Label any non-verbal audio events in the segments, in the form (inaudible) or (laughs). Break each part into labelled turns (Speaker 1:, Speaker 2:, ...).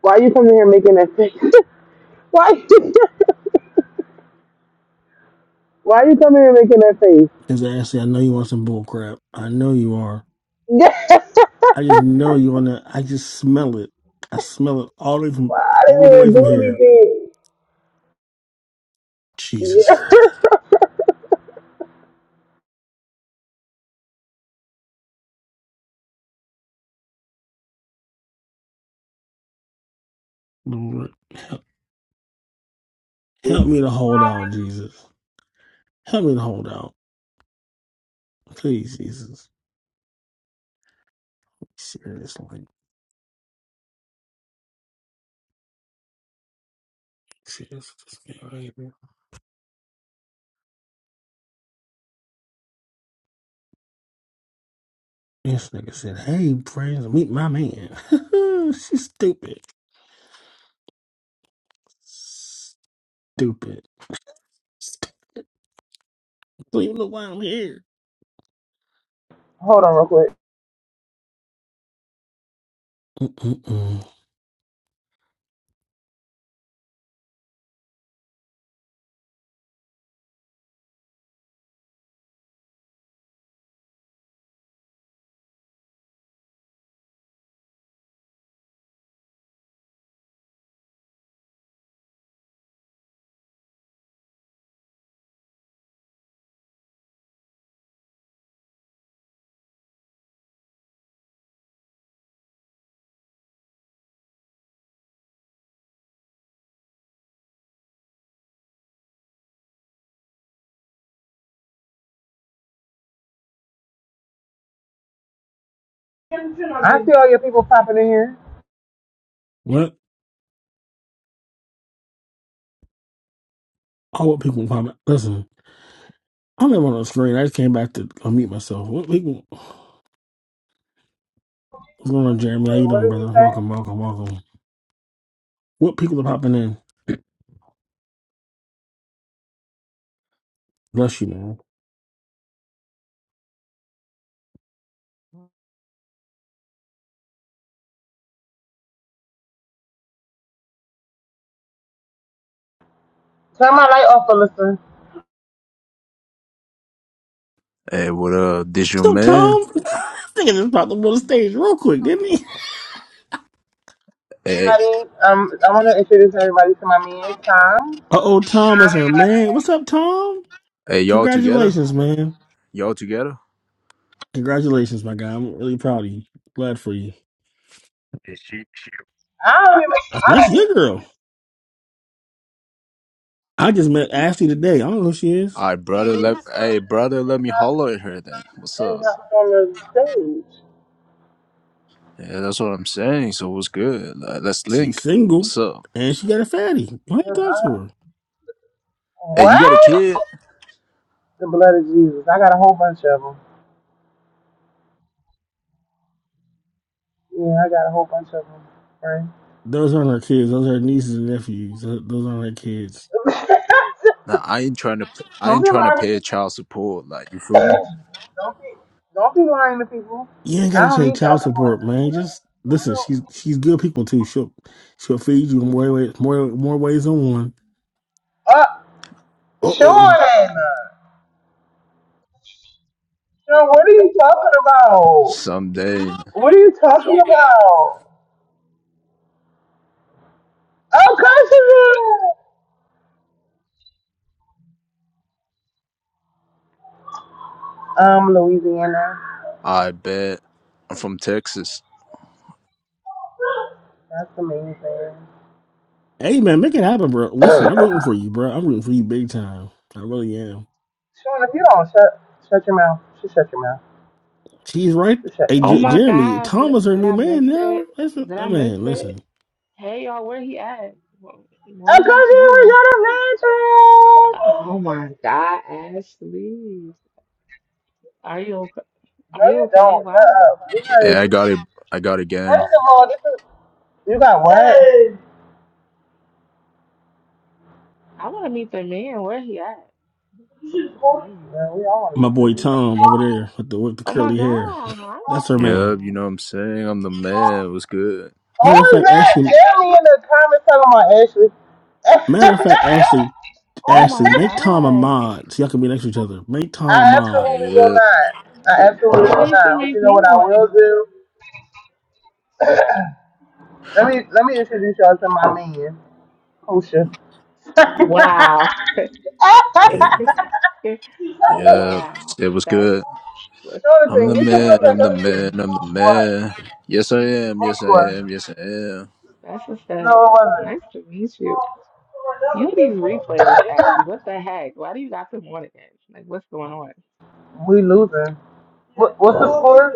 Speaker 1: Why you coming here making that face? (laughs) Why you, why you coming here making that face? (laughs)
Speaker 2: is Ashley, I know you want some bull crap. I know you are.
Speaker 1: Yes,
Speaker 2: I just know you wanna I just smell it. I smell it all the way from
Speaker 1: I didn't
Speaker 2: all the way
Speaker 1: even
Speaker 2: from
Speaker 1: do
Speaker 2: here.
Speaker 1: anything.
Speaker 2: Jesus
Speaker 1: Yeah.
Speaker 2: Christ. Lord. Help me to hold out, Jesus. Help me to hold out. Please, Jesus. Seriously. Seriously. this man right here. This nigga said, Hey, friends, meet my man. (laughs) She's stupid. Stupid. Stupid. Don't even know why I'm here.
Speaker 1: Hold on real quick.
Speaker 2: Mm-mm.
Speaker 1: I see all your people popping in here.
Speaker 2: What? All what people find out. Listen. I'm never on the screen. I just came back to unmute myself. What people? What's going on, Jeremy? How
Speaker 1: Wait,
Speaker 2: you
Speaker 1: what
Speaker 2: doing,
Speaker 1: did you
Speaker 2: brother?
Speaker 1: say?
Speaker 2: Welcome, welcome, welcome. What people are popping in? Bless you, man.
Speaker 1: Turn my light off, Alyssa.
Speaker 3: Hey, what up? This your
Speaker 2: So
Speaker 3: man?
Speaker 2: Tom, (laughs) I this nigga just popped up on the stage real quick, didn't he?
Speaker 3: Hey,
Speaker 1: Everybody, um, I want to introduce everybody to my man, Tom. I don't
Speaker 2: Uh oh, Tom is her
Speaker 1: even,
Speaker 2: man. What's up, Tom?
Speaker 3: hey, y'all together?
Speaker 2: Congratulations, man.
Speaker 3: Y'all together?
Speaker 2: Congratulations, my guy. I'm really proud of you. Glad for you. That's
Speaker 1: I don't even
Speaker 2: your girl. I just met Ashley today. I don't know who she is.
Speaker 3: All right, brother. Let hey, brother, let me holler at her then. What's up?
Speaker 1: have on the stage.
Speaker 3: Yeah, that's what I'm saying. So what's good? Like, Let's
Speaker 2: She's
Speaker 3: link.
Speaker 2: single
Speaker 3: What's up?
Speaker 2: and she got a fatty. Why you
Speaker 1: Uh,
Speaker 2: talk to
Speaker 1: I-
Speaker 2: her?
Speaker 3: Hey, you got a
Speaker 1: What?
Speaker 3: kid?
Speaker 1: The blood of Jesus. I got a whole bunch of them. Yeah, I got a whole bunch of them.
Speaker 2: Those aren't her kids. Those are her nieces and nephews. Tho- Those aren't her kids.
Speaker 1: Right? (laughs)
Speaker 3: Nah, I ain't trying to. I
Speaker 1: Don't
Speaker 3: ain't
Speaker 1: be
Speaker 3: trying to
Speaker 1: lying to
Speaker 3: pay
Speaker 1: people.
Speaker 3: child support. Like, you feel
Speaker 1: Don't
Speaker 3: me?
Speaker 1: be don't be lying to people.
Speaker 2: You ain't
Speaker 1: I
Speaker 2: gotta
Speaker 1: don't
Speaker 2: pay
Speaker 1: need y'all to
Speaker 2: child support, man. Just listen. She's she's good people too. She'll she'll feed you in more ways more more ways than one.
Speaker 1: uh
Speaker 2: Uh
Speaker 1: Sean
Speaker 2: oh.
Speaker 1: Sean, what are you talking about?
Speaker 3: Someday,
Speaker 1: What are you talking about? Oh Cautionville Um Louisiana.
Speaker 3: I bet. I'm from Texas.
Speaker 1: That's amazing.
Speaker 2: Hey man, make it happen, bro. Listen, I'm rooting for you, bro. I'm rooting for you big time. I really am.
Speaker 1: Sean, if you don't shut shut your mouth. Just shut your mouth.
Speaker 2: She's right.
Speaker 1: Just shut
Speaker 2: Hey,
Speaker 1: your
Speaker 4: Oh
Speaker 2: J-
Speaker 1: mouth.
Speaker 4: my
Speaker 2: Jeremy,
Speaker 4: God, did,
Speaker 2: Tom is her
Speaker 4: did
Speaker 2: new
Speaker 4: I miss
Speaker 2: man
Speaker 4: it?
Speaker 2: now. That's a,
Speaker 4: Did
Speaker 2: I
Speaker 4: I miss
Speaker 2: mean,
Speaker 4: it?
Speaker 2: listen,
Speaker 4: Hey y'all, where he at? Wh-
Speaker 1: Oh
Speaker 4: Where is
Speaker 1: Cautionville,
Speaker 4: he?
Speaker 1: we got your
Speaker 4: Oh my God, Ashley, are you okay?
Speaker 1: mattress! No
Speaker 4: Are you
Speaker 1: you
Speaker 4: okay?
Speaker 1: don't.
Speaker 4: Why?
Speaker 1: Shut up. We're not
Speaker 3: Hey, I
Speaker 1: even-
Speaker 3: got it. I got a gang.
Speaker 1: First of all, this is You got what?
Speaker 4: I want to meet the man. Where he at? What's his name?
Speaker 1: Man, we all want to
Speaker 2: my
Speaker 1: meet the
Speaker 2: boy
Speaker 1: leader.
Speaker 2: Tom over there with the with the
Speaker 4: Oh my
Speaker 2: curly hair.
Speaker 4: God, hi
Speaker 2: (laughs) That's her man.
Speaker 3: Yep, you
Speaker 4: Tom.
Speaker 3: know what I'm saying. I'm the man. What's good?
Speaker 2: Matter of
Speaker 1: Oh
Speaker 2: fact,
Speaker 1: God!
Speaker 2: Ashley.
Speaker 1: Tell me in the comments something about Ashley.
Speaker 2: matter of
Speaker 1: (laughs)
Speaker 2: fact, Ashley
Speaker 4: Oh
Speaker 2: Ashley,
Speaker 4: my
Speaker 2: make Tom a
Speaker 4: God.
Speaker 2: mod so y'all can be next to each other. Make Tom a
Speaker 1: I
Speaker 2: mod.
Speaker 1: absolutely will
Speaker 3: Yep.
Speaker 1: not. I absolutely
Speaker 4: Oh,
Speaker 1: will
Speaker 4: you
Speaker 1: not.
Speaker 4: should
Speaker 1: But you
Speaker 4: make
Speaker 1: know
Speaker 4: me
Speaker 1: what I will
Speaker 4: one.
Speaker 1: do? Let me let me introduce y'all to my man, Husha.
Speaker 4: Wow. (laughs)
Speaker 3: Yeah. Yep.
Speaker 4: Wow,
Speaker 3: It was
Speaker 4: that's
Speaker 3: good.
Speaker 4: what's
Speaker 1: Sure
Speaker 4: so
Speaker 3: I'm
Speaker 1: thing.
Speaker 3: the
Speaker 1: Get your butt
Speaker 3: man,
Speaker 1: back
Speaker 3: I'm
Speaker 4: good.
Speaker 3: the
Speaker 1: up here.
Speaker 3: man, I'm the
Speaker 1: What?
Speaker 3: man. Yes, I am,
Speaker 1: What
Speaker 3: yes, I
Speaker 1: score?
Speaker 3: am, yes, I am.
Speaker 4: That's what's
Speaker 1: No,
Speaker 4: up.
Speaker 1: it
Speaker 4: That's
Speaker 1: wasn't.
Speaker 4: nice to meet you. You and these replays, Ashley, what the heck? Why do you got them on again? Like, what's going on?
Speaker 1: We losing. What, what's the score?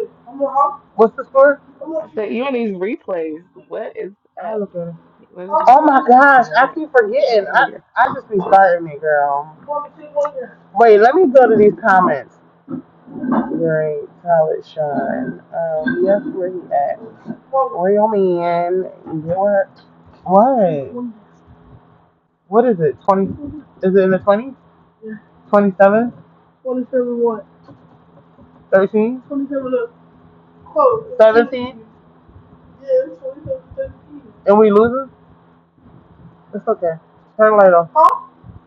Speaker 1: What's the score?
Speaker 4: I said, you and these replays, what is
Speaker 1: I
Speaker 4: up?
Speaker 1: look at it.
Speaker 4: What is what's
Speaker 1: Oh my gosh,
Speaker 4: going
Speaker 1: I
Speaker 4: on?
Speaker 1: keep forgetting.
Speaker 4: outta
Speaker 1: I
Speaker 4: here.
Speaker 1: I just be starting it, girl. Wait, let me go to these comments. Great, solid shine. Um, yes, where he at? Where your man? Your what? What is it? Twenty? Is it in the twenties? Twenty-seven? Thirteen? Seventeen? And we losing? It's okay. Turn the light off.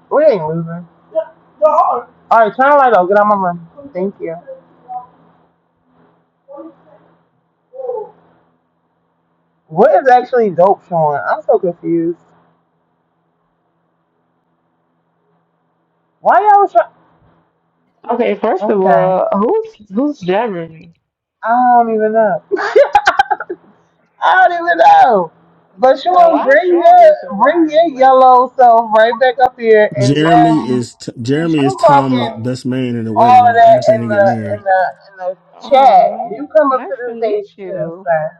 Speaker 1: We ain't losing. All right, turn the light off. Get out my room. Thank you. What is actually dope showing? I'm so confused. Why y'all try?
Speaker 4: Okay, first of
Speaker 1: Okay,
Speaker 4: all, who's who's jabbering me?
Speaker 1: I don't even know. (laughs) I don't even know. But you
Speaker 4: And
Speaker 1: will
Speaker 4: why
Speaker 1: bring
Speaker 4: Sean go to the
Speaker 1: your bring
Speaker 4: bottom?
Speaker 1: your
Speaker 4: Like,
Speaker 1: yellow self right back up here and
Speaker 2: Jeremy
Speaker 1: Jazzy,
Speaker 2: is t-
Speaker 1: since
Speaker 2: Jeremy
Speaker 1: you
Speaker 2: is Tom's
Speaker 1: talking
Speaker 2: best man in the
Speaker 1: all
Speaker 2: wedding when
Speaker 1: of
Speaker 2: they
Speaker 1: that in
Speaker 2: accidentally get
Speaker 1: the in
Speaker 2: married.
Speaker 1: the in the chat,
Speaker 4: oh,
Speaker 1: you come up
Speaker 4: nice
Speaker 1: to
Speaker 4: to
Speaker 1: the stage
Speaker 4: meet
Speaker 1: too,
Speaker 4: you.
Speaker 1: sir.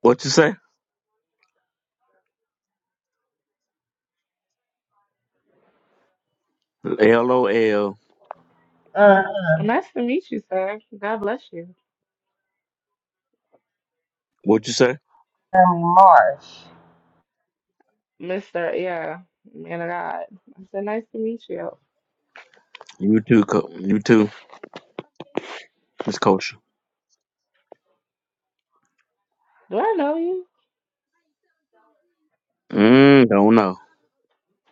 Speaker 5: What you say? LOL.
Speaker 1: Uh,
Speaker 4: Nice to meet you, sir. God bless you,
Speaker 5: What you say?
Speaker 1: Jeremy Marsh.
Speaker 4: Mister. Yeah, man of God. I said, nice to meet you.
Speaker 5: You too. Co- you too. Miss Culture.
Speaker 4: Do I know you?
Speaker 5: Mm, don't know.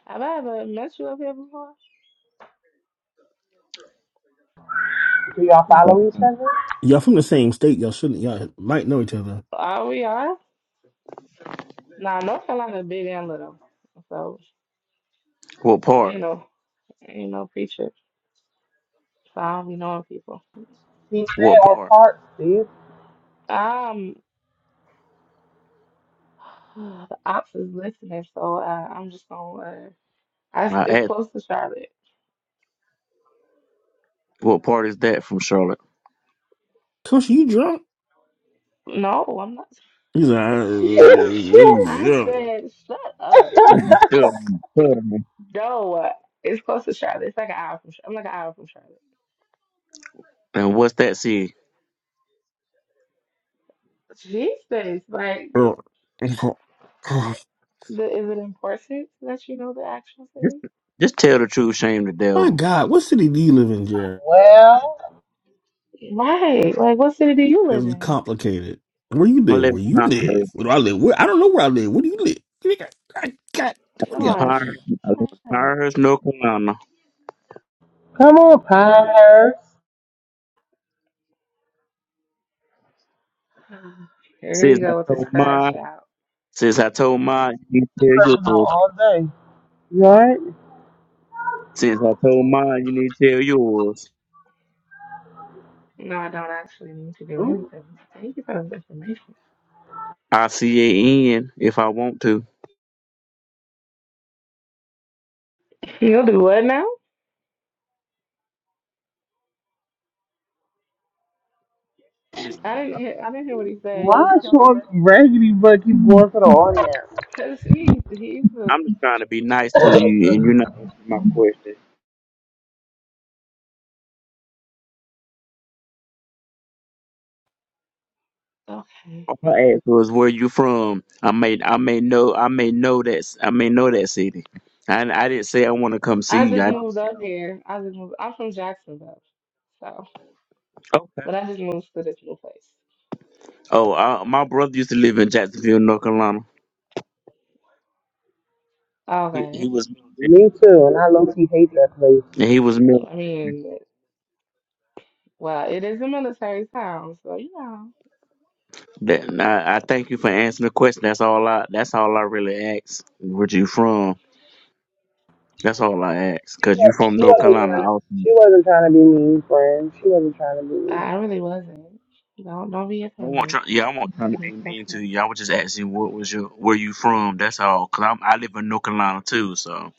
Speaker 4: Have I ever met you up here before?
Speaker 1: Do y'all follow
Speaker 5: Don't
Speaker 1: each
Speaker 5: know.
Speaker 1: other?
Speaker 2: Y'all from the same state. Y'all shouldn't. Y'all might know each other.
Speaker 4: Are we? Nah, North Carolina big and little. So
Speaker 5: What part?
Speaker 4: ain't no ain't no preacher. So I don't be knowing people.
Speaker 1: He
Speaker 5: What
Speaker 1: said we're
Speaker 5: part?
Speaker 1: parts, Steve.
Speaker 4: Um (sighs) the ops is listening, so uh, I'm just gonna uh, I,
Speaker 5: I
Speaker 4: it's
Speaker 5: asked,
Speaker 4: close to Charlotte.
Speaker 5: what part is that from Charlotte?
Speaker 2: Coach, you drunk?
Speaker 4: No, I'm not
Speaker 2: He's like, "I-
Speaker 1: (laughs)
Speaker 2: I'm
Speaker 4: I
Speaker 2: drunk."
Speaker 4: said shut up.
Speaker 5: Hmm,
Speaker 4: Shut up.
Speaker 5: tell me, tell me.
Speaker 4: No, uh, it's close to Charlotte. It's like an hour from Char- I'm like an hour from Charlotte.
Speaker 5: And what's that see?
Speaker 4: Jesus, like the, is it important that you know the actual
Speaker 5: Just,
Speaker 4: city?
Speaker 5: just tell the truth, shame the
Speaker 2: my
Speaker 5: devil.
Speaker 2: God, what city do you live in, Jeremy?
Speaker 1: well,
Speaker 4: Right. Like what city do you live
Speaker 2: It's
Speaker 4: in?
Speaker 2: complicated. Where you
Speaker 5: I
Speaker 2: live?
Speaker 5: live
Speaker 2: Where
Speaker 5: in
Speaker 2: you live?
Speaker 5: Pinehurst.
Speaker 2: Where do I live? Where I don't know where I live. Where do you live? I got. What do
Speaker 5: In
Speaker 4: Sean, sh-
Speaker 2: you?
Speaker 5: Pinehurst, I live
Speaker 4: shut
Speaker 5: in
Speaker 4: up.
Speaker 5: Pinehurst, North Carolina.
Speaker 1: come on, Pinehurst.
Speaker 4: (sighs) Here you
Speaker 5: Since I
Speaker 4: go with this
Speaker 5: told
Speaker 4: crash
Speaker 5: mine,
Speaker 4: out.
Speaker 5: since I told mine, you need to tell
Speaker 1: crushing on
Speaker 5: yours.
Speaker 1: all day. You alright?
Speaker 5: Since I told mine, you need to tell yours.
Speaker 4: No, I don't actually need to do
Speaker 1: Ooh,
Speaker 4: anything. Thank you for this information.
Speaker 5: I C A N if I want to.
Speaker 4: He'll do what now?
Speaker 5: I'm just
Speaker 4: I didn't hear, I didn't hear what he said. He'll
Speaker 1: Why is
Speaker 4: he'll do
Speaker 1: short
Speaker 4: what?
Speaker 1: raggedy butt keep going
Speaker 5: I'm
Speaker 1: for the audience?
Speaker 4: Cause he he's a,
Speaker 5: just trying to be nice to you, and you're not answering my question.
Speaker 4: okay.
Speaker 5: All I asked was where you from. I may I may know I may know that I may know that city. I I didn't say I want to come
Speaker 4: I
Speaker 5: see you.
Speaker 4: just
Speaker 5: I,
Speaker 4: moved up here. I just moved. I'm from Jacksonville, so
Speaker 5: okay.
Speaker 4: but I just moved to this new place.
Speaker 5: Oh, uh, my brother used to live in Jacksonville, North Carolina. He he
Speaker 4: Okay.
Speaker 5: was
Speaker 1: Me
Speaker 5: military,
Speaker 1: too, and I low key hate that place.
Speaker 5: and he was military.
Speaker 4: I mean, well, it is a military town, so you know.
Speaker 5: That, and I, I thank you for answering the question. That's all I. That's all I really asked. Where you from? That's all I asked.
Speaker 1: She
Speaker 5: Cause you
Speaker 1: wasn't,
Speaker 5: from
Speaker 1: she
Speaker 5: North
Speaker 1: wasn't trying
Speaker 5: Carolina,
Speaker 1: to.
Speaker 5: also.
Speaker 1: She wasn't trying to be mean, friend. She wasn't trying to be mean.
Speaker 4: I really wasn't. Don't don't be
Speaker 5: I want,
Speaker 4: offended.
Speaker 5: try. Yeah, I want trying to be
Speaker 4: It's
Speaker 5: mean
Speaker 4: okay.
Speaker 5: to you. I was just asking, what was your, where you from? That's all. Cause I'm, I live in North Carolina too, so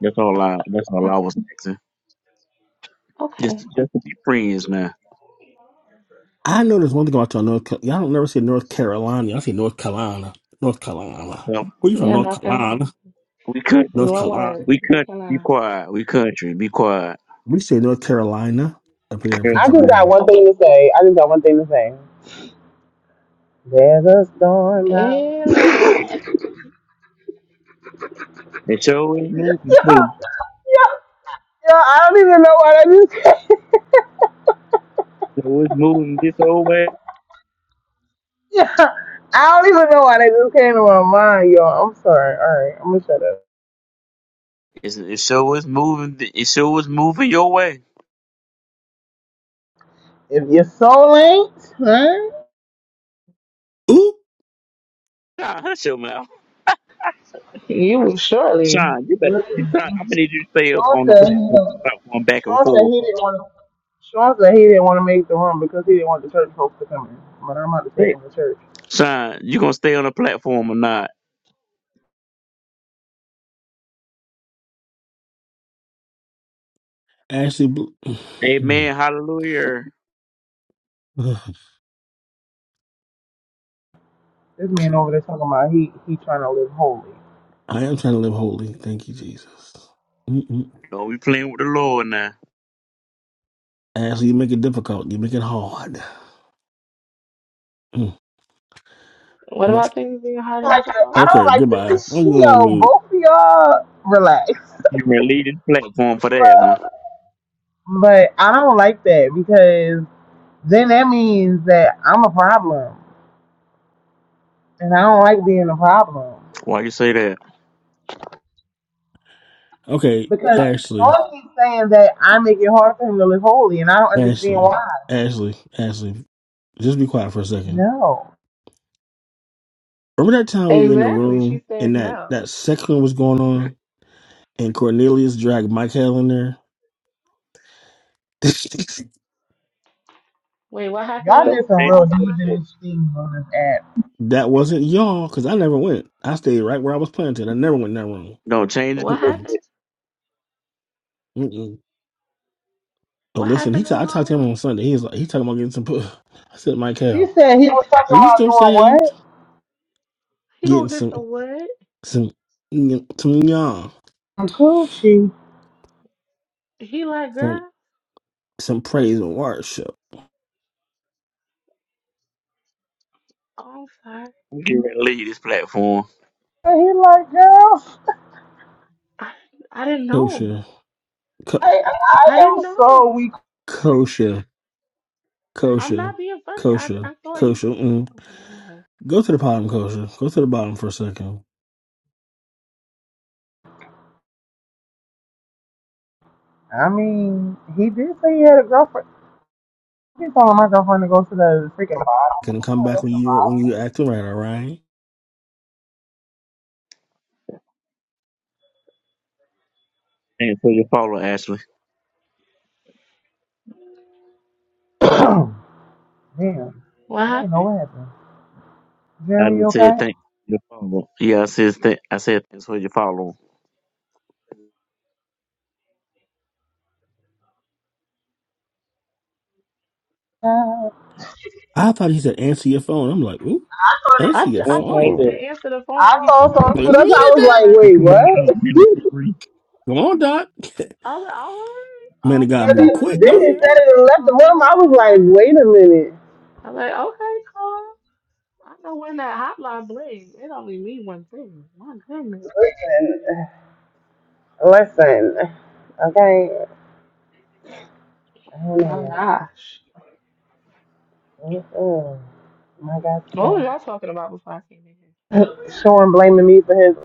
Speaker 5: that's all I, that's
Speaker 4: (laughs)
Speaker 5: all
Speaker 4: Uh,
Speaker 5: I was asking. Just,
Speaker 4: Okay.
Speaker 5: just to be friends, man.
Speaker 2: I know there's one thing about y'all North. Ca- Y'all don't never say North Carolina. Y'all say North Carolina. North Carolina.
Speaker 5: Come,
Speaker 2: Where you from?
Speaker 4: Yeah,
Speaker 2: North
Speaker 4: no,
Speaker 2: Carolina.
Speaker 5: we country,
Speaker 4: It's
Speaker 2: North
Speaker 5: be,
Speaker 4: one
Speaker 2: Carolina.
Speaker 4: word,
Speaker 5: we
Speaker 4: North
Speaker 5: country, be
Speaker 4: Carolina.
Speaker 5: quiet. We country, be quiet.
Speaker 2: We say North Carolina up here in
Speaker 1: I just
Speaker 5: Carolina.
Speaker 1: got
Speaker 2: Pennsylvania.
Speaker 1: one thing to say. I just got one thing to say. There's a storm out.
Speaker 4: Hey,
Speaker 5: It sure is moving too.
Speaker 1: Yeah, yeah, yeah. I don't even know why that just came. (laughs)
Speaker 5: So it's moving this old way.
Speaker 1: Yeah, I don't even know why that just came to my mind, y'all. I'm sorry. All right, I'm gonna shut up.
Speaker 5: It's, it sure is moving. th- It sure is moving your way.
Speaker 1: If your soul ain't, huh?
Speaker 2: Oop.
Speaker 5: Nah, hush your mouth.
Speaker 4: You will surely.
Speaker 5: Sean, you better. This time, I'm gonna need you to stay up
Speaker 1: Sean
Speaker 5: on the
Speaker 1: said he
Speaker 5: platform,
Speaker 1: didn't-
Speaker 5: platform back and
Speaker 1: Sean said
Speaker 5: forth.
Speaker 1: he didn't want to. Sean said he didn't want to make the room because he didn't want the church folks to come in. But I'm about to take him to church.
Speaker 5: Son, you gonna stay on the platform or not?
Speaker 2: Ashley. Blue.
Speaker 5: Amen.
Speaker 2: (sighs)
Speaker 5: Hallelujah.
Speaker 1: This man over there talking about he he trying to live holy.
Speaker 2: I am trying to live holy. Thank you, Jesus. Mm-mm.
Speaker 5: No, we playing with the Lord now.
Speaker 2: Ashley, you make it difficult. You make it hard. Mm.
Speaker 4: What
Speaker 2: Much.
Speaker 4: about things being hard and
Speaker 1: like the I
Speaker 4: difficult?
Speaker 1: don't
Speaker 2: Okay.
Speaker 1: like the
Speaker 2: Goodbye. I'm
Speaker 1: this-
Speaker 2: going on
Speaker 1: yo.
Speaker 2: mute.
Speaker 1: Both of y'all relax.
Speaker 5: You been leading the platform for that one.
Speaker 1: But but I don't like that because then that means that I'm a problem, and I don't like being a problem
Speaker 5: Why you say that?
Speaker 2: Okay,
Speaker 1: because
Speaker 2: Ashley.
Speaker 1: Sean keeps saying that I make it hard for him to live holy, and I don't understand
Speaker 2: Ashley.
Speaker 1: why.
Speaker 2: Ashley. Ashley. Just be quiet for a second.
Speaker 1: No.
Speaker 2: Remember that time we were in the
Speaker 4: Exactly. She
Speaker 2: room
Speaker 4: said
Speaker 2: and that
Speaker 4: no.
Speaker 2: that sex one was going on and Cornelius dragged Michael in there? (laughs)
Speaker 4: Wait, what happened
Speaker 1: Y'all
Speaker 4: with
Speaker 1: did
Speaker 5: Don't
Speaker 1: some
Speaker 5: change
Speaker 1: real
Speaker 4: Cornelius
Speaker 5: the
Speaker 4: and
Speaker 1: heathenish
Speaker 4: my cup?
Speaker 5: subject.
Speaker 1: things on this app.
Speaker 2: that wasn't y'all because I never went. I stayed right where I was planted. I never went in that room.
Speaker 5: Don't change the
Speaker 4: What
Speaker 2: Mm-mm,
Speaker 4: happened?
Speaker 5: subject.
Speaker 2: mm-mm. But
Speaker 4: What
Speaker 2: listen, he
Speaker 4: happened in
Speaker 2: ta-
Speaker 4: the
Speaker 2: I talked
Speaker 4: room?
Speaker 2: to him on Sunday. He was like, he talking about getting some. pu- (laughs) I said,
Speaker 1: He
Speaker 2: Michael,
Speaker 1: said he was
Speaker 2: are
Speaker 1: talking
Speaker 2: you
Speaker 1: about
Speaker 2: still
Speaker 1: doing
Speaker 2: saved?
Speaker 1: what?
Speaker 4: He
Speaker 2: Getting
Speaker 4: gonna get
Speaker 2: some
Speaker 4: some wood?
Speaker 2: some mm, some y'all
Speaker 1: I'm coochie.
Speaker 4: He like,
Speaker 2: some
Speaker 4: girl,
Speaker 2: some praise and worship.
Speaker 4: oh, I'm sorry.
Speaker 5: You been lead this platform.
Speaker 1: And he like, girl,
Speaker 4: I, I didn't know.
Speaker 2: Kosher, co-
Speaker 1: I, I
Speaker 4: I
Speaker 1: am
Speaker 4: didn't
Speaker 1: so
Speaker 4: know.
Speaker 1: weak.
Speaker 2: kosher,
Speaker 4: I'm
Speaker 2: kosher,
Speaker 4: not being funny. I,
Speaker 2: kosher,
Speaker 4: I thought he.
Speaker 2: kosher. mm.
Speaker 4: Okay, I'm lying.
Speaker 2: Go to the bottom, Kosher. Go to the bottom for a second.
Speaker 1: I mean, he did say he had a girlfriend. He told my girlfriend to go to the freaking bottom.
Speaker 2: Gonna come
Speaker 1: I'm gonna go
Speaker 2: back when you when you acting right, all right?
Speaker 5: Thanks for your follow, Ashley.
Speaker 1: to the bottom. (clears throat) Damn,
Speaker 4: What
Speaker 1: I didn't know
Speaker 4: happened?
Speaker 1: what happened.
Speaker 5: I
Speaker 1: Jeremy, you
Speaker 5: just
Speaker 1: okay?
Speaker 5: said thank you for your follow. Yeah, I said th- I said thanks for your follow.
Speaker 1: Uh,
Speaker 2: I thought he said answer your phone. I'm like, ooh, answer
Speaker 4: I,
Speaker 2: your
Speaker 4: I
Speaker 5: One
Speaker 4: thought
Speaker 5: like
Speaker 4: he
Speaker 5: that.
Speaker 4: said
Speaker 2: phone.
Speaker 4: answer the phone
Speaker 1: I
Speaker 4: when he
Speaker 1: saw
Speaker 4: called
Speaker 2: Wait a
Speaker 4: you.
Speaker 1: something. That's why I
Speaker 2: minute,
Speaker 1: was
Speaker 4: I was
Speaker 2: Doc.
Speaker 1: like,
Speaker 4: like,
Speaker 5: Bree,
Speaker 1: wait,
Speaker 5: come
Speaker 4: "Huh?"
Speaker 5: on up,
Speaker 1: what?
Speaker 5: Minister Bree.
Speaker 2: Come on, Doc. (laughs)
Speaker 4: I was like, all right.
Speaker 2: Man, the
Speaker 4: Um,
Speaker 2: guy
Speaker 1: Then
Speaker 4: first
Speaker 1: he
Speaker 2: move quick,
Speaker 4: time
Speaker 1: then
Speaker 2: don't
Speaker 4: down
Speaker 1: he said
Speaker 4: there.
Speaker 2: he?
Speaker 1: it and left the
Speaker 4: All
Speaker 1: room. I was
Speaker 4: right.
Speaker 1: like, wait a minute.
Speaker 4: I'm like, okay, cool. I know when that hotline bling. It only mean one thing. My goodness.
Speaker 1: Listen, okay, I don't
Speaker 4: My
Speaker 1: know.
Speaker 4: gosh.
Speaker 1: Listen, my God,
Speaker 4: What was y'all
Speaker 1: today.
Speaker 4: talking about before I came in
Speaker 1: (laughs) Sean blaming me for his.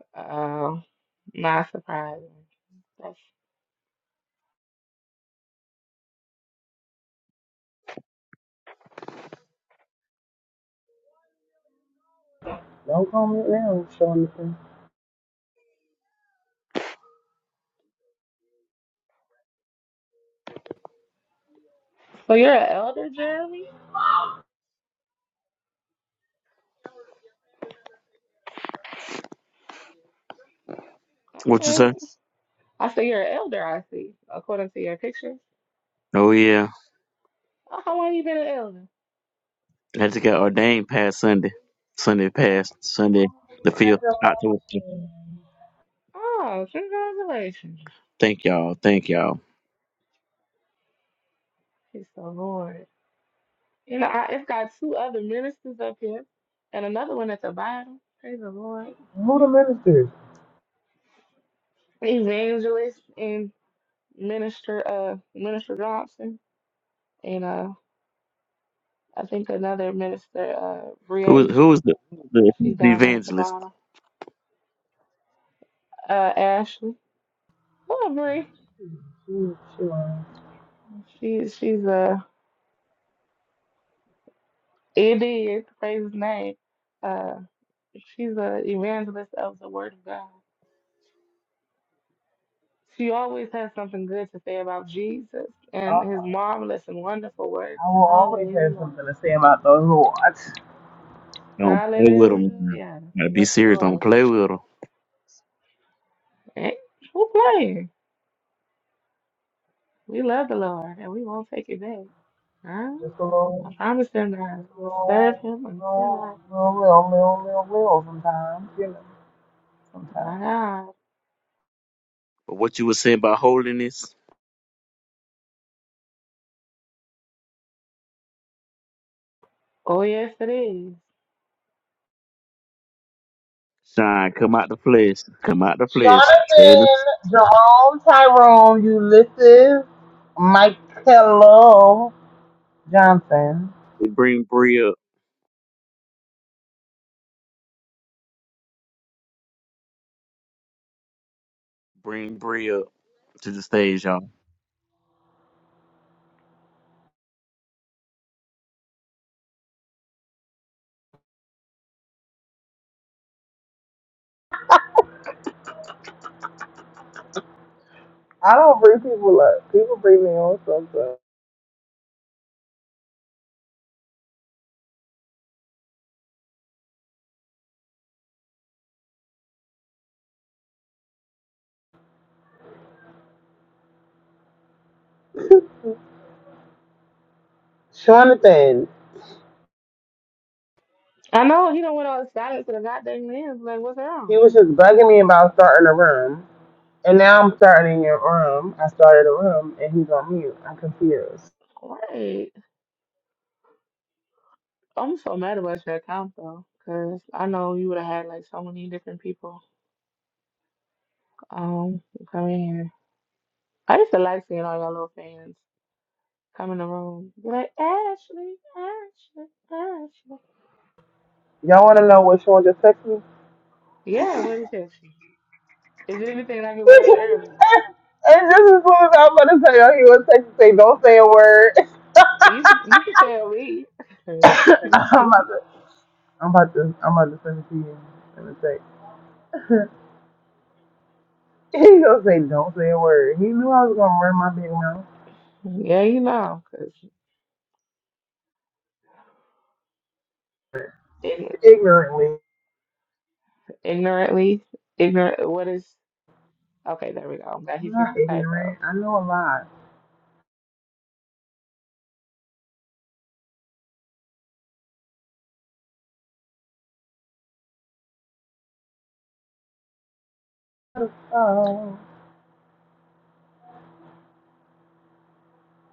Speaker 4: here? Oh, not surprising. That's...
Speaker 1: Don't call me now, Sean. Listen.
Speaker 4: So you're an elder, Jeremy?
Speaker 5: What you
Speaker 4: Okay.
Speaker 5: say?
Speaker 4: I see you're an elder, I see, according to your picture.
Speaker 5: Oh yeah.
Speaker 4: Oh, how long you been an elder?
Speaker 5: I just got ordained past Sunday. Sunday past Sunday the fifth October.
Speaker 4: Oh, congratulations.
Speaker 5: Thank y'all. Thank y'all.
Speaker 4: He's so bored. And I, it's got two other ministers up here and another one at the bottom. Praise the Lord.
Speaker 1: Who the minister?
Speaker 4: Evangelist and minister uh minister Johnson and uh I think another minister uh
Speaker 5: Who was who
Speaker 4: Breasia.
Speaker 5: was the, who was the, who
Speaker 4: She's
Speaker 5: was the
Speaker 4: down there at the
Speaker 5: evangelist?
Speaker 4: bottom. Uh Ashley. Oh, Bree.
Speaker 1: She, she lying.
Speaker 4: She she's a it is praise his name. Uh she's a evangelist of the word of God. She always has something good to say about Jesus and his
Speaker 1: I,
Speaker 4: marvelous and wonderful works.
Speaker 1: I will always have
Speaker 4: Hallelujah.
Speaker 1: something to say about the Lord. Just
Speaker 5: Don't play with them.
Speaker 4: Hallelujah.
Speaker 5: Gotta be
Speaker 4: Yes,
Speaker 5: serious. Don't
Speaker 4: Lord.
Speaker 5: play with them.
Speaker 4: Ain't who playing? We love the Lord and we won't take it back. Huh?
Speaker 1: a
Speaker 4: I
Speaker 1: little,
Speaker 4: promise him that.
Speaker 1: just a
Speaker 4: We'll serve
Speaker 1: little,
Speaker 4: him until
Speaker 1: little,
Speaker 4: I.
Speaker 1: little, little, little, little, little sometimes, you know, sometimes.
Speaker 4: My God.
Speaker 5: But what you were saying about holiness,
Speaker 4: Oh, yes, it is.
Speaker 5: shine, come out the flesh, come out the flesh. Stay in
Speaker 1: Jonathan, Jerome, Tyrone, Ulysses, Michaelo Johnson.
Speaker 5: the bring Bria, bring Bria to the stage, y'all.
Speaker 1: I don't bring people up. People bring me on something. Jonathan,
Speaker 4: I know he don't went all silent to the goddamn lens. Like, what's
Speaker 1: he
Speaker 4: wrong?
Speaker 1: was just bugging me about starting a room. And now I'm starting your room. I started a room and he's on mute. I'm confused.
Speaker 4: Wait. I'm so mad about your account, though, because I know you would have had like so many different people Um, come in here. I used to like seeing all y'all little fans come in the room. Be like, Ashley, Ashley, Ashley.
Speaker 1: Y'all want to know what Sean just texted me? (laughs)
Speaker 4: Yeah, what is Ashley? Is it anything like it was earlier?
Speaker 1: and just as soon as I'm about to tell y'all, he was texting, say, don't say a word.
Speaker 4: You can, you can tell me.
Speaker 1: (laughs)
Speaker 4: (laughs)
Speaker 1: I'm about to, I'm about to, I'm about to send it to you. He gonna say, don't say a word. He knew I was gonna run my big mouth
Speaker 4: yeah, you know, 'cause ign-
Speaker 1: ignorantly.
Speaker 4: ignorantly, ignorant. What is? Okay, there we go. I'm glad he
Speaker 1: I'm
Speaker 4: fixed
Speaker 1: not
Speaker 4: the typo.
Speaker 1: ignorant. I know a lot. Oh,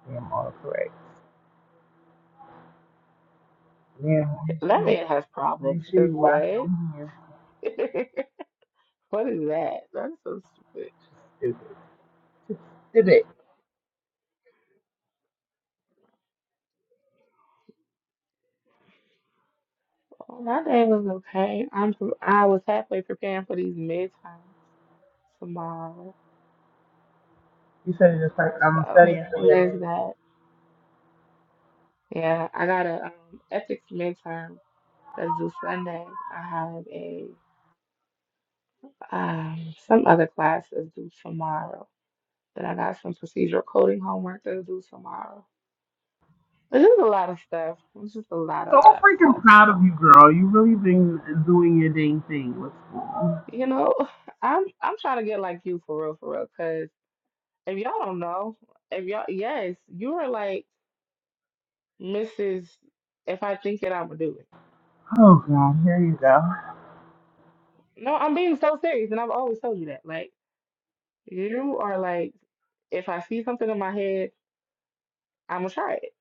Speaker 1: damn, all correct. Yeah, make
Speaker 4: That
Speaker 1: sure,
Speaker 4: man has problems.
Speaker 1: make sure
Speaker 4: Cause
Speaker 1: you wash
Speaker 4: what?
Speaker 1: your hands.
Speaker 4: (laughs) what is that? That's so stupid.
Speaker 1: Stupid. Stupid.
Speaker 4: Well, my day was okay. I'm pre- I was halfway preparing for these midterms tomorrow.
Speaker 1: You should have just like, I'm
Speaker 4: So
Speaker 1: studying for your
Speaker 4: there's
Speaker 1: name.
Speaker 4: that. Yeah, I got a um, ethics midterm that's due Sunday. I have a um some other class that's due tomorrow. Then I got some procedural coding homework that's due tomorrow. It's just a lot of stuff. It's just a lot, a lot of stuff. So you
Speaker 1: Oh,
Speaker 4: know,
Speaker 1: you really been doing your thing.
Speaker 4: you know, (laughs) I'm I'm trying to get like you for real, for real. Cause if y'all don't know, if y'all yes, you were like. Mrs. If I think it, I'm gonna do it.
Speaker 1: Oh, God, here you go.
Speaker 4: No, I'm being so serious, and I've always told you that. Like, you are like, if I see something in my head, I'm gonna try it.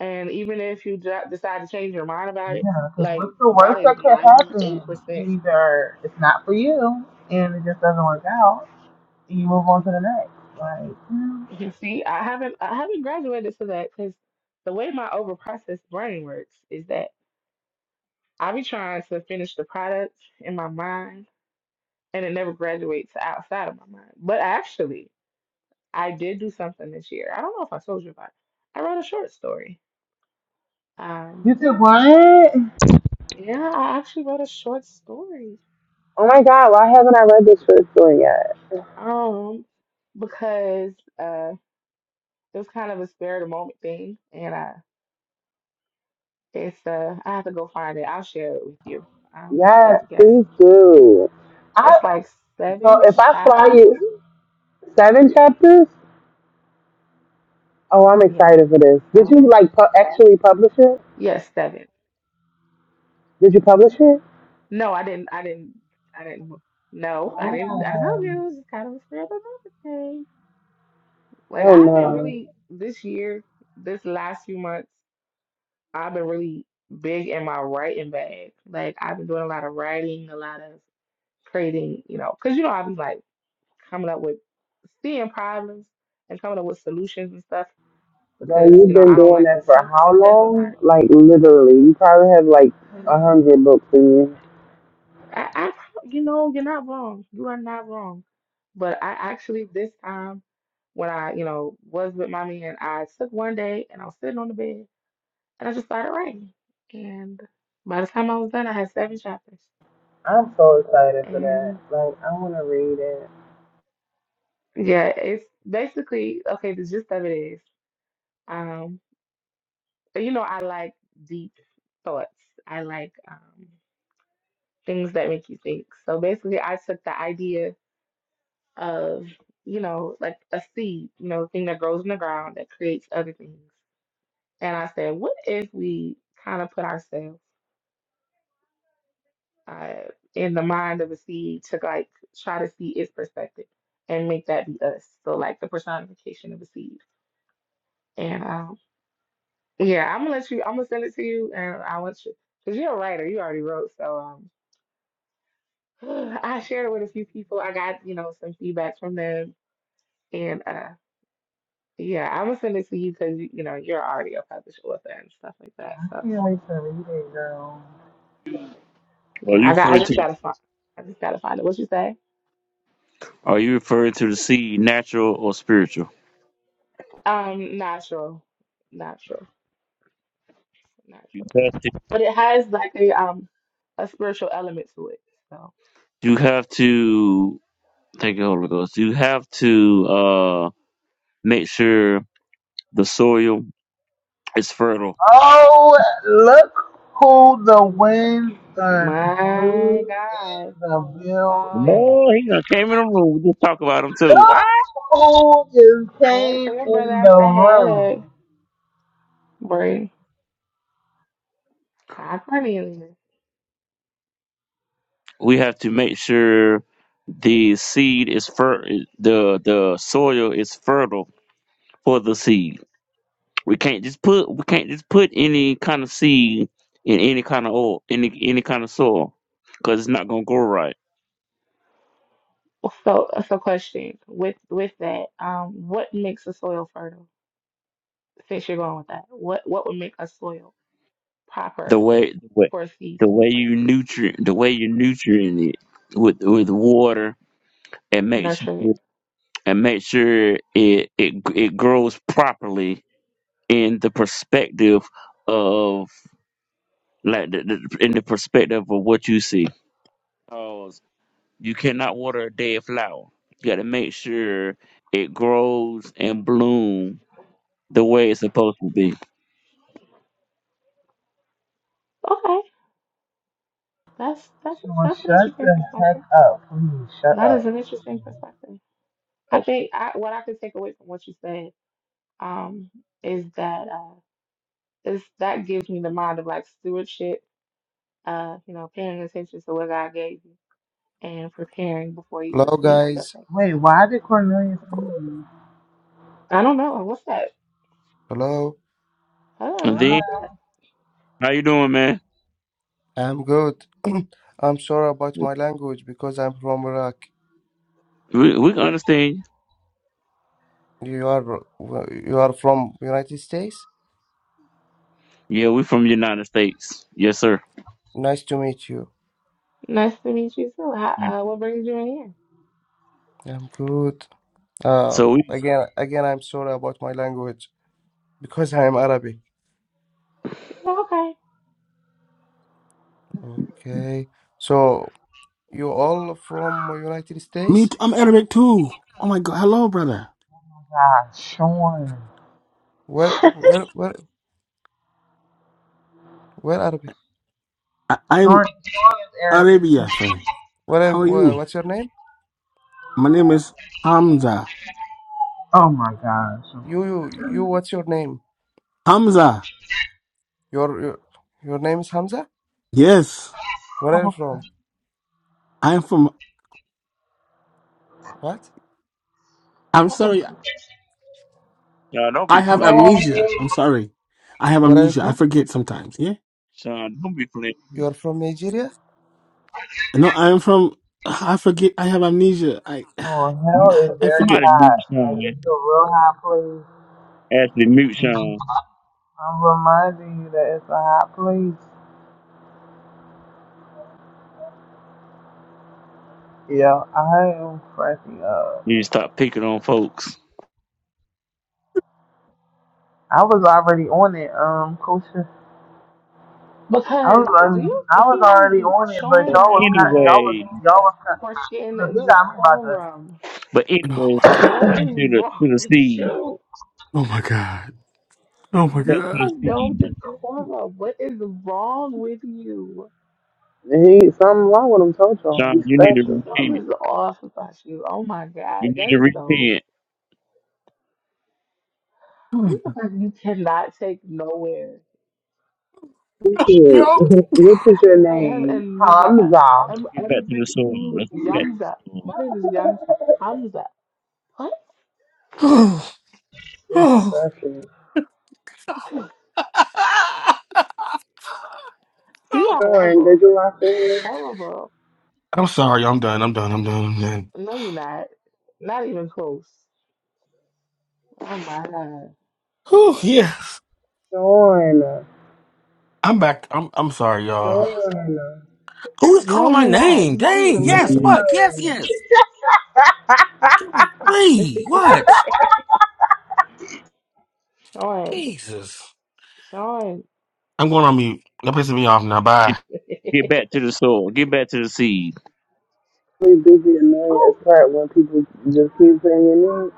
Speaker 4: And even if you dr- decide to change your mind about it,
Speaker 1: Yeah, because
Speaker 4: like
Speaker 1: what's the
Speaker 4: that
Speaker 1: worst
Speaker 4: is
Speaker 1: that could happen?
Speaker 4: 98%.
Speaker 1: You either it's not for you and it just doesn't work out, and you move on to the next. Like, you know,
Speaker 4: You see, I haven't I haven't graduated to that because the way my overprocessed brain works is that I be trying to finish the product in my mind, and it never graduates to outside of my mind. But actually. I did do something this year. I don't know if I told you about it. I wrote a short story. Um,
Speaker 1: You said what?
Speaker 4: yeah, I actually wrote a short story.
Speaker 1: Oh my God, why haven't I read this short story yet?
Speaker 4: Um, because uh, it was kind of a spare of the moment thing, and uh, it's uh, I have to go find it. I'll share it with you. Um,
Speaker 1: Yes,
Speaker 4: yes,
Speaker 1: please do. I
Speaker 4: it's like
Speaker 1: so
Speaker 4: seven
Speaker 1: if I fly
Speaker 4: chapters.
Speaker 1: you seven chapters, oh, I'm
Speaker 4: Yeah.
Speaker 1: excited for this. Did
Speaker 4: So
Speaker 1: you like pu- actually publish it?
Speaker 4: yes, seven.
Speaker 1: Did you publish it?
Speaker 4: No, I didn't. I didn't. I didn't. No, I didn't.
Speaker 1: Wow.
Speaker 4: I told you it was kind of a spare of the moment thing. Like
Speaker 1: Oh
Speaker 4: I've been
Speaker 1: no,
Speaker 4: really this year, this last few months, I've been really big in my writing bag. Like I've been doing a lot of writing, a lot of creating, you know, because you know I've been like coming up with seeing problems and coming up with solutions and stuff
Speaker 1: girl,
Speaker 4: because
Speaker 1: you've
Speaker 4: you know
Speaker 1: been
Speaker 4: I don't
Speaker 1: doing
Speaker 4: like
Speaker 1: that
Speaker 4: to
Speaker 1: for
Speaker 4: talk
Speaker 1: how
Speaker 4: to death about
Speaker 1: long?
Speaker 4: it.
Speaker 1: Like literally, you probably have like a
Speaker 4: Mm.
Speaker 1: hundred books in you.
Speaker 4: I, I, prob- you know, you're not wrong. You are not wrong. But I actually this time when I, you know, was with my man, I took one day and I was sitting on the bed And I just started writing. And by the time I was done, I had seven chapters.
Speaker 1: I'm so excited for that.
Speaker 4: And
Speaker 1: Like I want to read it.
Speaker 4: yeah, it's basically okay, the gist of it is, um, you know, I like deep thoughts. I like um things that make you think. So basically I took the idea of, you know, like a seed, you know, thing that grows in the ground that creates other things. And I said, what if we kind of put ourselves uh, in the mind of a seed to like try to see its perspective and make that be us. So like the personification of a seed. And um, yeah, I'm gonna let you. I'm gonna send it to you, and I want you because you're a writer. You already wrote, so um, (gasps) (sighs) I shared it with a few people. I got you know some feedback from them, and uh, yeah, I'm gonna send it to you because you, you know you're already a published author and stuff like that.
Speaker 1: I
Speaker 4: So
Speaker 1: can't wait to read it, girl.
Speaker 5: Are you
Speaker 4: yeah, I got. I
Speaker 5: referring
Speaker 4: just
Speaker 5: to?
Speaker 4: gotta find. I just gotta find it. What you say?
Speaker 5: Are you referring to the seed, natural or spiritual?
Speaker 4: Um, natural, natural,
Speaker 5: You
Speaker 4: natural.
Speaker 5: have to.
Speaker 4: But it has like a um a spiritual element to it. So
Speaker 5: You have to. Thank you, Holy Ghost. You have to uh, make sure the soil is fertile
Speaker 1: Oh, look who the wind done blew
Speaker 4: my God.
Speaker 1: in the
Speaker 4: Uh
Speaker 1: building.
Speaker 5: Boy, he done came in the room. We just talk about him too. Ah!
Speaker 1: Look who just
Speaker 4: hey
Speaker 1: came
Speaker 4: so your brother
Speaker 1: in
Speaker 4: asked
Speaker 1: the
Speaker 4: said head.
Speaker 1: room.
Speaker 4: Bray. Hi Cornelia.
Speaker 5: We have to make sure the seed is fer- the the soil is fertile for the seed. We can't just put we can't just put any kind of seed in any kind of oil, any any kind of soil, because it's not gonna grow right.
Speaker 4: So so question. With with that, um what makes a soil fertile? Since you're going with that, what what would make a soil
Speaker 5: The
Speaker 4: proper
Speaker 5: way the way
Speaker 4: for a seed
Speaker 5: the
Speaker 4: to be
Speaker 5: way you
Speaker 4: planted?
Speaker 5: nutrient the way you nutrient it with with water and make
Speaker 4: Nurture
Speaker 5: sure
Speaker 4: it.
Speaker 5: and make sure it it it grows properly in the perspective of like the, the, in the perspective of what you see. Cause you cannot water a dead flower. You got to make sure it grows and bloom the way it's supposed to be.
Speaker 4: Okay. That's that's
Speaker 1: She will
Speaker 4: that's an
Speaker 1: shut
Speaker 4: interesting
Speaker 1: the heck
Speaker 4: perspective.
Speaker 1: up. Please shut
Speaker 4: That is
Speaker 1: up.
Speaker 4: an interesting perspective. I think I, what I could take away from what you said um, is that uh, this that gives me the mind of like stewardship, uh, you know, paying attention to what God gave you and preparing before you
Speaker 6: Hello,
Speaker 4: receive stuff
Speaker 6: guys.
Speaker 4: like that.
Speaker 1: Wait, why did Cornelius
Speaker 4: Oh,
Speaker 1: leave?
Speaker 4: I don't know. What's that?
Speaker 6: Hello.
Speaker 5: And
Speaker 4: Hello,
Speaker 5: then,
Speaker 4: what's that?
Speaker 1: Oh
Speaker 5: how you doing, man?
Speaker 6: I'm good. (clears throat) I'm sorry about my language because I'm from Iraq.
Speaker 5: We we can understand.
Speaker 6: You are you are from United States.
Speaker 5: you. Yeah, we from United States. Yes, sir.
Speaker 6: Nice to meet you.
Speaker 4: Nice to meet you too.
Speaker 5: Yeah.
Speaker 4: How, uh, what brings you in here?
Speaker 6: I'm good.
Speaker 5: So
Speaker 6: Um,
Speaker 5: we
Speaker 6: again, again, I'm sorry about my language because I'm Arabic.
Speaker 4: Yeah, okay.
Speaker 6: Okay. So you all from United
Speaker 2: Me,
Speaker 6: States?
Speaker 2: t- I'm Arabic too. Oh my God, hello, brother.
Speaker 1: my gosh, Sean.
Speaker 6: Where, where, where, where Arabic?
Speaker 2: I, I'm
Speaker 1: Sean, Sean is Arabic. too.
Speaker 2: Arabia, friend.
Speaker 6: Where,
Speaker 2: How are
Speaker 6: where?
Speaker 2: you?
Speaker 6: What's your name?
Speaker 2: My name is Hamza.
Speaker 1: Oh my gosh.
Speaker 6: You, you, you. What's your name?
Speaker 2: Hamza.
Speaker 6: Your, your, your name is Hamza.
Speaker 2: Yes,
Speaker 6: Where are you
Speaker 1: Oh,
Speaker 6: from?
Speaker 2: I'm from.
Speaker 6: What?
Speaker 2: I'm sorry.
Speaker 5: Sean, don't
Speaker 2: I
Speaker 5: be
Speaker 2: have
Speaker 5: playing.
Speaker 1: Sean,
Speaker 2: amnesia. I'm sorry. I have
Speaker 6: Where are you
Speaker 2: amnesia. I
Speaker 6: from?
Speaker 2: forget sometimes. Yeah.
Speaker 5: Sean, don't be playing.
Speaker 6: You are from Nigeria?
Speaker 2: No, I'm from. I forget. I have amnesia. I
Speaker 1: Sean,
Speaker 5: You-
Speaker 1: hell is
Speaker 2: I
Speaker 1: very
Speaker 2: forget.
Speaker 5: Somebody mute
Speaker 1: hot. Like,
Speaker 5: Sean.
Speaker 1: it's a real hot
Speaker 5: Actually, mute
Speaker 1: place.
Speaker 5: Sean.
Speaker 1: I'm reminding you that it's a hot place. Yeah, I am cracking up.
Speaker 5: You stop picking on folks.
Speaker 1: I was already on it, um, Coach. I was
Speaker 4: Because do
Speaker 1: al-
Speaker 4: you?
Speaker 1: I was
Speaker 4: He has
Speaker 1: already on it, but
Speaker 4: Sean
Speaker 5: But
Speaker 1: y'all
Speaker 4: has
Speaker 1: was kind, y'all
Speaker 4: no
Speaker 1: was
Speaker 5: anyway.
Speaker 1: y'all was kind. Look,
Speaker 4: freaking
Speaker 1: he got me about
Speaker 4: decorum.
Speaker 5: But
Speaker 2: Oh
Speaker 5: anyway,
Speaker 2: my
Speaker 5: let's
Speaker 2: god.
Speaker 5: get
Speaker 4: What
Speaker 5: back
Speaker 4: is
Speaker 5: to the
Speaker 4: wrong
Speaker 5: to
Speaker 4: (laughs)
Speaker 5: the
Speaker 4: with
Speaker 5: seed.
Speaker 4: you?
Speaker 2: Oh my god. Oh my
Speaker 5: Get back to
Speaker 4: You
Speaker 2: god.
Speaker 5: the
Speaker 4: have no
Speaker 5: seed.
Speaker 4: decorum. What is wrong with you?
Speaker 1: that. He something wrong with him, told y'all.
Speaker 5: Sean,
Speaker 1: He's
Speaker 5: you need to
Speaker 1: special.
Speaker 4: Something
Speaker 5: repent.
Speaker 4: is off about you. Oh my
Speaker 5: You
Speaker 4: God,
Speaker 5: need
Speaker 4: that
Speaker 5: to
Speaker 4: is so.
Speaker 5: repent.
Speaker 2: (sighs) Oh
Speaker 4: He's the person you cannot take nowhere.
Speaker 1: He's cute.
Speaker 2: Yo.
Speaker 1: (laughs) What is your
Speaker 4: I have
Speaker 1: name?
Speaker 4: amnesia. I,
Speaker 1: Hamza.
Speaker 5: Let's
Speaker 4: I'm
Speaker 5: get back to
Speaker 4: unable
Speaker 5: the soil.
Speaker 4: to
Speaker 5: Let's get back
Speaker 4: Yamza.
Speaker 5: to the soil.
Speaker 4: My name is Yamza. Hamza. What?
Speaker 2: Oh.
Speaker 1: He's
Speaker 2: Oh.
Speaker 1: special.
Speaker 4: (laughs) You are
Speaker 1: Sean, did
Speaker 4: horrible.
Speaker 1: you watch it?
Speaker 4: Horrible.
Speaker 2: I'm sorry. I'm done. I'm done. I'm done. I'm done.
Speaker 4: No, you're not. Not even close. Oh my God.
Speaker 2: Oh yeah.
Speaker 1: Sean,
Speaker 2: I'm back. I'm I'm sorry, y'all.
Speaker 1: Sean,
Speaker 2: Who is
Speaker 4: No,
Speaker 2: calling my
Speaker 4: you're not.
Speaker 2: name?
Speaker 4: You're not even
Speaker 5: Put
Speaker 4: a
Speaker 2: Dang.
Speaker 5: them
Speaker 4: little
Speaker 2: Yes.
Speaker 5: on
Speaker 4: bit.
Speaker 5: mute.
Speaker 2: What? Yes.
Speaker 1: Sean.
Speaker 2: Yes. Golly. What?
Speaker 4: (laughs) Sean.
Speaker 2: Jesus.
Speaker 4: Sean.
Speaker 2: I'm going on mute. That pisses me off now.
Speaker 5: Get,
Speaker 2: Bye.
Speaker 4: (laughs)
Speaker 5: get back to the soil. Get back to the seed.
Speaker 1: really busy annoying
Speaker 4: Oh,
Speaker 1: as part when people just keep saying your name.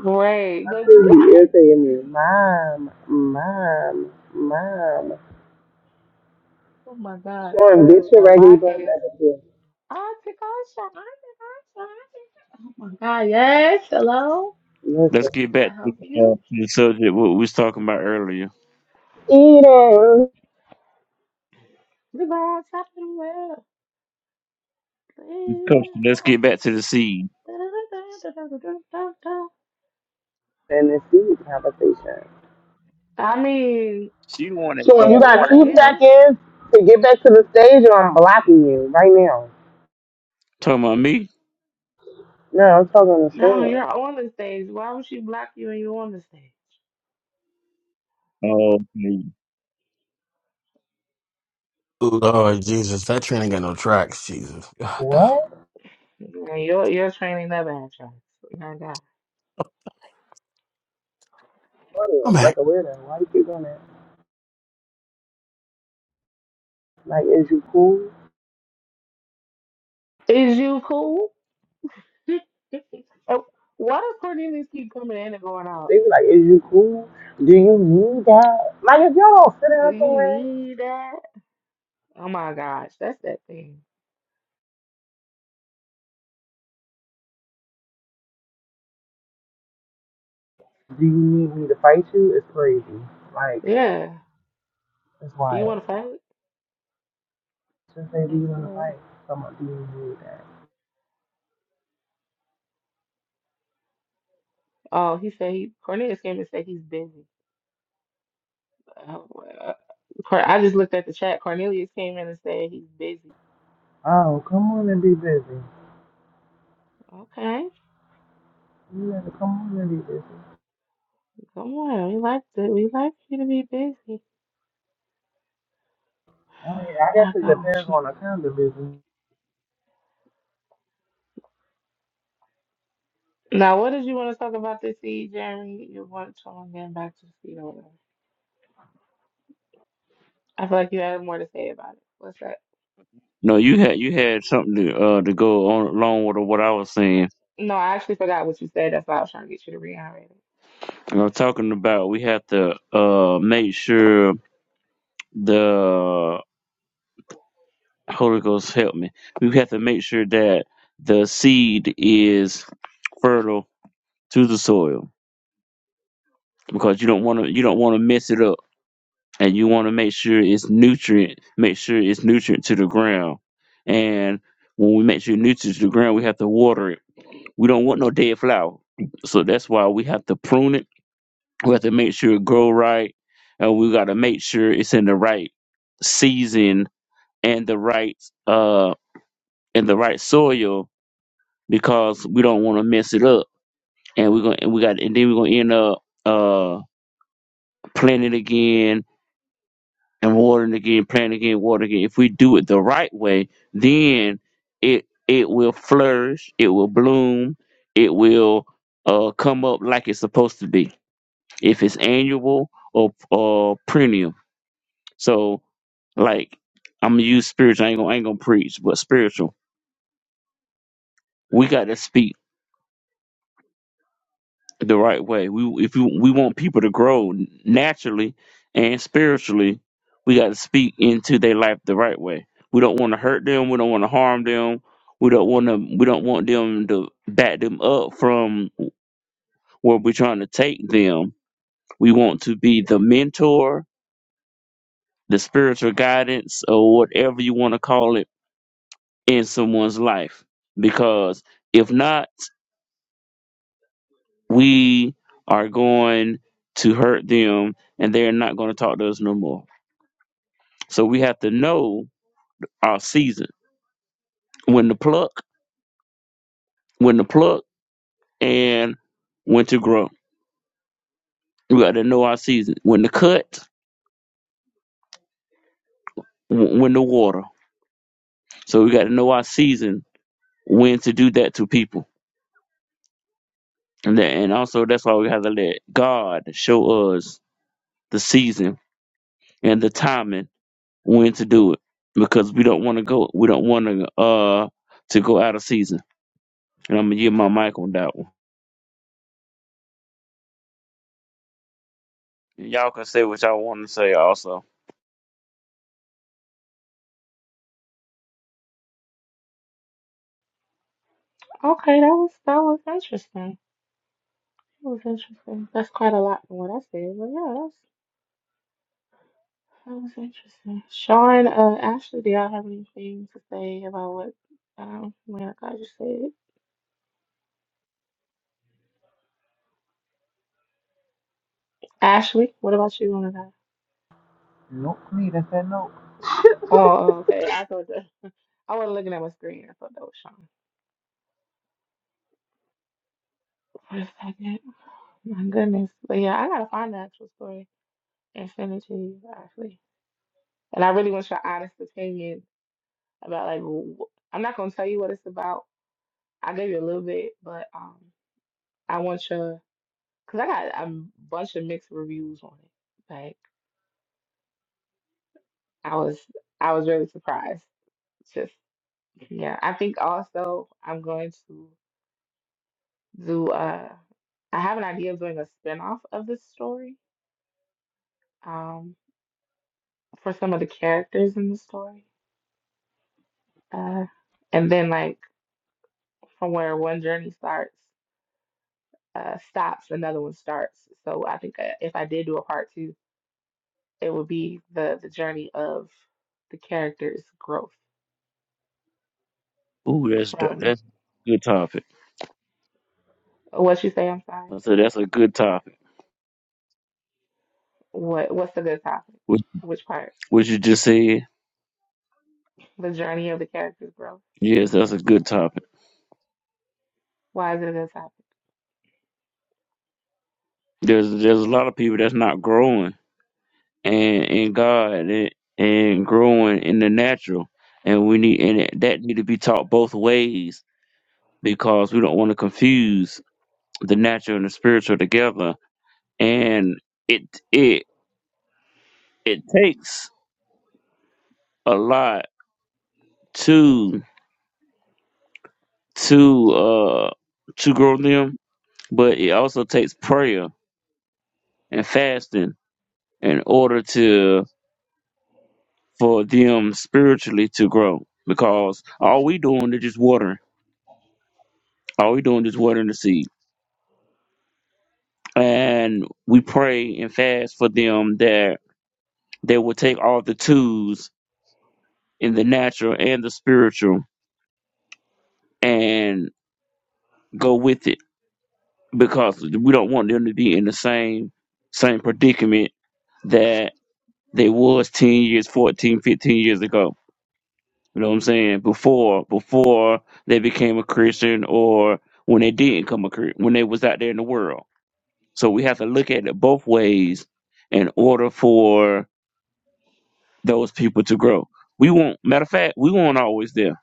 Speaker 4: great.
Speaker 1: My
Speaker 4: Like,
Speaker 1: kids be
Speaker 4: what?
Speaker 1: irritating me. Mom, mom, mom.
Speaker 4: Oh my God.
Speaker 1: Sean, get your
Speaker 4: In
Speaker 1: raggedy
Speaker 4: my
Speaker 1: butt
Speaker 4: case,
Speaker 1: back up here.
Speaker 4: Auntie Kasha, Auntie Kasha, Auntie. Oh my God, yes, hello.
Speaker 5: Let's
Speaker 1: Listen.
Speaker 5: get
Speaker 4: Can
Speaker 5: back
Speaker 4: I
Speaker 5: to the,
Speaker 4: help
Speaker 5: uh,
Speaker 4: you?
Speaker 5: to the subject what we was talking about earlier.
Speaker 1: Eating.
Speaker 4: We're going top of the world.
Speaker 5: Coach, let's
Speaker 4: Yeah.
Speaker 5: get back to the seed.
Speaker 1: And it's food conversation.
Speaker 4: I mean,
Speaker 5: She the one that
Speaker 1: Sean, you
Speaker 5: started
Speaker 1: got two
Speaker 4: yes.
Speaker 1: seconds to get back to the stage or I'm blocking you right now.
Speaker 5: talking about me.
Speaker 1: No, I'm talking to
Speaker 4: No,
Speaker 1: Sean.
Speaker 4: you're on the stage. Why would she block you and you're on the stage?
Speaker 5: Oh, okay.
Speaker 2: Lord Jesus, that train ain't got no tracks, Jesus. God,
Speaker 1: What?
Speaker 4: Yeah, You're, you're training up actress. My God.
Speaker 1: Funny,
Speaker 2: I'm
Speaker 1: It's like
Speaker 2: at
Speaker 1: a weirdo. Why do you keep doing that? Like, is you cool?
Speaker 4: Is you cool? You- Oh, Why does Cornelius keep coming in and going
Speaker 1: They
Speaker 4: out?
Speaker 1: be like, is you cool? Do you need that? Like, if y'all don't sit
Speaker 4: Do
Speaker 1: down
Speaker 4: you
Speaker 1: somewhere,
Speaker 4: need that? Oh my gosh, that's that thing.
Speaker 1: do you need me to fight you? It's crazy. Like,
Speaker 4: Yeah.
Speaker 1: it's
Speaker 4: Do you
Speaker 1: wild.
Speaker 4: want to fight?
Speaker 1: Just say, do
Speaker 4: Like,
Speaker 1: you
Speaker 4: for
Speaker 1: want to fight?
Speaker 4: real?
Speaker 1: Come on, do you need that?
Speaker 4: Oh, he said he Cornelius came and said he's busy. Oh, well, Cor- I just looked at the chat. Cornelius came in and said he's busy.
Speaker 1: Oh, come on and be busy.
Speaker 4: Okay,
Speaker 1: You gotta come on and be busy.
Speaker 4: come on. We like to we like you to be busy.
Speaker 1: I mean, I
Speaker 4: Oh my
Speaker 1: guess it
Speaker 4: gosh.
Speaker 1: depends on the kind of busy.
Speaker 4: Now, what did you want to talk about this seed, Jeremy? You want to on getting back to the seed or whatever? I feel like you had more to say about it. What's that?
Speaker 5: no, you had you had something to uh to go on along with what I was saying.
Speaker 4: No, I actually forgot what you said. That's why I was trying to get you to reiterate it.
Speaker 5: And I'm talking about we have to uh make sure the Holy Ghost help me. We have to make sure that the seed is fertile to the soil because you don't want to you don't want to mess it up, and you want to make sure it's nutrient. Make sure it's nutrient to the ground, and when we make sure nutrient to the ground, we have to water it. We don't want no dead flower, so that's why we have to prune it. We have to make sure it grow right, and we got to make sure it's in the right season and the right um in the right soil because we don't want to mess it up. And we're gonna and we got and then we're gonna end up uh planting again and watering again, planting again, watering again. If we do it the right way, then it it will flourish, it will bloom, it will uh come up like it's supposed to be. If it's annual or or perennial. So like I'm gonna use spiritual, I ain't gonna I ain't gonna preach, but spiritual. We gotta speak the right way. We if you, we want people to grow naturally and spiritually, we got to speak into their life the right way. We don't want to hurt them. We don't want to harm them. We don't want to. We don't want them to back them up from where we're trying to take them. We want to be the mentor, the spiritual guidance, or whatever you want to call it in someone's life. Because if not, we are going to hurt them, and they're not going to talk to us no more. So we have to know our season, when to pluck, when to pluck, and when to grow. We got to know our season, when to cut, wh- when to water. So we got to know our season, when to do that to people, and that, and also that's why we have to let God show us the season and the timing when to do it, because we don't want to go, we don't want to uh to go out of season. And I'm gonna give my mic on that one. Y'all can say what y'all want to say also.
Speaker 4: Okay, that was that was interesting. That was interesting. That's quite a lot from what I said, but yeah, That was interesting. Sean, uh, Ashley, do y'all have anything to say about what um man, I just said? Ashley, what about you on that?
Speaker 1: Nope, me, that's that nope.
Speaker 4: Oh, oh, okay. I thought that I wasn't looking at my screen. I thought that was Sean for a second. My goodness. But yeah, I gotta find the actual story and send it to you, Ashley. And I really want your honest opinion about like wh- I'm not gonna tell you what it's about. I gave you a little bit, but um, I want your because I got a bunch of mixed reviews on it. Like, I was I was really surprised. Just yeah. I think also I'm going to do uh I have an idea of doing a spin-off of this story um for some of the characters in the story. Uh and then like from where one journey starts uh stops another one starts. So I think uh, if I did do a part two, it would be the the journey of the characters' growth
Speaker 5: Ooh, that's
Speaker 4: from
Speaker 5: that's a good topic.
Speaker 4: what you say, I'm sorry.
Speaker 5: I said that's a good topic.
Speaker 4: What what's a good topic?
Speaker 5: What,
Speaker 4: Which part?
Speaker 5: what you just said,
Speaker 4: the journey of the character's growth.
Speaker 5: yes, that's a good topic.
Speaker 4: Why is it a topic?
Speaker 5: There's there's a lot of people that's not growing and in God and, and growing in the natural, and we need and it- that need to be taught both ways because we don't want to confuse the natural and the spiritual together. And it it it takes a lot to to uh to grow them, but it also takes prayer and fasting in order to for them spiritually to grow because all we doing is just watering all we doing is watering the seed and we pray and fast for them that they will take all the tools in the natural and the spiritual and go with it because we don't want them to be in the same same predicament that they was 10 years 14, 15 years ago You know what I'm saying? Before before they became a Christian or when they didn't come a Chri- when they was out there in the world. So we have to look at it both ways in order for those people to grow. We won't matter of fact, we weren't always there.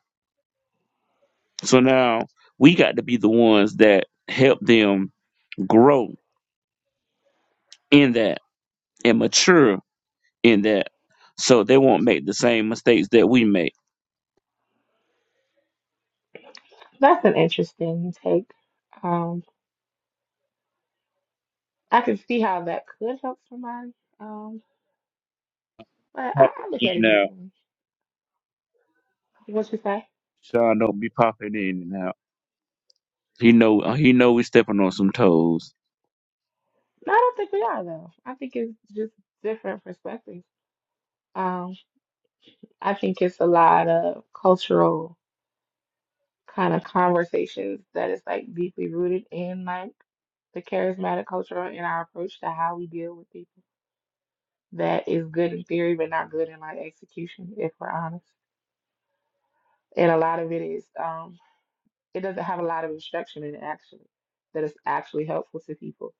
Speaker 5: So now we got to be the ones that help them grow in that and mature in that so they won't make the same mistakes that we make.
Speaker 4: That's an interesting take. Um, I can see how that could help somebody. Um, but I, I look at it
Speaker 5: Now,
Speaker 4: differently. What you say?
Speaker 5: Sean don't be popping in and out. He know he know we stepping on some toes,
Speaker 4: No, I don't think we are though. I think it's just different perspectives. Um, I think it's a lot of cultural kind of conversations that is like deeply rooted in like the charismatic culture and our approach to how we deal with people that is good in theory but not good in like execution, if we're honest. And a lot of it is, um, it doesn't have a lot of instruction in it actually that is actually helpful to people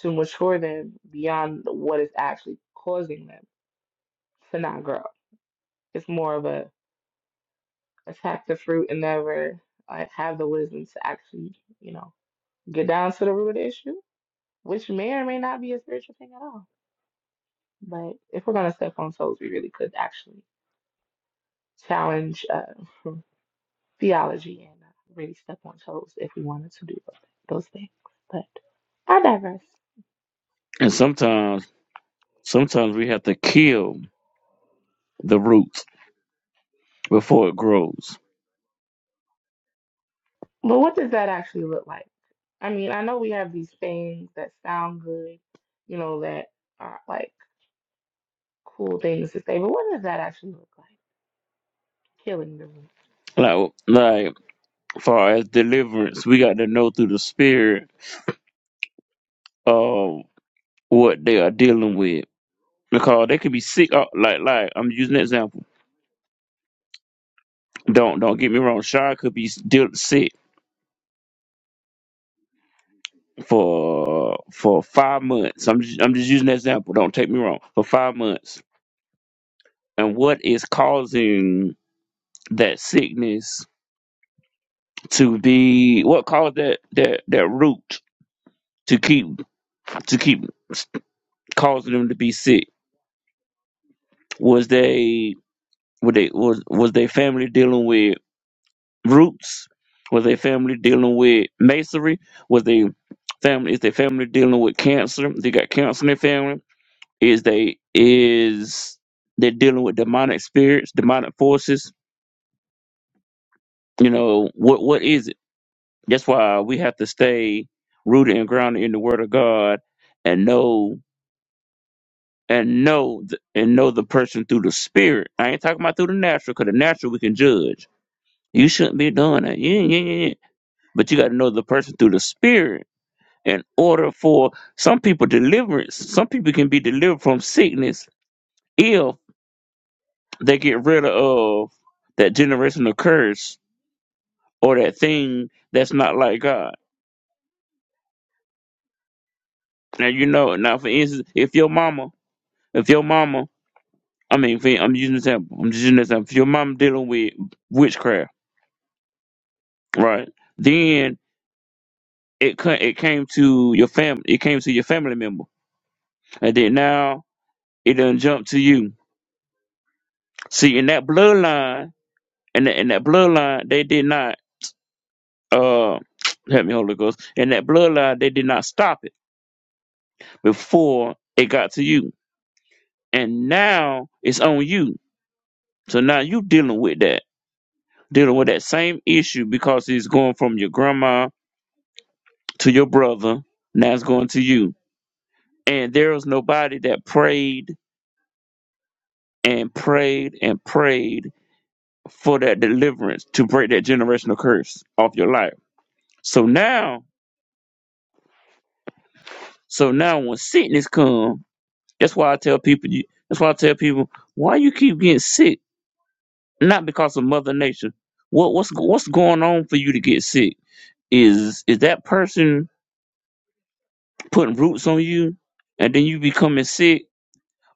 Speaker 4: to mature them beyond what is actually causing them to not grow. It's more of a attack the fruit and never uh, have the wisdom to actually, you know, get down to the root of the issue, which may or may not be a spiritual thing at all. But if we're going to step on toes, we really could actually challenge uh, (laughs) theology and uh, really step on toes if we wanted to do those those things. I digress.
Speaker 5: and sometimes sometimes we have to kill the roots before it grows.
Speaker 4: But what does that actually look like? I mean, I know we have these things that sound good, you know, that are like cool things to say, but what does that actually look like? Killing the root.
Speaker 5: Like like far as deliverance, we got to know through the spirit of what they are dealing with because they could be sick. uh, Like like I'm using an example. Don't don't get me wrong. Sean could be still sick for for five months. I'm just, I'm just using an example. Don't take me wrong. For five months, and what is causing that sickness? to be what caused that that that root to keep to keep causing them to be sick was they were they was was their family dealing with roots was their family dealing with masonry was they family is their family dealing with cancer they got cancer in their family is they is they're dealing with demonic spirits demonic forces you know what what is it that's why we have to stay rooted and grounded in the word of god and know and know th- and know the person through the spirit. I ain't talking about through the natural, because the natural we can judge. You shouldn't be doing that. Yeah, yeah, yeah. yeah. But you got to know the person through the spirit in order for some people deliverance. Some people can be delivered from sickness if they get rid of that generational curse or that thing that's not like God. Now you know. Now for instance, if your mama, if your mama, I mean, for, I'm using this example. I'm just using this example. If your mama dealing with witchcraft Right. Then it co- it came to your family. It came to your family member, and then now it done jump to you. See, in that bloodline, and in that, in that bloodline, they did not uh (tsk) help me, Holy Ghost. In that bloodline, they did not stop it before it got to you, and now it's on you. So now you dealing with that, dealing with that same issue because it's going from your grandma to your brother. Now it's going to you, and there was nobody that prayed and prayed and prayed for that deliverance to break that generational curse off your life. So now, so now when sickness come, that's why I tell people. You, that's why I tell people why you keep getting sick. Not because of Mother Nature. What what's what's going on for you to get sick? Is is that person putting roots on you, and then you becoming sick,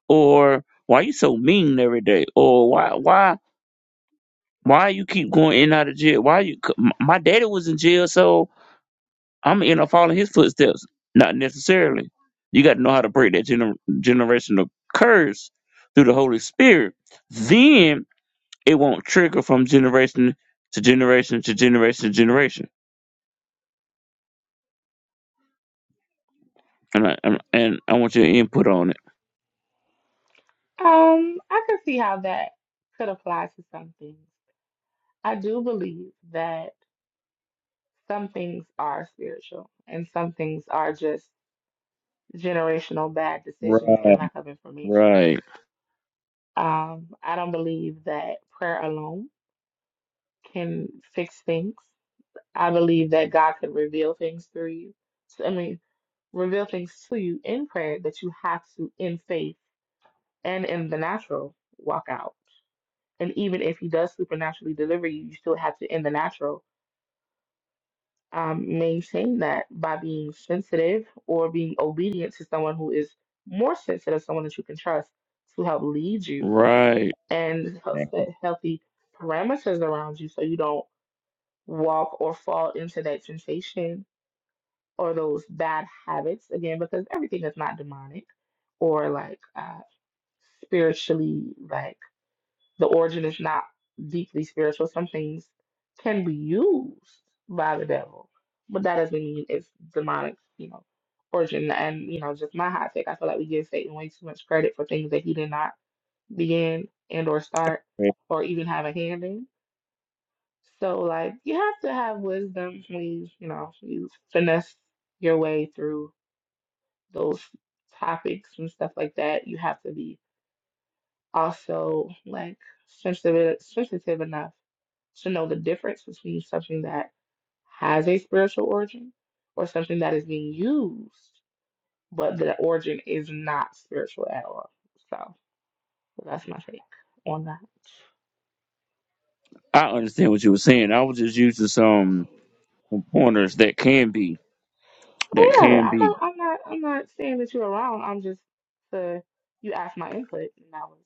Speaker 5: or why you so mean every day, or why why why you keep going in and out of jail? Why you? c- m- my daddy was in jail, so I'm gonna end up following his footsteps. Not necessarily. You got to know how to break that gener- generational curse through the Holy Spirit. Then it won't trigger from generation to generation to generation to generation. And I, and and I want your input on it.
Speaker 4: Um, I can see how that could apply to some things. I do believe that some things are spiritual and some things are just generational bad decisions and
Speaker 5: Right,
Speaker 4: lack of information.
Speaker 5: right,
Speaker 4: Um, I don't believe that prayer alone can fix things. I believe that God can reveal things through you. So, I mean, reveal things to you in prayer that you have to, in faith and in the natural, walk out. And even if He does supernaturally deliver you, you still have to, in the natural, um, maintain that by being sensitive or being obedient to someone who is more sensitive, someone that you can trust to help lead you
Speaker 5: right.
Speaker 4: and help set healthy parameters around you so you don't walk or fall into that temptation or those bad habits again because everything is not demonic or like uh spiritually like the origin is not deeply spiritual some things can be used by the devil but that doesn't mean it's demonic you know origin and you know just my hot take i feel like we give satan way too much credit for things that he did not begin and or start or even have a hand in so like you have to have wisdom when you you know you finesse your way through those topics and stuff like that, you have to be also like sensitive sensitive enough to know the difference between something that has a spiritual origin or something that is being used, but the origin is not spiritual at all. So that's my take on that.
Speaker 5: I understand what you were saying. I was just using some pointers that can be that
Speaker 4: Oh yeah,
Speaker 5: can
Speaker 4: I'm
Speaker 5: be.
Speaker 4: not, I'm not, I'm not saying that you're wrong. I'm just the you asked my input, and that was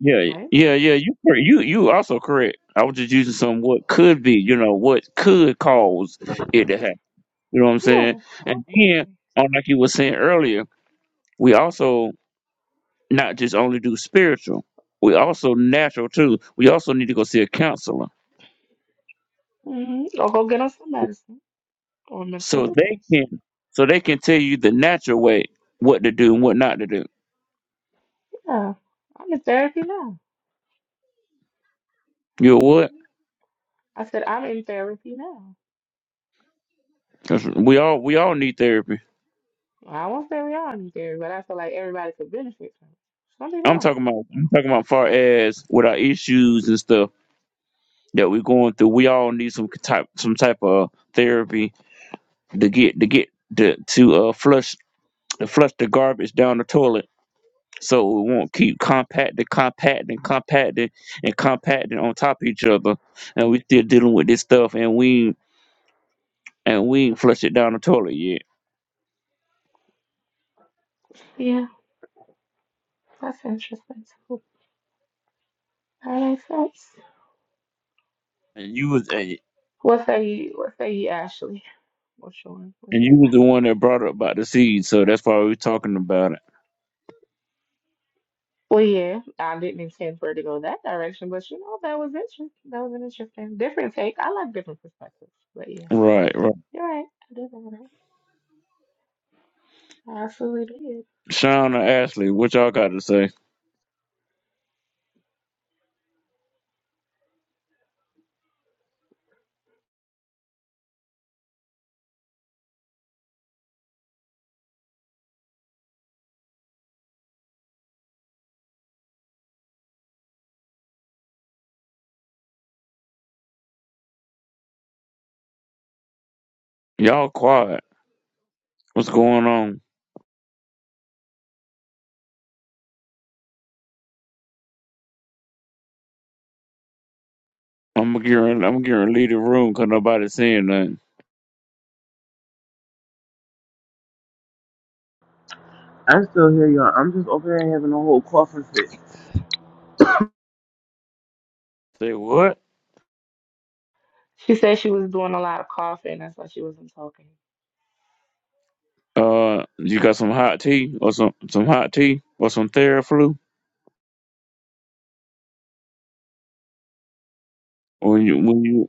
Speaker 5: Yeah,
Speaker 4: my input.
Speaker 5: yeah, yeah. You cor- you you also correct. I was just using some what could be, you know, what could cause it to happen. You know what I'm saying?
Speaker 4: Yeah,
Speaker 5: And then,
Speaker 4: absolutely.
Speaker 5: on like you were saying earlier, we also not just only do spiritual, we also natural too. We also need to go see a counselor
Speaker 4: Mm-hmm. Or go get on some medicine. On
Speaker 5: so
Speaker 4: Minnesota
Speaker 5: they
Speaker 4: Thursday.
Speaker 5: can so they can tell you the natural way what to do and what not to do.
Speaker 4: Yeah. I'm in therapy now.
Speaker 5: You know what?
Speaker 4: Mhm. I said I'm in therapy now.
Speaker 5: 'Cause we all we all need therapy.
Speaker 4: Well, I won't say we all in therapy, but I feel like everybody could benefit from it. Some people
Speaker 5: I'm
Speaker 4: don't.
Speaker 5: talking about I'm talking about far as with our issues and stuff that we're going through. We all need some type some type of therapy to get to get to to uh flush to flush the garbage down the toilet so we won't keep compacting, compacting, compacting, and compacting on top of each other. And we still dealing with this stuff and we ain't- and we ain't flush it down the toilet yet.
Speaker 4: Yeah, that's interesting too. That makes sense.
Speaker 5: And you was and
Speaker 4: What say you what say you, Ashley? What's your what
Speaker 5: and
Speaker 4: you
Speaker 5: you was
Speaker 4: say?
Speaker 5: the one that brought up about the seed, so that's why we talking about it.
Speaker 4: Well yeah, I didn't intend for it to go that direction, but you know, that was interesting. That was an interesting different take. I like different perspectives. But yeah.
Speaker 5: Right, right.
Speaker 4: You're right. I do think that. I absolutely did.
Speaker 5: Sean or Ashley, what y'all got to say? Y'all quiet. What's going on? I'm gonna gearing, I'm going to leave the room 'cause nobody saying nothing.
Speaker 1: I still hear y'all. I'm just over there having a whole coughing fit. I
Speaker 5: Say what?
Speaker 4: She said she was doing a lot of coughing. That's why she wasn't talking.
Speaker 5: Uh, you got some hot tea or some some hot tea or some Theraflu? When you when you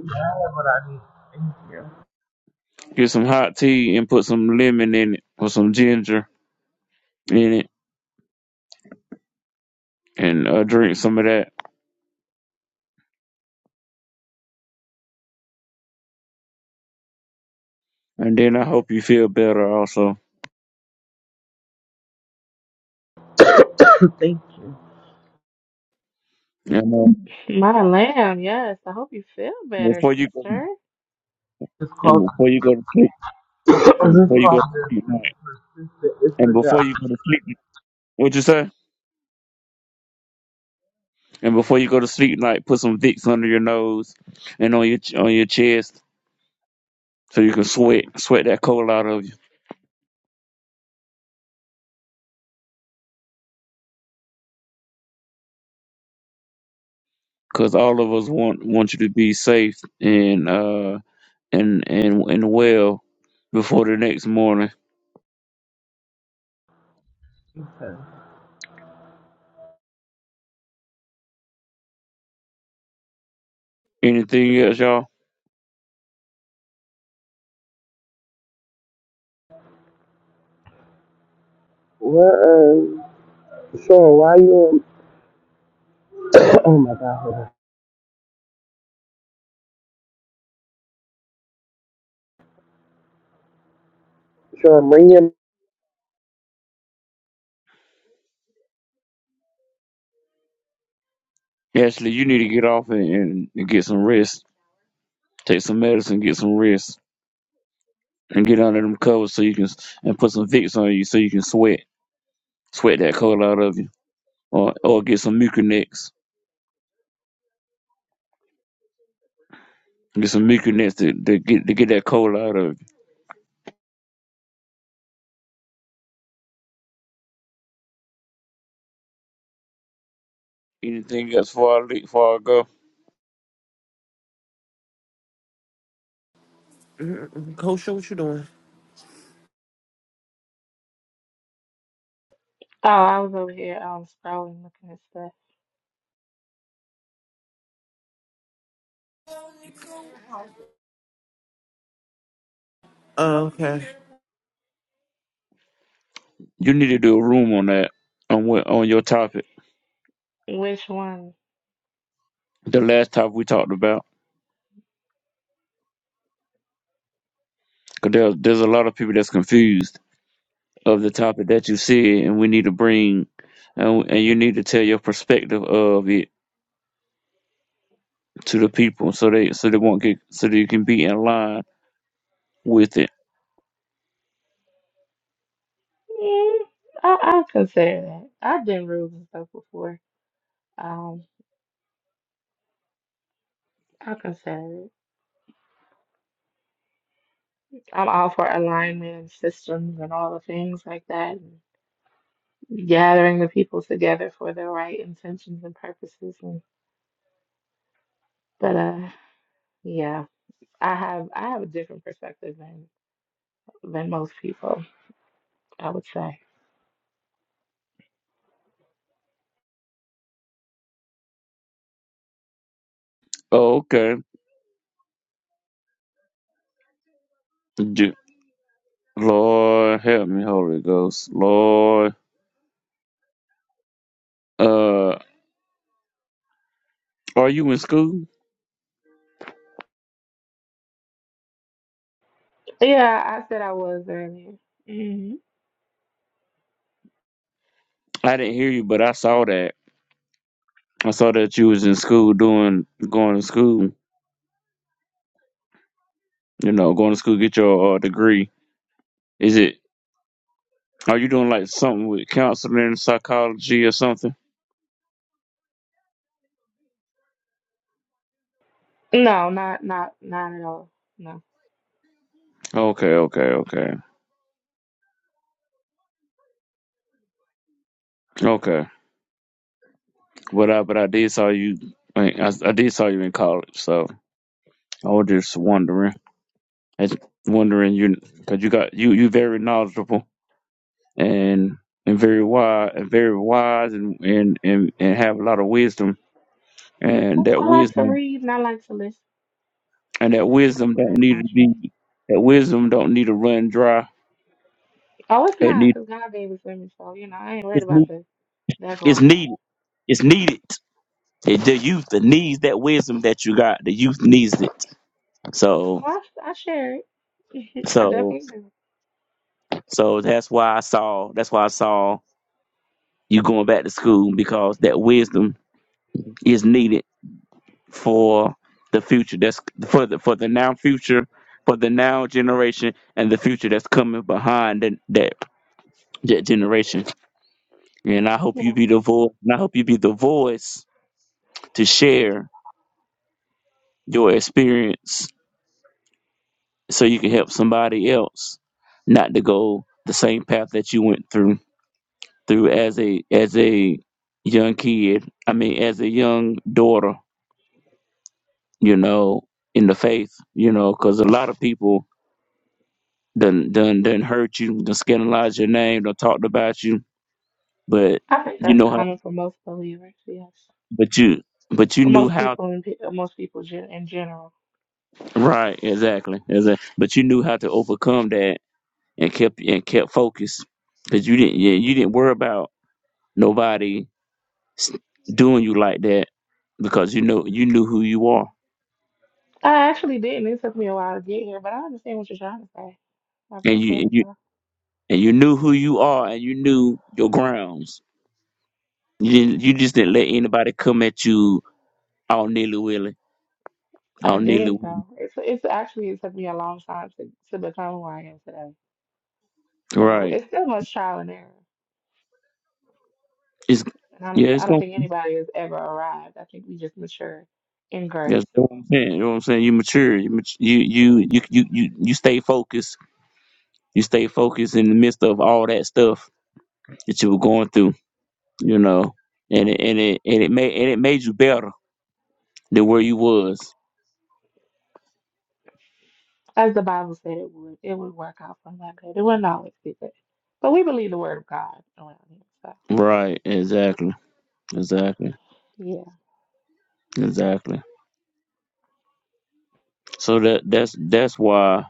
Speaker 1: have what I need. Thank you.
Speaker 5: get some hot tea and put some lemon in it or some ginger in it and uh, drink some of that, and then I hope you feel better also.
Speaker 1: (laughs) (coughs) Thank you.
Speaker 5: And uh,
Speaker 4: My lamb, yes. I hope you feel better,
Speaker 5: before you go
Speaker 4: sister.
Speaker 1: Call
Speaker 5: and before you go to sleep
Speaker 1: (coughs) this
Speaker 5: and before you
Speaker 1: cough
Speaker 5: go to sleep
Speaker 1: is
Speaker 5: night
Speaker 1: persistent. It's
Speaker 5: and
Speaker 1: a job.
Speaker 5: before you go to sleep, what you say? And before you go to sleep night, put some Vicks under your nose and on your ch- on your chest so you can sweat sweat that cold out of you. Because all of us want want you to be safe and uh and and and well before the next morning.
Speaker 1: done.
Speaker 5: Anything else, y'all?
Speaker 1: Well, uh, Sean, why you? (coughs) oh my God, hold on. Sean, bring your.
Speaker 5: Ashley, you need to get off and, and get some rest. Take some medicine, get some rest, and get under them covers so you can and put some Vicks on you so you can sweat sweat that cold out of you, or or get some Mucinex, get some Mucinex to, to get to get that cold out of you. Anything else before I, le- before I go?
Speaker 1: Mm-mm. Kosha, what you doing?
Speaker 4: Oh, I was over here um scrolling, looking at stuff.
Speaker 1: Oh, okay.
Speaker 5: You need to do a room on that on what on your topic.
Speaker 4: Which one?
Speaker 5: The last topic we talked about, because there's there's a lot of people that's confused of the topic that you said, and we need to bring and and you need to tell your perspective of it to the people so they so they won't get so they can be in line with it.
Speaker 4: Mm, I I consider that. I've done rules and stuff before. Um, I consider it. I'm all for alignment and systems and all the things like that. and gathering the people together for the right intentions and purposes. And, but uh, yeah, I have I have a different perspective than than most people. I would say.
Speaker 5: Oh, okay. Do- Lord help me, Holy Ghost. Lord, uh, are you in school?
Speaker 4: Yeah, I said I was earlier. hmm
Speaker 5: I didn't hear you, but I saw that. I saw that you was in school doing going to school you know, going to school, get your uh, degree. Is it? Are you doing like something with counseling, psychology, or something?
Speaker 4: No, not not not at all. No.
Speaker 5: Okay, okay, okay, okay. But I, but I did saw you. I, mean, I, I did saw you in college, so I was just wondering. I was wondering you because you got you you very knowledgeable and and very wise and very wise and and and, and have a lot of wisdom and
Speaker 4: Well,
Speaker 5: that
Speaker 4: I like to
Speaker 5: wisdom
Speaker 4: read and I like to listen,
Speaker 5: and that
Speaker 4: so that's
Speaker 5: wisdom
Speaker 4: where
Speaker 5: don't
Speaker 4: that
Speaker 5: need to
Speaker 4: comes from.
Speaker 5: be that wisdom don't need to run dry.
Speaker 4: Oh, it's
Speaker 5: It
Speaker 4: not
Speaker 5: need
Speaker 4: because God gave it to me, so you know I ain't worried
Speaker 5: it's
Speaker 4: about
Speaker 5: need
Speaker 4: that that
Speaker 5: it's
Speaker 4: going down.
Speaker 5: needed It's needed. It, the youth it needs that wisdom that you got. The youth needs it. So
Speaker 4: Well, I, I share it. (laughs) I
Speaker 5: so
Speaker 4: definitely do.
Speaker 5: so that's why I saw that's why I saw you going back to school because that wisdom is needed for the future. That's for the for the now future, for the now generation and the future that's coming behind that that, that generation. And I hope
Speaker 4: Yeah,
Speaker 5: you be the voice and I hope you be the voice to share your experience so you can help somebody else not to go the same path that you went through through as a as a young kid i mean as a young daughter you know in the faith you know because a lot of people done done done hurt you done scandalized your name done talked about you but
Speaker 4: I think
Speaker 5: you
Speaker 4: that's
Speaker 5: know how
Speaker 4: common for most believers. Yes,
Speaker 5: but you but you
Speaker 4: Or
Speaker 5: knew
Speaker 4: most
Speaker 5: how
Speaker 4: people in pe- or most people gen- in general.
Speaker 5: right exactly exactly but you knew how to overcome that and kept and kept focused because you didn't yeah you didn't worry about nobody s- doing you like that because you know you knew who you are
Speaker 4: I actually didn't. It took me a while to get here, but I understand what you're trying to say. I
Speaker 5: and you
Speaker 4: appreciate
Speaker 5: and
Speaker 4: it,
Speaker 5: you
Speaker 4: though.
Speaker 5: and you knew who you are and you knew your grounds. You didn't, you just didn't let anybody come at you all nilly willy,
Speaker 4: I
Speaker 5: all nilly
Speaker 4: didn't
Speaker 5: willy.
Speaker 4: though. It's it's actually it took me a long time to, to become who I am today. So
Speaker 5: Right?
Speaker 4: it's still much trial and error.
Speaker 5: It's
Speaker 4: And I don't
Speaker 5: yeah, it's
Speaker 4: I don't
Speaker 5: gonna
Speaker 4: think
Speaker 5: be.
Speaker 4: anybody has ever arrived. I think we just mature in grace.
Speaker 5: That's what I'm saying. You know what I'm saying. You mature. You mat- you you you you you you stay focused. You stay focused in the midst of all that stuff that you were going through. You know, and it, and it and it made and it made you better than where you was.
Speaker 4: As the Bible said it would. It would work out for my good. It wouldn't always be good. But we believe the word of God around here. So
Speaker 5: Right. Exactly. Exactly.
Speaker 4: yeah.
Speaker 5: Exactly. So that that's that's why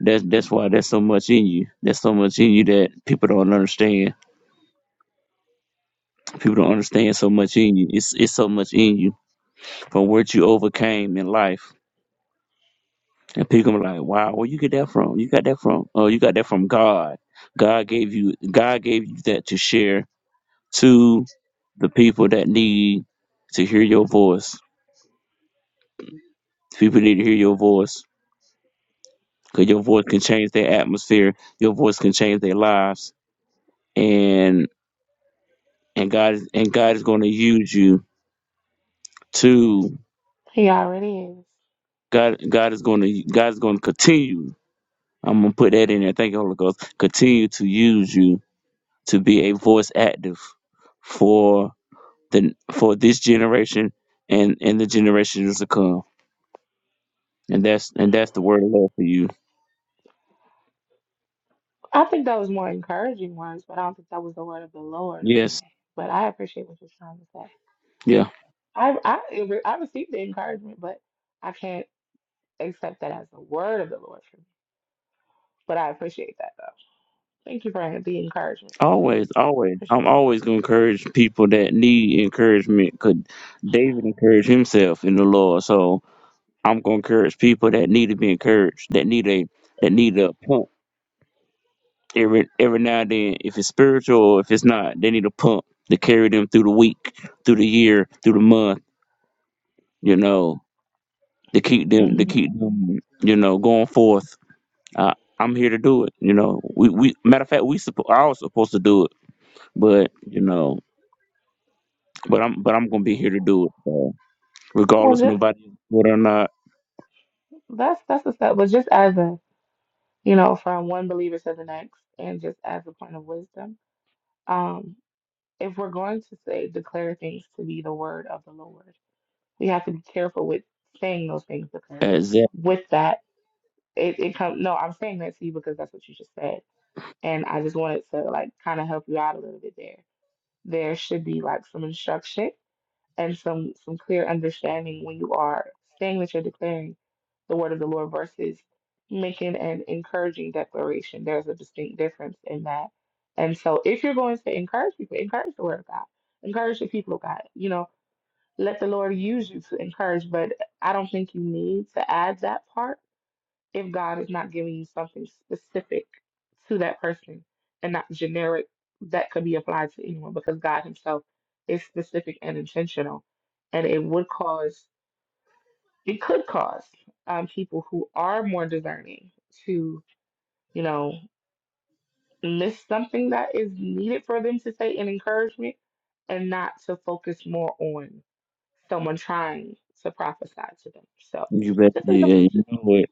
Speaker 5: that's that's why there's so much in you. There's so much in you that people don't understand. People don't understand so much in you. It's it's so much in you from what you overcame in life. And people are like, Wow, where you get that from? You got that from oh you got that from God. God gave you God gave you that to share to the people that need to hear your voice. People need to hear your voice. Because your voice can change their atmosphere. Your voice can change their lives and and God is and God is going to use you to
Speaker 4: He already is.
Speaker 5: God God is going to God is going to continue. I'm gonna put that in there. Thank you, Holy Ghost. Continue to use you to be a voice active for the for this generation and and the generations to come. And that's and that's the word of love for you.
Speaker 4: I think that was more encouraging words, but I don't think that was the word of the Lord for
Speaker 5: Yes.
Speaker 4: me. But I appreciate what you're trying to say.
Speaker 5: Yeah.
Speaker 4: I I I received the encouragement, but I can't. accept that as a word of the Lord for me. But I appreciate that though. Thank you for the encouragement.
Speaker 5: Always, always. I'm
Speaker 4: Appreciate you.
Speaker 5: always gonna encourage people that need encouragement. Could David encourage himself in the Lord? So I'm gonna encourage people that need to be encouraged, that need a that need a pump every every now and then. If it's spiritual or if it's not, they need a pump to carry them through the week, through the year, through the month. You know, to keep them to
Speaker 4: hmm
Speaker 5: keep them you know going forth. I, I'm here to do it. You know, we we matter of fact we suppo- I was supposed to do it, but you know, but I'm but I'm gonna be here to do it. So
Speaker 4: Well,
Speaker 5: regardless,
Speaker 4: just
Speaker 5: nobody whether or not.
Speaker 4: that's that's the stuff. But just as a you know, from one believer to the next, and just as a point of wisdom, um, if we're going to say declare things to be the word of the Lord, we have to be careful with saying those things because
Speaker 5: Exactly,
Speaker 4: with that it it comes. No, I'm saying that to you because that's what you just said, and I just wanted to like kind of help you out a little bit there. There should be like some instruction and some some clear understanding when you are saying that you're declaring the word of the Lord versus making an encouraging declaration. There's a distinct difference in that. And so if you're going to encourage people, encourage the word of God. Encourage the people of God. You know, let the Lord use you to encourage, but I don't think you need to add that part if God is not giving you something specific to that person and not generic that could be applied to anyone because God Himself is specific and intentional. And it would cause, it could cause um, people who are more discerning to, you know, miss something that is needed for them to say in encouragement and not to focus more on someone trying to prophesy to them. So
Speaker 5: you bet
Speaker 4: this is
Speaker 5: Yeah, you
Speaker 4: a
Speaker 5: know it.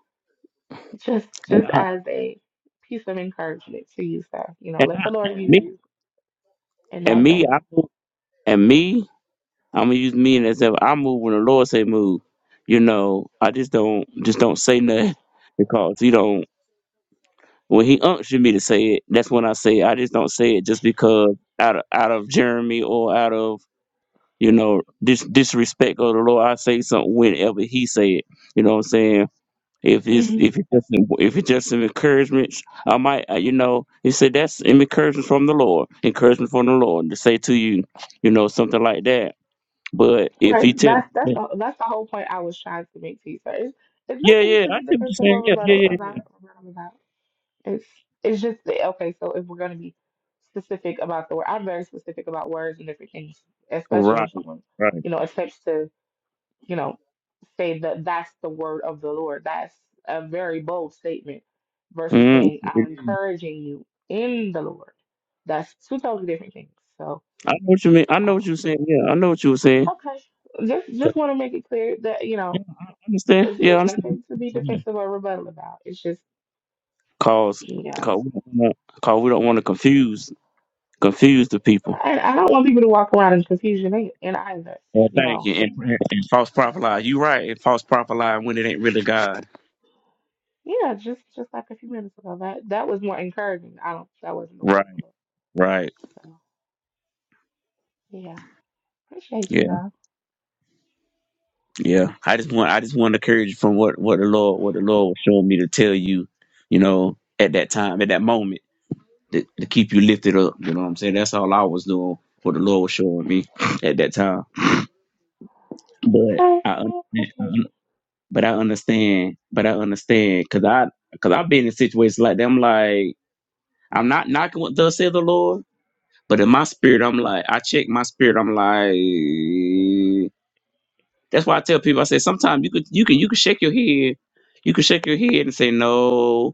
Speaker 4: Just
Speaker 5: And
Speaker 4: just
Speaker 5: I,
Speaker 4: as a piece of encouragement to you, sir. You know,
Speaker 5: and
Speaker 4: let
Speaker 5: I,
Speaker 4: the Lord
Speaker 5: and me.
Speaker 4: use you in
Speaker 5: And
Speaker 4: that
Speaker 5: me,
Speaker 4: vein.
Speaker 5: I move. And me, I'm gonna use me and as if I move when the Lord say move. You know, I just don't just don't say nothing (laughs) because you don't. When He unctioned me to say it, that's when I say it. I just don't say it just because out of out of Jeremy or out of you know dis, disrespect of the Lord. I say something whenever He say it. You know what I'm saying? If it's
Speaker 4: hmm
Speaker 5: if it's just if it's just an encouragement, I might uh, you know he said that's an encouragement from the Lord, encouragement from the Lord to say to you, you know something like that but if
Speaker 4: Right.
Speaker 5: he tell
Speaker 4: That's that's
Speaker 5: me,
Speaker 4: the that's the whole point I was trying to make to you, sir. It's, it's
Speaker 5: yeah,
Speaker 4: nothing
Speaker 5: yeah,
Speaker 4: to
Speaker 5: I
Speaker 4: be
Speaker 5: see what you're
Speaker 4: defensive
Speaker 5: saying.
Speaker 4: or
Speaker 5: Yeah, yeah,
Speaker 4: rebuttal
Speaker 5: yeah,
Speaker 4: about
Speaker 5: yeah.
Speaker 4: rebuttal about. It's it's just the- okay, so if we're gonna be specific about the word I'm very specific about words and different things, especially when
Speaker 5: Right,
Speaker 4: someone,
Speaker 5: right.
Speaker 4: you know, attempts to you know, say that that's the word of the Lord. That's a very bold statement versus
Speaker 5: Mm,
Speaker 4: saying,
Speaker 5: it
Speaker 4: I'm
Speaker 5: is.
Speaker 4: encouraging you in the Lord. That's two totally different things. So,
Speaker 5: I know what you mean. I know
Speaker 4: uh,
Speaker 5: what you're saying. Yeah, I know what you were saying.
Speaker 4: okay. Just
Speaker 5: 'Cause-
Speaker 4: just want to make it clear that, you know,
Speaker 5: Yeah, I I understand.
Speaker 4: it's,
Speaker 5: Yeah, I
Speaker 4: it's
Speaker 5: understand.
Speaker 4: nothing to be defensive or rebuttal about. It's just,
Speaker 5: Cause,
Speaker 4: yeah.
Speaker 5: cause we don't want to, cause we don't want to confuse, confuse the people.
Speaker 4: And I don't want people to walk around in confusion ei- in either.
Speaker 5: Well,
Speaker 4: You
Speaker 5: thank
Speaker 4: know,
Speaker 5: you. And,
Speaker 4: the,
Speaker 5: and false prophet lie. You right. And false prophet lie when it ain't really God.
Speaker 4: yeah, just just like a few minutes ago, that that was more encouraging. I don't, that wasn't the word
Speaker 5: Right.
Speaker 4: of the Lord.
Speaker 5: Right.
Speaker 4: So, yeah, appreciate you
Speaker 5: Yeah.
Speaker 4: though.
Speaker 5: Yeah. I just want, I just want to encourage you from what, what the Lord, what the Lord was showing me to tell you. You know, at that time, at that moment. to, to keep you lifted up. You know what I'm saying? That's all I was doing, what the Lord was showing me (laughs) at that time. But
Speaker 4: Okay,
Speaker 5: I,
Speaker 4: I
Speaker 5: understand-
Speaker 4: appreciate you.
Speaker 5: but I understand, but I understand, cause I, cause I've been in situations like that. I'm like, I'm not knocking what does say the Lord, but in my spirit, I'm like, I check my spirit. I'm like, that's why I tell people, I say, sometimes you could, you can, you can shake your head, you can shake your head and say no,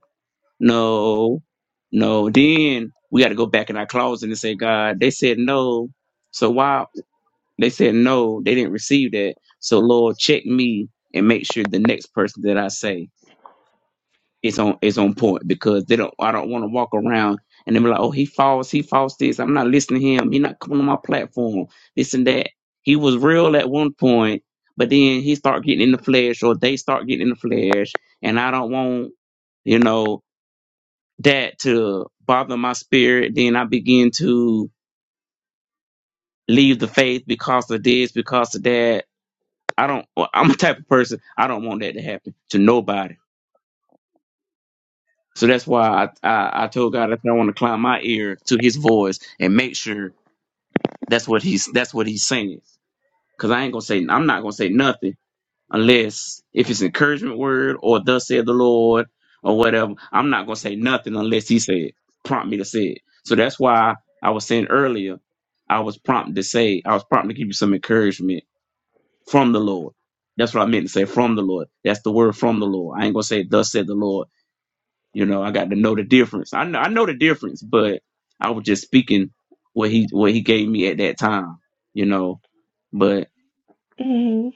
Speaker 5: no, no. Then we got to go back in our closet and say, God, they said no. So why they said no, they didn't receive that. So Lord, check me and make sure the next person that I say is on is on point because they don't. I don't want to walk around and they be like, oh, he false, he false this. I'm not listening to him. He not coming on my platform. This and that. He was real at one point, but then he start getting in the flesh, or they start getting in the flesh, and I don't want you know that to bother my spirit. Then I begin to leave the faith because of this, because of that. I don't. well, I'm a type of person. I don't want that to happen to nobody. So that's why I I, I told God that I want to climb my ear to His voice and make sure that's what He's that's what He's saying. Cause I ain't gonna say I'm not gonna say nothing unless if it's encouragement word or thus said the Lord or whatever. I'm not gonna say nothing unless he said prompt me to say it. So that's why I was saying earlier, I was prompted to say, I was prompted to give you some encouragement from the Lord. That's what I meant to say from the Lord. That's the word from the Lord. I ain't gonna say thus said the Lord. You know, I got to know the difference. I know I know the difference, but I was just speaking what he what he gave me at that time, you know. But
Speaker 4: hmm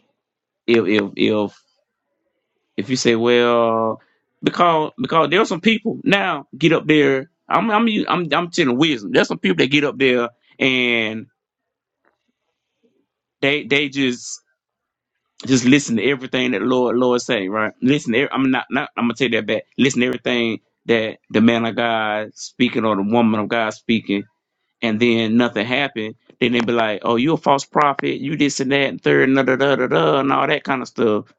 Speaker 5: if if if If you say, well, because because there are some people now get up there. I'm I'm I'm I'm telling wisdom. There's some people that get up there and they they just just listen to everything that Lord Lord say, right? Listen, to, every- I'm not not I'm gonna take that back. Listen to everything that the man of God speaking or the woman of God speaking, and then nothing happened. Then they be like, oh, you a false prophet. You this and that and third and da da da da da and all that kind of stuff.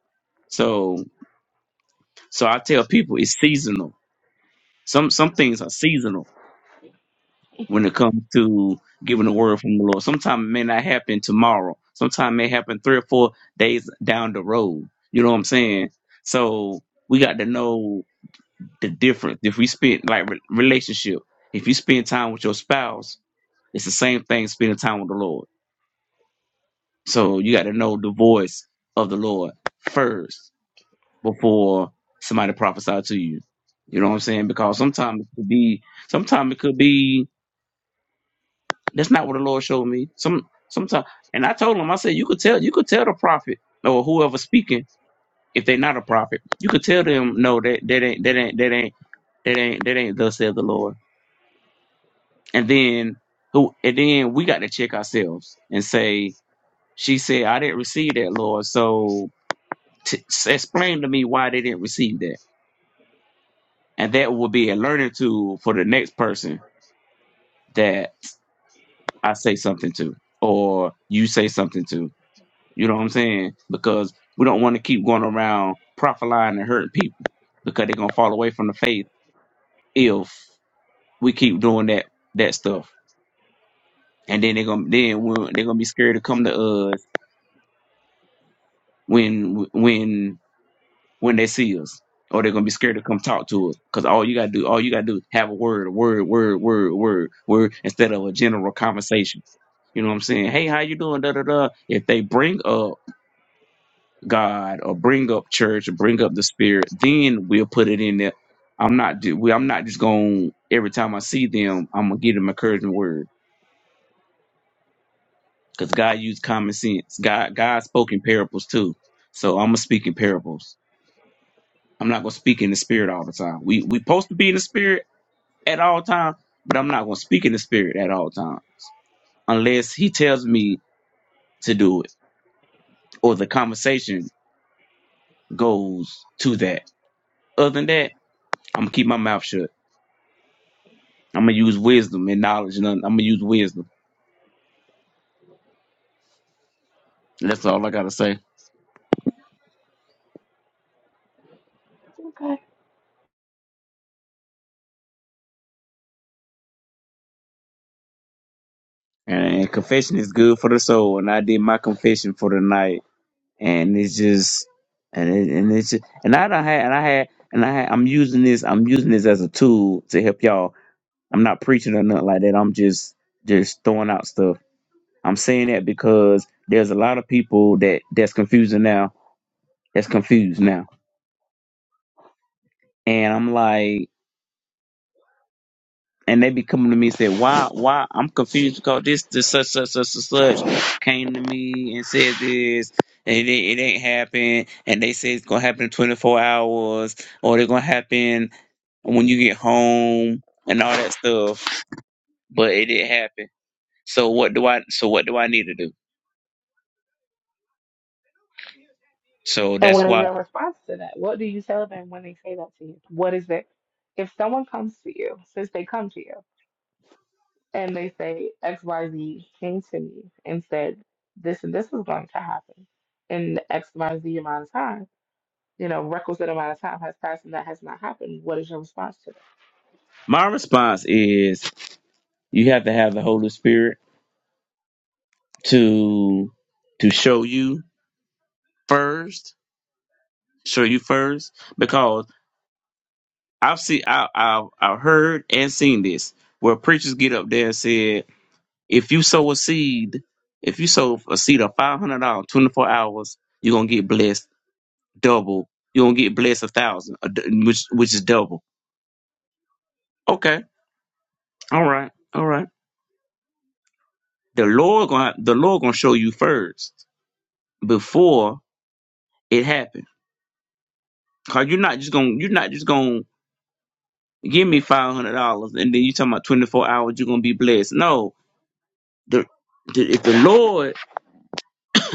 Speaker 5: So so I tell people it's seasonal Some some things are seasonal when it comes to giving the word from the Lord. Sometimes it may not happen tomorrow. Sometimes it may happen three or four days down the road. You know what I'm saying? So we got to know the difference. If we spend like re- relationship, if you spend time with your spouse, it's the same thing spending time with the Lord. So you got to know the voice of the Lord first before somebody prophesy to you. You know what I'm saying? Because sometimes it could be, sometimes it could be That's not what the Lord showed me. Some sometimes, and I told him, I said, you could tell, you could tell the prophet or whoever speaking if they're not a prophet. You could tell them, no, that that ain't that ain't that ain't that ain't that ain't thus said the Lord. And then who? And then we got to check ourselves and say, she said, I didn't receive that, Lord. So t- s- explain to me why they didn't receive that. And that will be a learning tool for the next person that I say something to or you say something to You know what I'm saying? Because we don't want to keep going around profiling and hurting people because they're gonna fall away from the faith if we keep doing that that stuff. And then they're gonna then when- they're gonna be scared to come to us when when when they see us, or they're gonna be scared to come talk to us. Cause all you gotta do, all you gotta do, have a word, a word, word, word, word, word, instead of a general conversation. You know what I'm saying? Hey, how you doing? Da da da. If they bring up God or bring up church or bring up the spirit, then we'll put it in there. I'm not ju- we- I'm not just going every time I see them, I'm gonna give them encouragement word because God used common sense. God God spoke in parables too, so I'm gonna speak in parables. I'm not gonna speak in the spirit all the time. We we supposed to be in the spirit at all times, but I'm not gonna speak in the spirit at all times unless He tells me to do it or the conversation goes to that. Other than that, I'm gonna keep my mouth shut. I'm gonna use wisdom and knowledge. And I'm gonna use wisdom. That's all I gotta say.
Speaker 4: Okay.
Speaker 5: And confession is good for the soul. And I did my confession for the night. And it's just, and it, and it's just, and I don't have and I had, and I had, I'm using this, I'm using this as a tool to help y'all. I'm not preaching or nothing like that. I'm just, just throwing out stuff. I'm saying that because there's a lot of people that that's confusing now. That's confused now. And I'm like. and they be coming to me and say, "Why? Why? I'm confused because this, this, such, such, such, such, such came to me and said this, and it, ain't- it ain't happened, and they say it's gonna happen in 24 hours, or they're gonna happen when you get home, and all that stuff, but it didn't happen. So what do I? So what do I need to do? So
Speaker 4: And
Speaker 5: that's
Speaker 4: what is
Speaker 5: why
Speaker 4: your response to that? What do you tell them when they say that to you? What is it? If someone comes to you, since they come to you, and they say XYZ came to me and said this and this was going to happen in XYZ amount of time, you know, requisite amount of time has passed and that has not happened, what is your response to that?
Speaker 5: my response is, you have to have the Holy Spirit to to show you first, show you first, because I've seen, I, I've, I've heard and seen this where preachers get up there and said, if you sow a seed, if you sow a seed of five hundred dollars, twenty four hours, you're gonna get blessed double. You're gonna get blessed a thousand, a d- which which is double. Okay, all right, all right. The Lord gonna the Lord gonna show you first before it happens. Cause you're not just gonna you're not just gonna give me five hundred dollars and then you talking about twenty four hours you're gonna be blessed. No, the, the if the Lord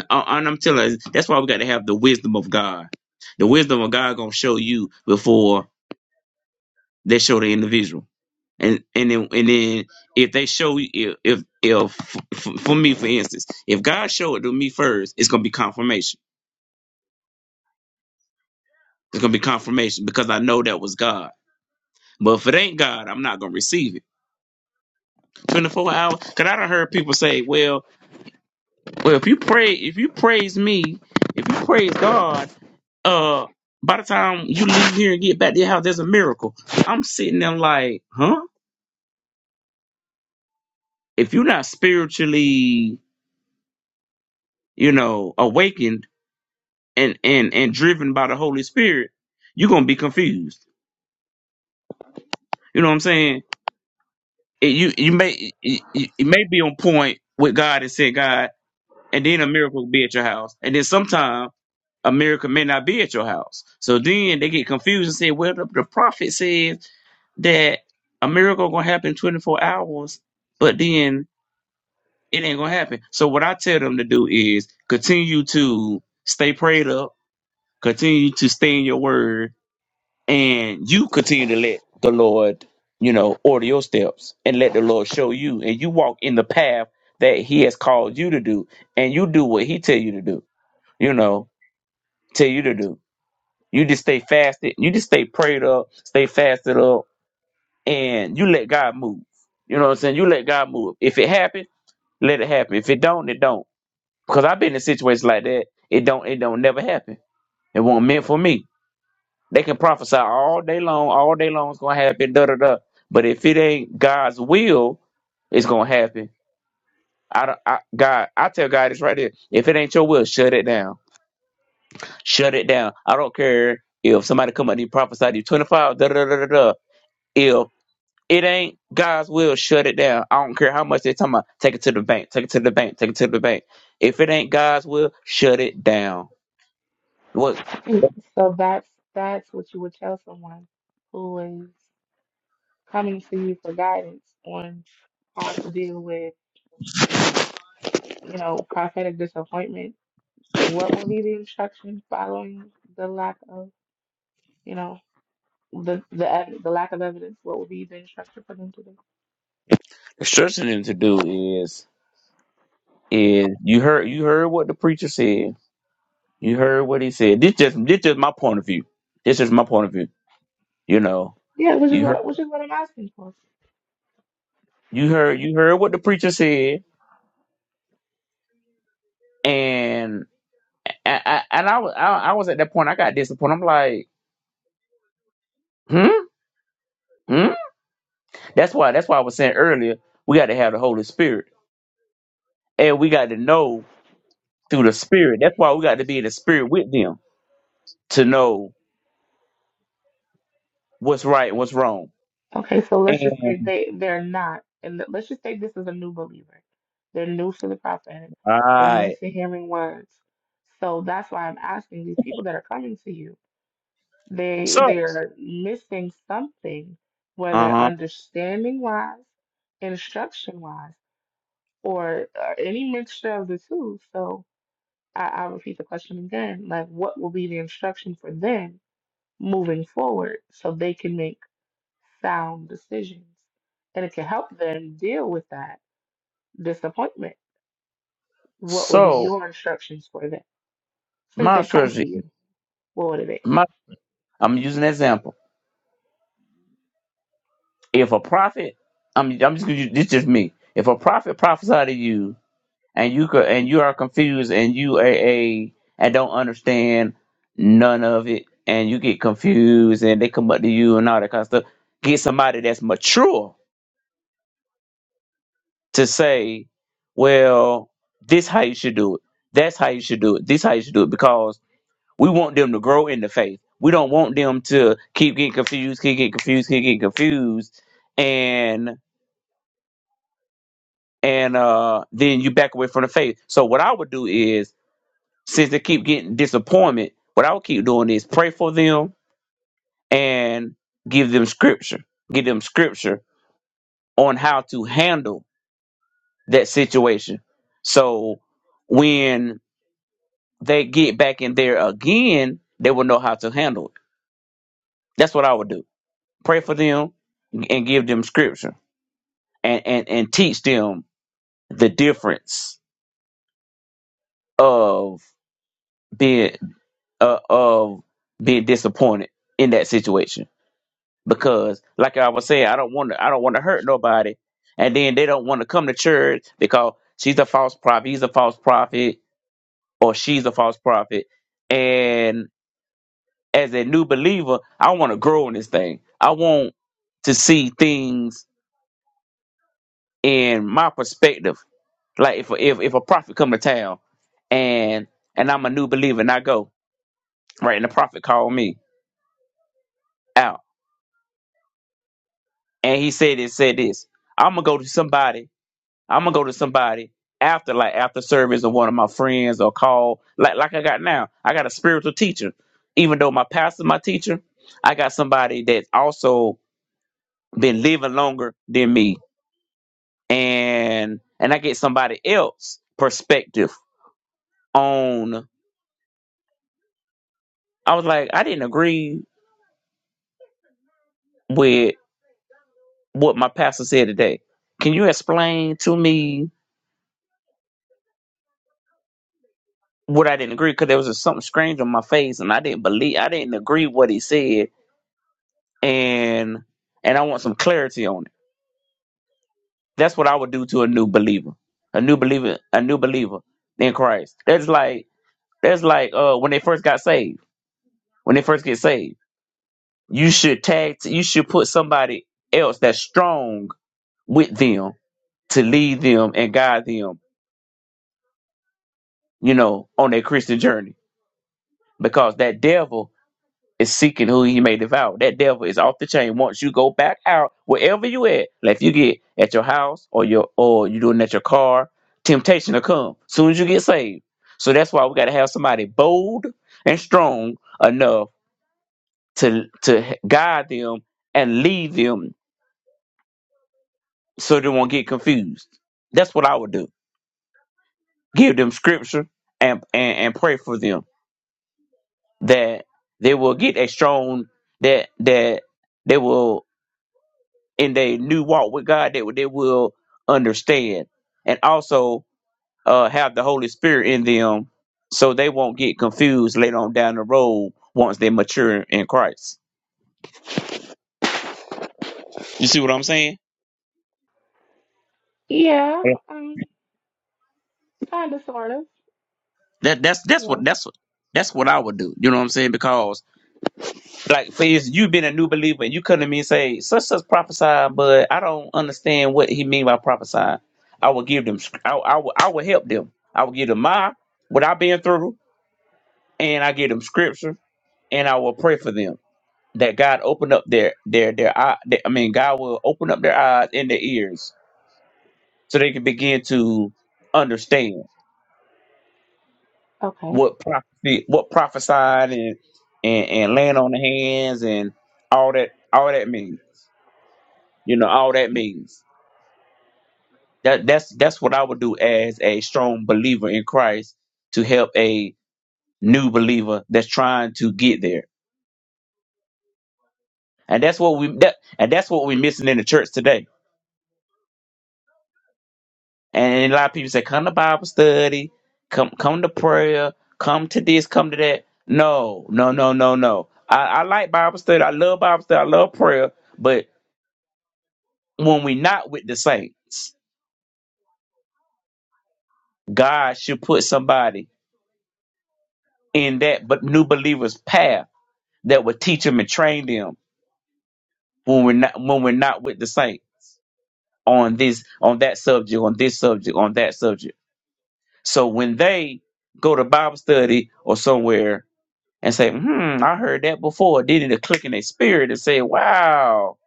Speaker 5: Uh, and I'm telling you, that's why we got to have the wisdom of God. The wisdom of God gonna show you before they show the individual. And and then and then if they show you if if, if for, for me for instance, if God showed it to me first, it's gonna be confirmation. It's gonna be confirmation because I know that was God. But if it ain't God, I'm not gonna receive it. 24 hours. Cause I done heard people say, well, well, if you pray, if you praise me, if you praise God Uh, by the time you leave here and get back to your house, there's a miracle. I'm sitting there like, huh? If you're not spiritually, you know, awakened and and and driven by the Holy Spirit, you're gonna be confused. You know what I'm saying? It- you you may it, it it may be on point with God and say God, and then a miracle will be at your house, and then sometime a miracle may not be at your house. So then they get confused and say, well, the, the prophet says that a miracle gonna happen in 24 hours, but then it ain't gonna happen. So what I tell them to do is continue to stay prayed up, continue to stay in your word, and you continue to let the Lord, you know, order your steps and let the Lord show you, and you walk in the path that He has called you to do, and you do what He tell you to do, you know, tell you to do. You just stay fasted. You just stay prayed up, stay fasted up, and you let God move. You know what I'm saying? You let God move. If it happen, let it happen. If it don't, it don't. Because I've been in situations like that. It don't. It don't never happen. It wasn't meant for me. They can prophesy all day long. All day long, it's gonna happen. Da da da. But if it ain't God's will, it's gonna happen. I don't. I, God, I tell God this right there. If it ain't your will, shut it down. Shut it down. I don't care if somebody come up and you prophesy to you 25. Da da da da da. It ain't God's will. Shut it down. I don't care how much they're talking about. Take it to the bank. Take it to the bank. Take it to the bank. If it ain't God's will, shut it down. What
Speaker 4: Mm. So that's that's what you would tell someone who is coming to you for guidance on how to deal with you know, prophetic disappointment, what would be the instruction following the lack of, you know, the the ev- the lack of evidence? What would be the instruction for them to do?
Speaker 5: instructing them to do is is you heard you heard what the preacher said. You heard what he said. This just this just my point of view. This is my point of view. You know
Speaker 4: Yeah, which is
Speaker 5: you heard
Speaker 4: what which is what I'm asking for.
Speaker 5: you heard you heard what the preacher said, and I, I, and I was I, I was at that point. I got disappointed. I'm like, hmm, hmm. That's why that's why I was saying earlier we got to have the Holy Spirit And we got to know through the spirit. That's why we got to be in the spirit with them to know what's right and what's wrong.
Speaker 4: Okay, so let's just say
Speaker 5: And
Speaker 4: they they're not, and th- let's just say this is a new believer. They're new to the prophetic.
Speaker 5: all
Speaker 4: They're new
Speaker 5: right.
Speaker 4: to hearing words. So that's why I'm asking these people that are coming to you. They
Speaker 5: So,
Speaker 4: they're missing something,
Speaker 5: uh
Speaker 4: whether
Speaker 5: huh.
Speaker 4: understanding wise, instruction wise or, or any mixture of the two. So I, I'll repeat the question again. Like, what will be the instruction for them moving forward so they can make sound decisions? And it can help them deal with that disappointment. What would be
Speaker 5: So,
Speaker 4: your instructions for them? Since
Speaker 5: my
Speaker 4: they come
Speaker 5: strategy,
Speaker 4: to you, what would it be?
Speaker 5: my, I'm using an example. If a prophet, I'm, I'm just gonna use, this just me. If a prophet prophesied to you and you could, and you are confused and you a, a and don't understand none of it and you get confused and they come up to you and all that kind of stuff, get somebody that's mature to say, well, this how you should do it. That's how you should do it. This how you should do it because we want them to grow in the faith. We don't want them to keep getting confused, keep getting confused, keep getting confused, and and uh, then you back away from the faith. So what I would do is, since they keep getting disappointment, what I would keep doing is pray for them and give them scripture, give them scripture on how to handle that situation. So when they get back in there again, they will know how to handle it. That's what I would do. Pray for them and give them scripture and, and, and teach them the difference of being uh, of being disappointed in that situation. Because like I was saying, I don't want to I don't want to hurt nobody. And then they don't want to come to church because she's a false prophet, he's a false prophet, or she's a false prophet. and. as a new believer, I want to grow in this thing. I want to see things in my perspective. Like if if if a prophet come to town and and I'm a new believer and I go, right, and the prophet called me out and he said it said this. I'm gonna go to somebody, I'm gonna go to somebody after like after service or one of my friends or call like like I got now. I got a spiritual teacher. Even though my pastor's my teacher, I got somebody that's also been living longer than me and and I get somebody else perspective on I was like, I didn't agree with what my pastor said today. Can you explain to me what I didn't agree? Because there was just something strange on my face and I didn't believe I didn't agree what he said and and I want some clarity on it. That's what I would do to a new believer. A new believer a new believer in Christ. That's like that's like uh when they first got saved. When they first get saved. You should tag. You should put somebody else that's strong with them to lead them and guide them. You know, on their Christian journey, because that devil is seeking who he may devour. That devil is off the chain. Once you go back out, wherever you at, like if you get at your house or your or you doing it at your car, temptation will come. Soon as you get saved. So that's why we got to have somebody bold and strong enough to to guide them and lead them so they won't get confused. That's what I would do. Give them scripture and and, and pray for them that they will get a strong that that they will in their new walk with God that they, will understand and also uh, have the Holy Spirit in them so they won't get confused later on down the road once they mature in Christ. You see what I'm saying?
Speaker 4: Yeah,
Speaker 5: Yeah.
Speaker 4: um, kind of, sort of.
Speaker 5: That that's that's what that's what that's what I would do. You know what I'm saying? Because Like for is you been a new believer and you come to me and say, such such prophesied," but I don't understand what he mean by prophesying. I will give them sc- I, I will I will help them. I will give them my what I've been through and I give them scripture and I will pray for them. That God open up their their their eye that- I mean God will open up their eyes and their ears so they can begin to understand
Speaker 4: Okay.
Speaker 5: what prophecy what prophesying and and, and laying on the hands and all that all that means. You know, all that means. That that's that's what I would do as a strong believer in Christ to help a new believer that's trying to get there. And that's what we that and that's what we're missing in the church today. And a lot of people say, come to Bible study, come come to prayer, come to this, come to that. No, no, no, no, no. I, I like Bible study. I love Bible study. I love prayer. But when we not with the saints, God should put somebody in that but new believer's path that would teach them and train them when we're not when we're not with the saint on this on that subject on this subject on that subject so when they go to bible study or somewhere and say hmm i heard that before then it'll click in their spirit and say wow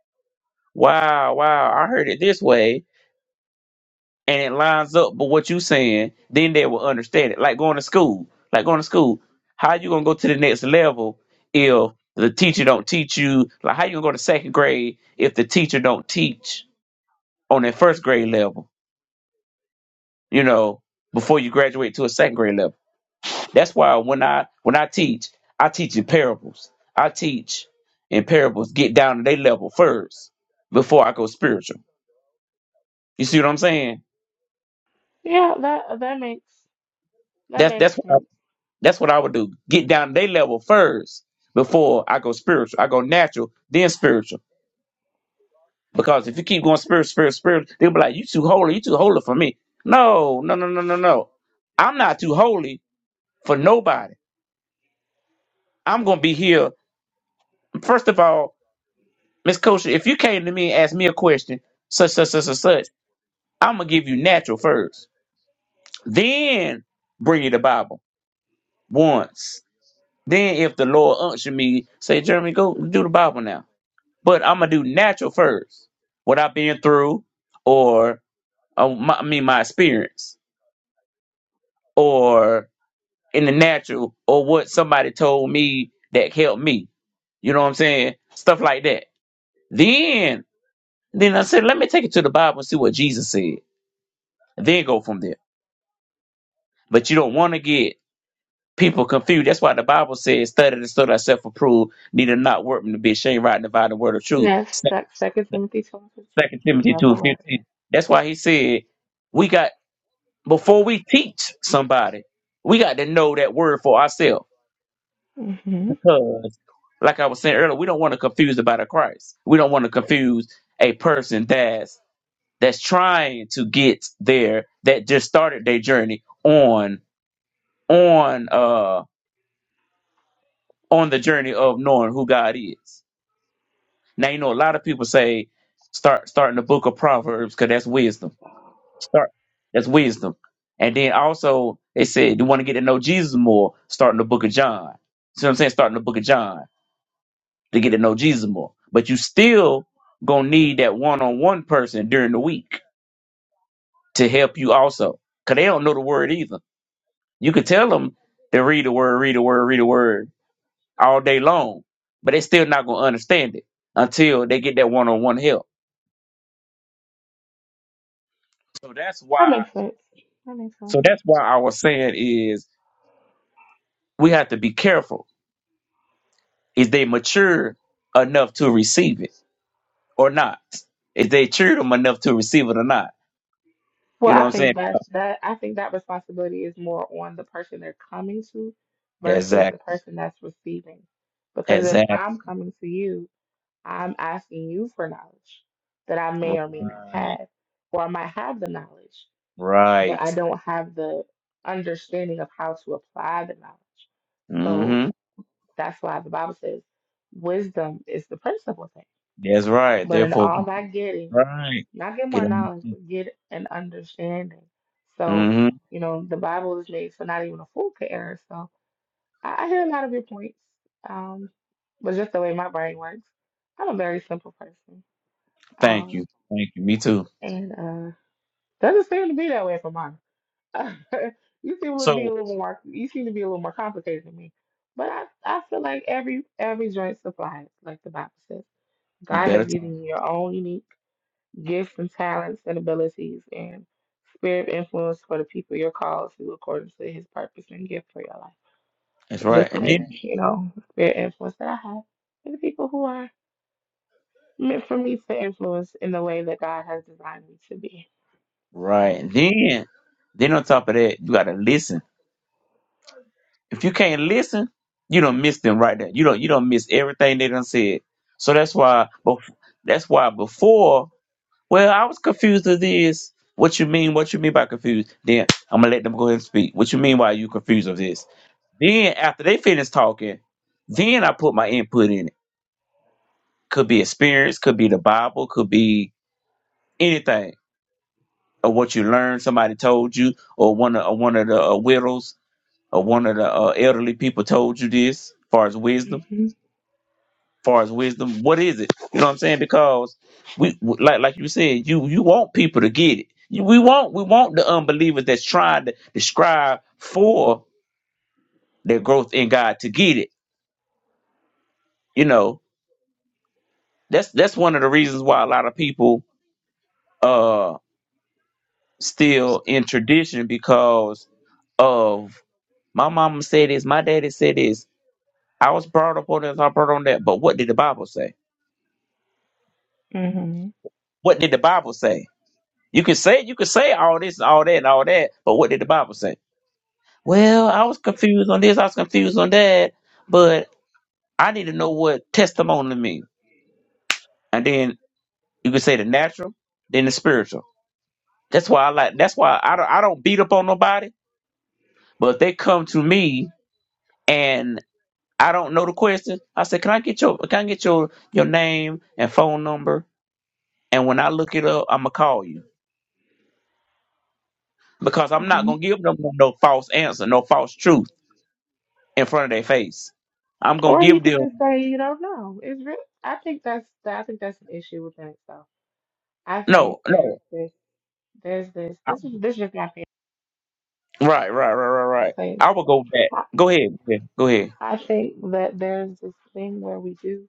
Speaker 5: wow wow i heard it this way and it lines up with what you saying then they will understand it like going to school like going to school how you gonna go to the next level if the teacher don't teach you like how you gonna go to second grade if the teacher don't teach on that first grade level you know, before you graduate to a second grade level. That's why when I when I teach, I teach in parables. I teach in parables, get down to their level first before I go spiritual. You see what I'm saying?
Speaker 4: Yeah, that that makes that
Speaker 5: That's that's
Speaker 4: makes
Speaker 5: what I,
Speaker 4: sense.
Speaker 5: that's what I would do. Get down to their level first before I go spiritual. I go natural, then spiritual. Because if you keep going spiritual, spiritual, spiritual, they'll be like, "You too holy, you too holy for me." No, no, no, no, no, no. I'm not too holy for nobody. I'm gonna be here. First of all, Miss Kosher, if you came to me and asked me a question, such, such, such, such, such, I'm gonna give you natural first. Then bring you the Bible once. Then if the Lord unction me, say, Jeremy, go do the Bible now. But I'm gonna do natural first. What I've been through, or uh, my, I mean my experience, or in the natural, or what somebody told me that helped me. You know what I'm saying? Stuff like that. Then, then I said, let me take it to the Bible and see what Jesus said. Then go from there. But you don't want to get people confused. That's why the Bible says, study to show thyself approved, neither not workman to be ashamed, right, divide the word of truth.
Speaker 4: Yes,
Speaker 5: Sec-
Speaker 4: that's Second Timothy two and fifteen.
Speaker 5: Second Timothy
Speaker 4: Love
Speaker 5: two
Speaker 4: the word.
Speaker 5: fifteen. That's why he said, we got, before we teach somebody, we got to know that word for ourselves.
Speaker 4: Mhm.
Speaker 5: Because, like I was saying earlier, we don't want to confuse the body of Christ. We don't want to confuse a person that's that's trying to get there, that just started their journey on on uh. on the journey of knowing who God is. Now you know a lot of people say start starting the book of Proverbs because that's wisdom. Start that's wisdom. And then also they said you want to get to know Jesus more, starting the book of John. See what I'm saying? Starting the book of John to get to know Jesus more. But you still gonna need that one-on-one person during the week to help you also. Cause they don't know the word either. You could tell them to read the word, read the word, read the word, all day long, but they still not gonna understand it until they get that one on one help. So that's
Speaker 4: That
Speaker 5: why.
Speaker 4: makes sense. That makes sense.
Speaker 5: So that's why I was saying is we have to be careful. Is they mature enough to receive it or not? Is they mature them enough to receive it or not?
Speaker 4: Well,
Speaker 5: You know what
Speaker 4: I
Speaker 5: I'm
Speaker 4: think
Speaker 5: saying?
Speaker 4: that's that I think that responsibility is more on the person they're coming to
Speaker 5: That's
Speaker 4: versus
Speaker 5: that.
Speaker 4: the person that's receiving. Because if
Speaker 5: Exact. exact-
Speaker 4: I'm coming to you, I'm asking you for knowledge that I may or may not have, or I might have the knowledge,
Speaker 5: Right.
Speaker 4: but I don't have the understanding of how to apply the knowledge. So
Speaker 5: Mm-hmm.
Speaker 4: that's why the Bible says wisdom is the principal thing.
Speaker 5: That's right.
Speaker 4: But in
Speaker 5: Therefore, get-
Speaker 4: all that getting,
Speaker 5: right.
Speaker 4: not get
Speaker 5: Get
Speaker 4: more
Speaker 5: on.
Speaker 4: knowledge, but get an understanding. So,
Speaker 5: Mm-hmm.
Speaker 4: you know, the Bible is made so not even a fool could err. So I, I hear a lot of your points. Um, but just the way my brain works, I'm a very simple person.
Speaker 5: Thank
Speaker 4: Um,
Speaker 5: you. Thank you. Me too.
Speaker 4: and uh doesn't seem to be that way for mine. (laughs) you seem to be a
Speaker 5: So
Speaker 4: little more you seem to be a little more complicated than me. But I, I feel like every every joint supplies, like the Bible says.
Speaker 5: you
Speaker 4: God has
Speaker 5: better talk.
Speaker 4: given you your own unique gifts and talents and abilities and spirit of influence for the people you're called to according to his purpose and gift for your life.
Speaker 5: That's right.
Speaker 4: Just
Speaker 5: And then
Speaker 4: like, you know, the spirit of influence that I have and the people who are meant for me to influence in the way that God has designed me to be. So,
Speaker 5: Right. Then, then on top of that, you gotta listen. If you can't listen, you don't miss them right there. You don't you don't miss everything they done said. So that's why bef- that's why before, well, I was confused as this. What you mean? What you mean by confused? Then I'm gonna let them go ahead and speak. What you mean Why you confused of this? Then after they finish talking, then I put my input in it. Could be experience, could be the Bible, could be anything or what you learned, somebody told you, or one of or one of the uh, widows or one of the uh, elderly people told you this far as wisdom
Speaker 4: hmm
Speaker 5: far as wisdom what is it you know what i'm saying because we like like you said you you want people to get it You- we want we want the unbelievers that's trying to describe for their growth in god to get it you know that's that's one of the reasons why a lot of people uh still in tradition because of my mama said this, my daddy said this. I was brought up on this, I was brought on that. But what did the Bible say?
Speaker 4: hmm
Speaker 5: What did the Bible say? You can say you can say all this and all that and all that, but what did the Bible say? Well, I was confused on this, I was confused on that, but I need to know what testimony means. And then you can say the natural, then the spiritual. That's why I like. That's why I don't. I don't beat up on nobody. But if they come to me and I don't know the question, I say, "Can I get your Can I get your your name and phone number?" And when I look it up, I'ma call you because I'm not
Speaker 4: hmm
Speaker 5: gonna give them no, no false answer, no false truth. in front of their face. I'm gonna
Speaker 4: or you
Speaker 5: give
Speaker 4: can
Speaker 5: them
Speaker 4: just say you don't know. It's real. I think that's I think that's an issue within itself. I think
Speaker 5: no,
Speaker 4: there's
Speaker 5: no.
Speaker 4: this there's this
Speaker 5: I-
Speaker 4: this is this is just my opinion.
Speaker 5: Right, right, right, right,
Speaker 4: I'll
Speaker 5: right.
Speaker 4: say
Speaker 5: I will
Speaker 4: it.
Speaker 5: go back. Go ahead. Yeah, Go ahead.
Speaker 4: I think that there's this thing where we do,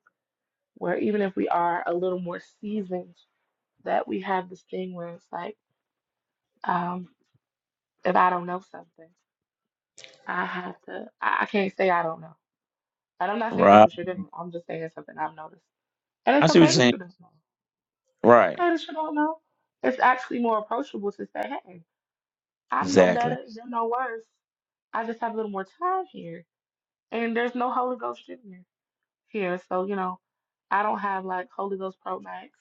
Speaker 4: where even if we are a little more seasoned, that we have this thing where it's like, um, if I don't know something, I have to, I, I can't say I don't know. And I'm not saying that's
Speaker 5: Right.
Speaker 4: what you're doing. I'm just saying it's something I've noticed. And
Speaker 5: I
Speaker 4: it's
Speaker 5: see what you're
Speaker 4: okay that
Speaker 5: saying.
Speaker 4: you don't know. It's
Speaker 5: Right.
Speaker 4: okay that you don't know. It's actually more approachable to say, hey, I'm no
Speaker 5: Exactly.
Speaker 4: better, you're no worse. I just have a little more time here. And there's no Holy Ghost in here. here. So, you know, I don't have like Holy Ghost Pro Max.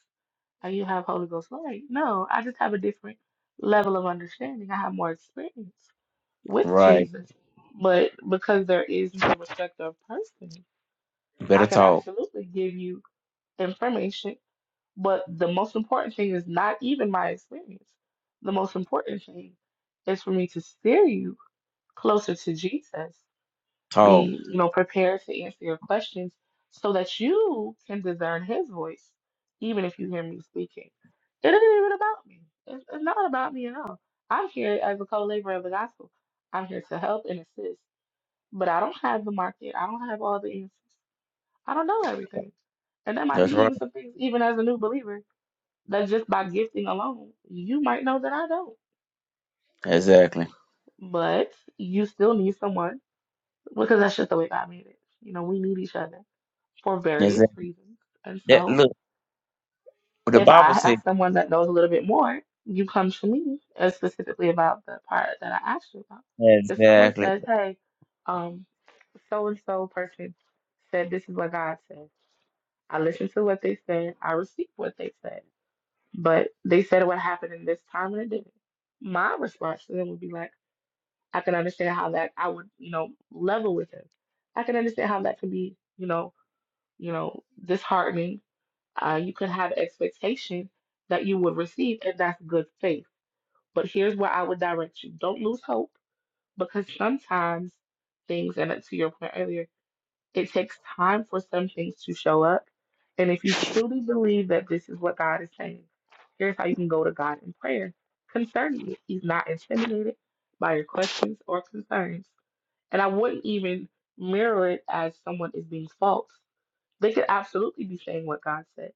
Speaker 4: Oh, you have Holy Ghost light. No, I just have a different level of understanding. I have more experience with
Speaker 5: Right.
Speaker 4: Jesus. But because there is no respect of person,
Speaker 5: You
Speaker 4: I
Speaker 5: better
Speaker 4: could
Speaker 5: talk.
Speaker 4: absolutely give you information. But the most important thing is not even my experience. The most important thing is for me to steer you closer to Jesus
Speaker 5: Talk.
Speaker 4: be, you know, prepared to answer your questions so that you can discern his voice, even if you hear me speaking. It isn't even about me. It's, it's not about me at all. I'm here as a co-laborer of the gospel. I'm here to help and assist, but I don't have the market. I don't have all the answers. I don't know everything. And that might be
Speaker 5: That's right.
Speaker 4: even some things, even as a new believer, that just by gifting alone, you might know that I don't.
Speaker 5: Exactly.
Speaker 4: But you still need someone because that's just the way God made it. You know, we need each other. for various
Speaker 5: Exactly.
Speaker 4: reasons. And
Speaker 5: That
Speaker 4: so,
Speaker 5: look. The
Speaker 4: if
Speaker 5: Bible
Speaker 4: I
Speaker 5: says
Speaker 4: ask someone that knows a little bit more, you come to me uh, specifically about the part that I asked you about. If someone
Speaker 5: exactly.
Speaker 4: says, "Hey, um, so and so person said this is what God said," I listened to what they said. I received what they said, but they said what happened in this time and it didn't. My response to them would be like, "I can understand how that I would, you know, level with them. I can understand how that could be, you know, you know, disheartening uh, you can have expectation that you will receive, and that's good faith. But here's where I would direct you: don't lose hope, because sometimes things, and to your point earlier, it takes time for some things to show up. And if you truly believe that this is what God is saying, here's how you can go to God in prayer concerning it. He's not intimidated by your questions or concerns, and I wouldn't even mirror it as someone is being false. They could absolutely be saying what God said.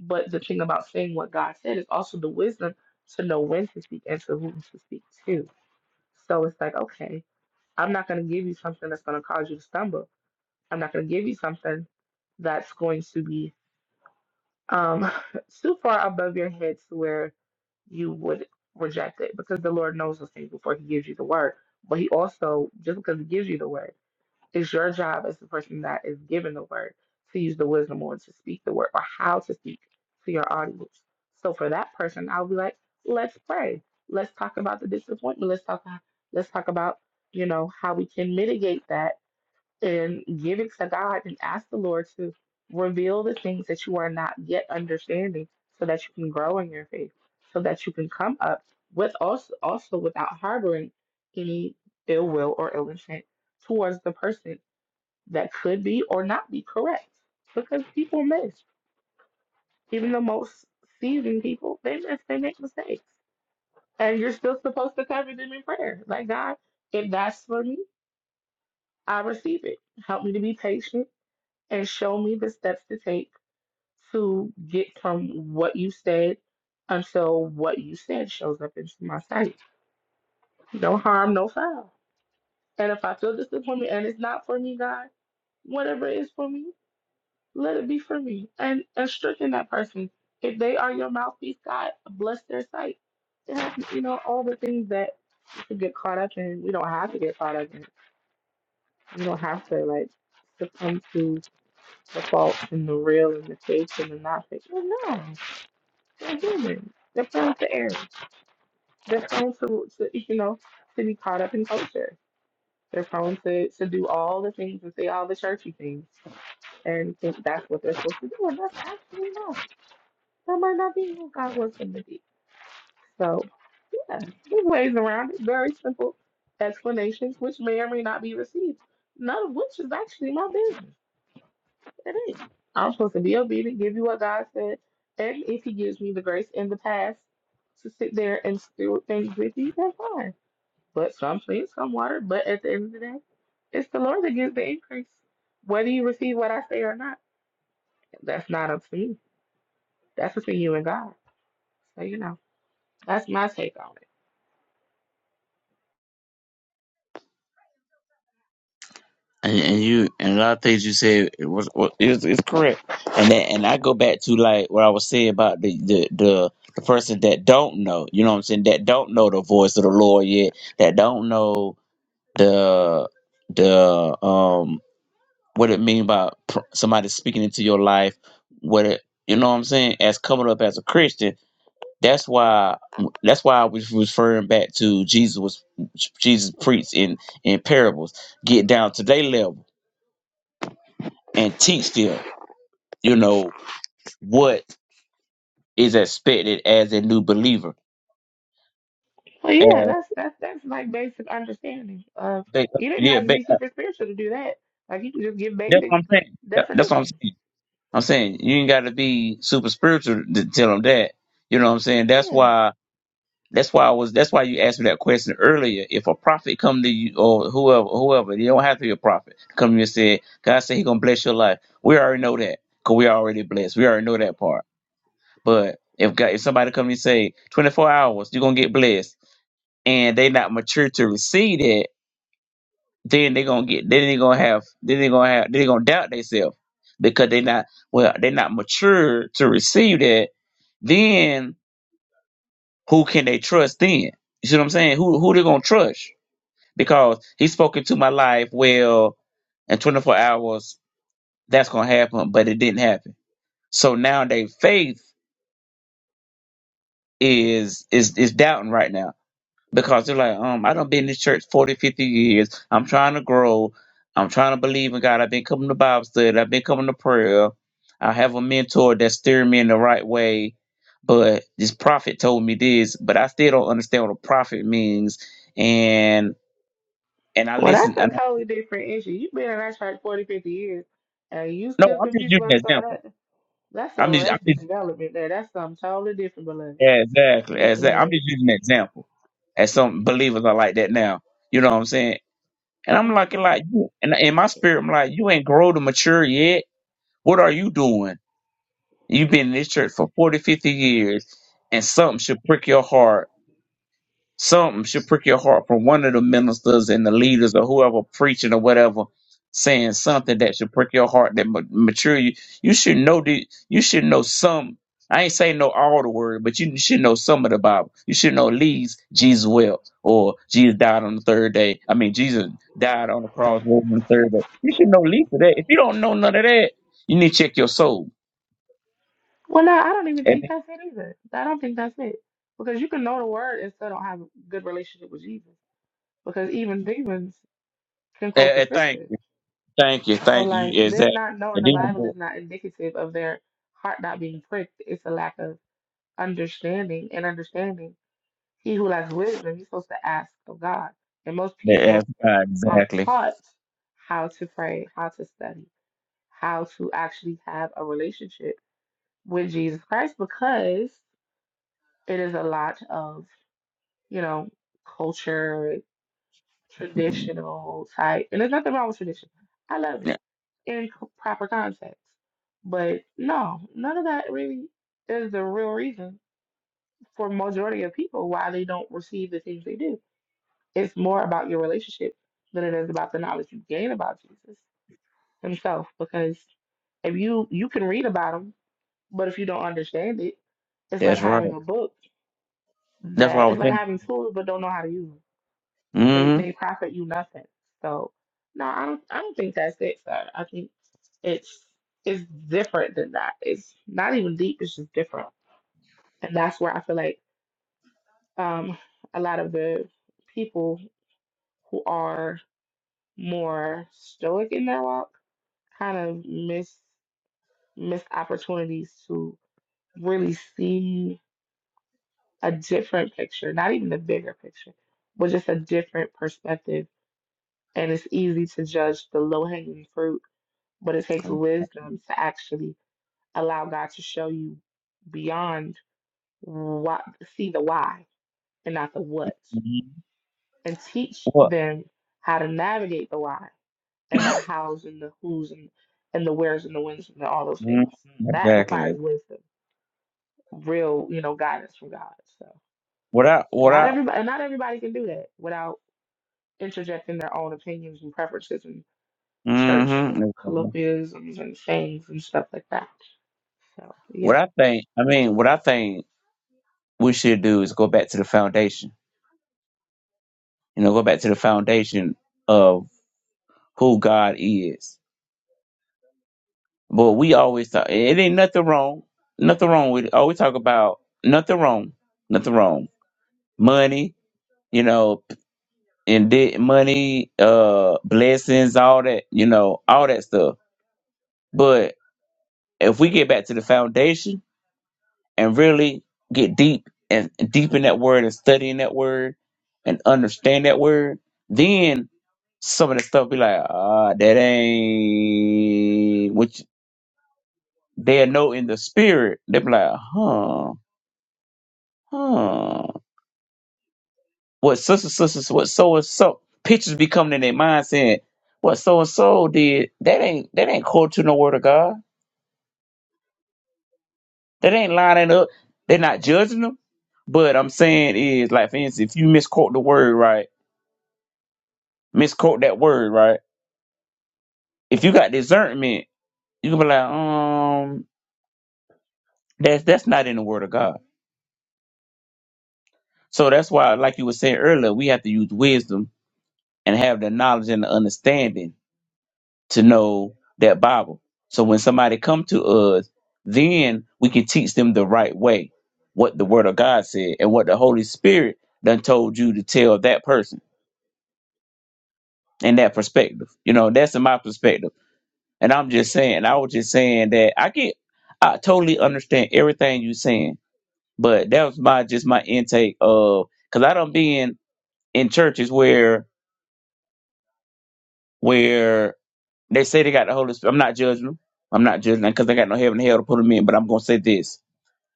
Speaker 4: But the thing about saying what God said is also the wisdom to know when to speak and to whom to speak to. So it's like, okay, I'm not going to give you something that's going to cause you to stumble. I'm not going to give you something that's going to be um, (laughs) too far above your head to where you would reject it because the Lord knows those things before He gives you the word. But He also, just because He gives you the word, it's your job as the person that is given the word to use the wisdom or to speak the word or how to speak to your audience. So for that person, I'll be like, let's pray. Let's talk about the disappointment. Let's talk. Let's talk about you know how we can mitigate that and give it to God and ask the Lord to reveal the things that you are not yet understanding, so that you can grow in your faith, so that you can come up with also also without harboring any ill will or ill intent towards the person that could be or not be correct because people miss. Even the most seasoned people, they miss, they make mistakes. And you're still supposed to cover them in prayer. Like, God, if that's for me, I receive it. Help me to be patient and show me the steps to take to get from what you said until what you said shows up into my sight. No harm, no foul. And if I feel disappointment and it's not for me, God, whatever it is for me, Let it be free and instructing that person. If they are your mouthpiece, God bless their sight. It has, you know, all the things that we could get caught up in. We don't have to get caught up in. We don't have to like succumb to the faults and the real and the fakes and the not fake. Well, no, they're human. They're prone to error. They're prone to, to, you know, to be caught up in culture. They're prone to, to do all the things and say all the churchy things and think that's what they're supposed to do. And that's absolutely not. That might not be who God wants him to be. So, yeah, there's ways around it. Very simple explanations, which may or may not be received. None of which is actually my business. It is. I'm supposed to be obedient, give you what God said, and if He gives me the grace in the past to sit there and steward things with you, that's fine. But some clean, some water. But at the end of the day, it's the Lord that gives the increase. Whether you receive what I say or not, that's not up to me. That's between you and God. So you know, that's my take on it.
Speaker 5: and, and you and a lot of things you said it was was- it's, it's correct and that, and i go back to like what i was saying about the, the the the person that don't know you know what i'm saying that don't know the voice of the lord yet that don't know the the um what it mean by pr- somebody speaking into your life what it you know what i'm saying as coming up as a christian that's why that's why i was referring back to jesus was jesus preached in in parables get down to their level and teach them, you know, what is expected as a new believer.
Speaker 4: Well, yeah,
Speaker 5: And
Speaker 4: that's that's that's like basic understanding of
Speaker 5: they,
Speaker 4: you didn't
Speaker 5: yeah,
Speaker 4: have to
Speaker 5: they,
Speaker 4: be super spiritual to do that. Like you can just give
Speaker 5: that's
Speaker 4: basic
Speaker 5: what I'm saying. That- That's what I'm
Speaker 4: definitions.
Speaker 5: saying. I'm saying you ain't got to be super spiritual to tell them that. You know what I'm saying? That's
Speaker 4: Yeah.
Speaker 5: why. That's why I was. That's why you asked me that question earlier. If a prophet come to you or whoever, whoever, you don't have to be a prophet. Come to you and say, God said He gonna bless your life. We already know that because we already blessed. We already know that part. But if God, if somebody come and say 24 hours, you're gonna get blessed and they not mature to receive that, then they gonna get then they gonna have then they gonna have then they gonna doubt themselves because they not well they not mature to receive that. Then who can they trust then? You see what I'm saying? Who who they gonna trust? Because he spoke into my life well in 24 hours that's gonna happen, but it didn't happen. So now their faith is is is doubting right now because they're like, um, I don't been in this church 40, 50 years. I'm trying to grow. I'm trying to believe in God. I've been coming to Bible study. I've been coming to prayer. I have a mentor that's steering me in the right way. But this prophet told me this, but I still don't understand what a prophet means. And and I
Speaker 4: Well,
Speaker 5: listen.
Speaker 4: that's
Speaker 5: And
Speaker 4: a
Speaker 5: I,
Speaker 4: totally different issue. You've been in that church 40, 50 years, and you
Speaker 5: no,
Speaker 4: still
Speaker 5: I'm just
Speaker 4: confused
Speaker 5: using
Speaker 4: about
Speaker 5: an
Speaker 4: some of
Speaker 5: example.
Speaker 4: that. That's
Speaker 5: I'm just, I'm
Speaker 4: arrested
Speaker 5: just
Speaker 4: development there. That's something totally different, beloved.
Speaker 5: yeah, exactly, exactly. I'm
Speaker 4: Mm-mm.
Speaker 5: just using an example. As some believers are like that now. You know what I'm saying? And I'm like, like, you- and in my spirit, I'm like, you ain't grow to mature yet What are you doing? You've been in this church for 40, 50 years, and something should prick your heart. Something should prick your heart from one of the ministers and the leaders or whoever preaching or whatever saying something that should prick your heart that ma- mature you. You should know the, you should know some. I ain't saying know all the word, but you should know some of the Bible. You should know at least Jesus well or Jesus died on the third day. I mean, Jesus died on the cross rose on the third day. You should know at least of that. If you don't know none of that, you need to check your soul
Speaker 4: Well, no, I don't even think that's it either. I don't think that's it. Because you can know the word and still don't have a good relationship with Jesus. Because even demons can quote
Speaker 5: And,
Speaker 4: the
Speaker 5: and thank
Speaker 4: scriptures.
Speaker 5: you, thank you,
Speaker 4: So,
Speaker 5: thank
Speaker 4: like,
Speaker 5: you.
Speaker 4: them
Speaker 5: Exactly.
Speaker 4: not knowing
Speaker 5: And
Speaker 4: the
Speaker 5: then,
Speaker 4: Bible
Speaker 5: do it.
Speaker 4: is not indicative of their heart not being pricked. It's a lack of understanding and understanding. He who lacks wisdom, he's supposed to ask of God. And most
Speaker 5: Yeah, that's
Speaker 4: people
Speaker 5: right,
Speaker 4: aren't
Speaker 5: exactly.
Speaker 4: taught how to pray, how to study, how to actually have a relationship with Jesus Christ because it is a lot of, you know, culture, traditional type. And there's nothing wrong with tradition. I love it.
Speaker 5: Yeah,
Speaker 4: in c- proper context. But no, none of that really is the real reason for majority of people why they don't receive the things they do. It's more about your relationship than it is about the knowledge you gain about Jesus himself. Because if you you can read about him, but if you don't understand it, it's like
Speaker 5: that's right.
Speaker 4: having a book
Speaker 5: That's what I
Speaker 4: that
Speaker 5: was
Speaker 4: it's like
Speaker 5: saying.
Speaker 4: having tools but don't know how to use 'em. They they
Speaker 5: Mm-hmm.
Speaker 4: profit you nothing. So no, I don't I don't think that's it, sir. I think it's it's different than that. It's not even deep, it's just different. And that's where I feel like um a lot of the people who are more stoic in their walk kind of miss miss opportunities to really see a different picture, not even the bigger picture, but just a different perspective. And it's easy to judge the low hanging fruit but it takes wisdom to actually allow God to show you beyond what see the why and not the what
Speaker 5: mm-hmm.
Speaker 4: and teach
Speaker 5: What?
Speaker 4: them how to navigate the why and the hows and the who's and, and the where's and the when's and all those things
Speaker 5: Mm-hmm.
Speaker 4: that
Speaker 5: Exactly.
Speaker 4: requires wisdom real you know guidance from God so
Speaker 5: What I, what
Speaker 4: not
Speaker 5: I,
Speaker 4: everybody and not everybody can do that without interjecting their own opinions and preferences and church
Speaker 5: mm-hmm. Exactly.
Speaker 4: colloquialisms and sayings and stuff like that so yeah
Speaker 5: What I think, I mean, what I think we should do is go back to the foundation. You know, go back to the foundation of who God is. But we always talk. It ain't nothing wrong. Nothing wrong with it. Always talk about nothing wrong. Nothing wrong. Money. You know, and debt money, uh, blessings, all that, you know, all that stuff. But if we get back to the foundation and really get deep and and deep in that word and studying that word and understand that word, then some of the stuff be like, ah, that ain't which they'll know in the spirit. They'll be like, huh, huh. what sister sisters what so and so pictures be coming in their mind saying what so and so did that ain't that ain't quote to no word of God. That ain't lining up. They're not judging them. But I'm saying is like for instance, if you misquote the word right, misquote that word right. If you got discernment, you can be like, um, that's that's not in the word of God. So that's why, like you were saying earlier, we have to use wisdom and have the knowledge and the understanding to know that Bible. So when somebody come to us, then we can teach them the right way, what the Word of God said, and what the Holy Spirit done told you to tell that person in that perspective. You know, that's in my perspective, and I'm just saying. I was just saying that I get, I totally understand everything you saying, but that was my just my intake of because I don't been in churches where where They say they got the Holy Spirit. I'm not judging them. I'm not judging them because they got no heaven and hell to put them in. But I'm gonna say this: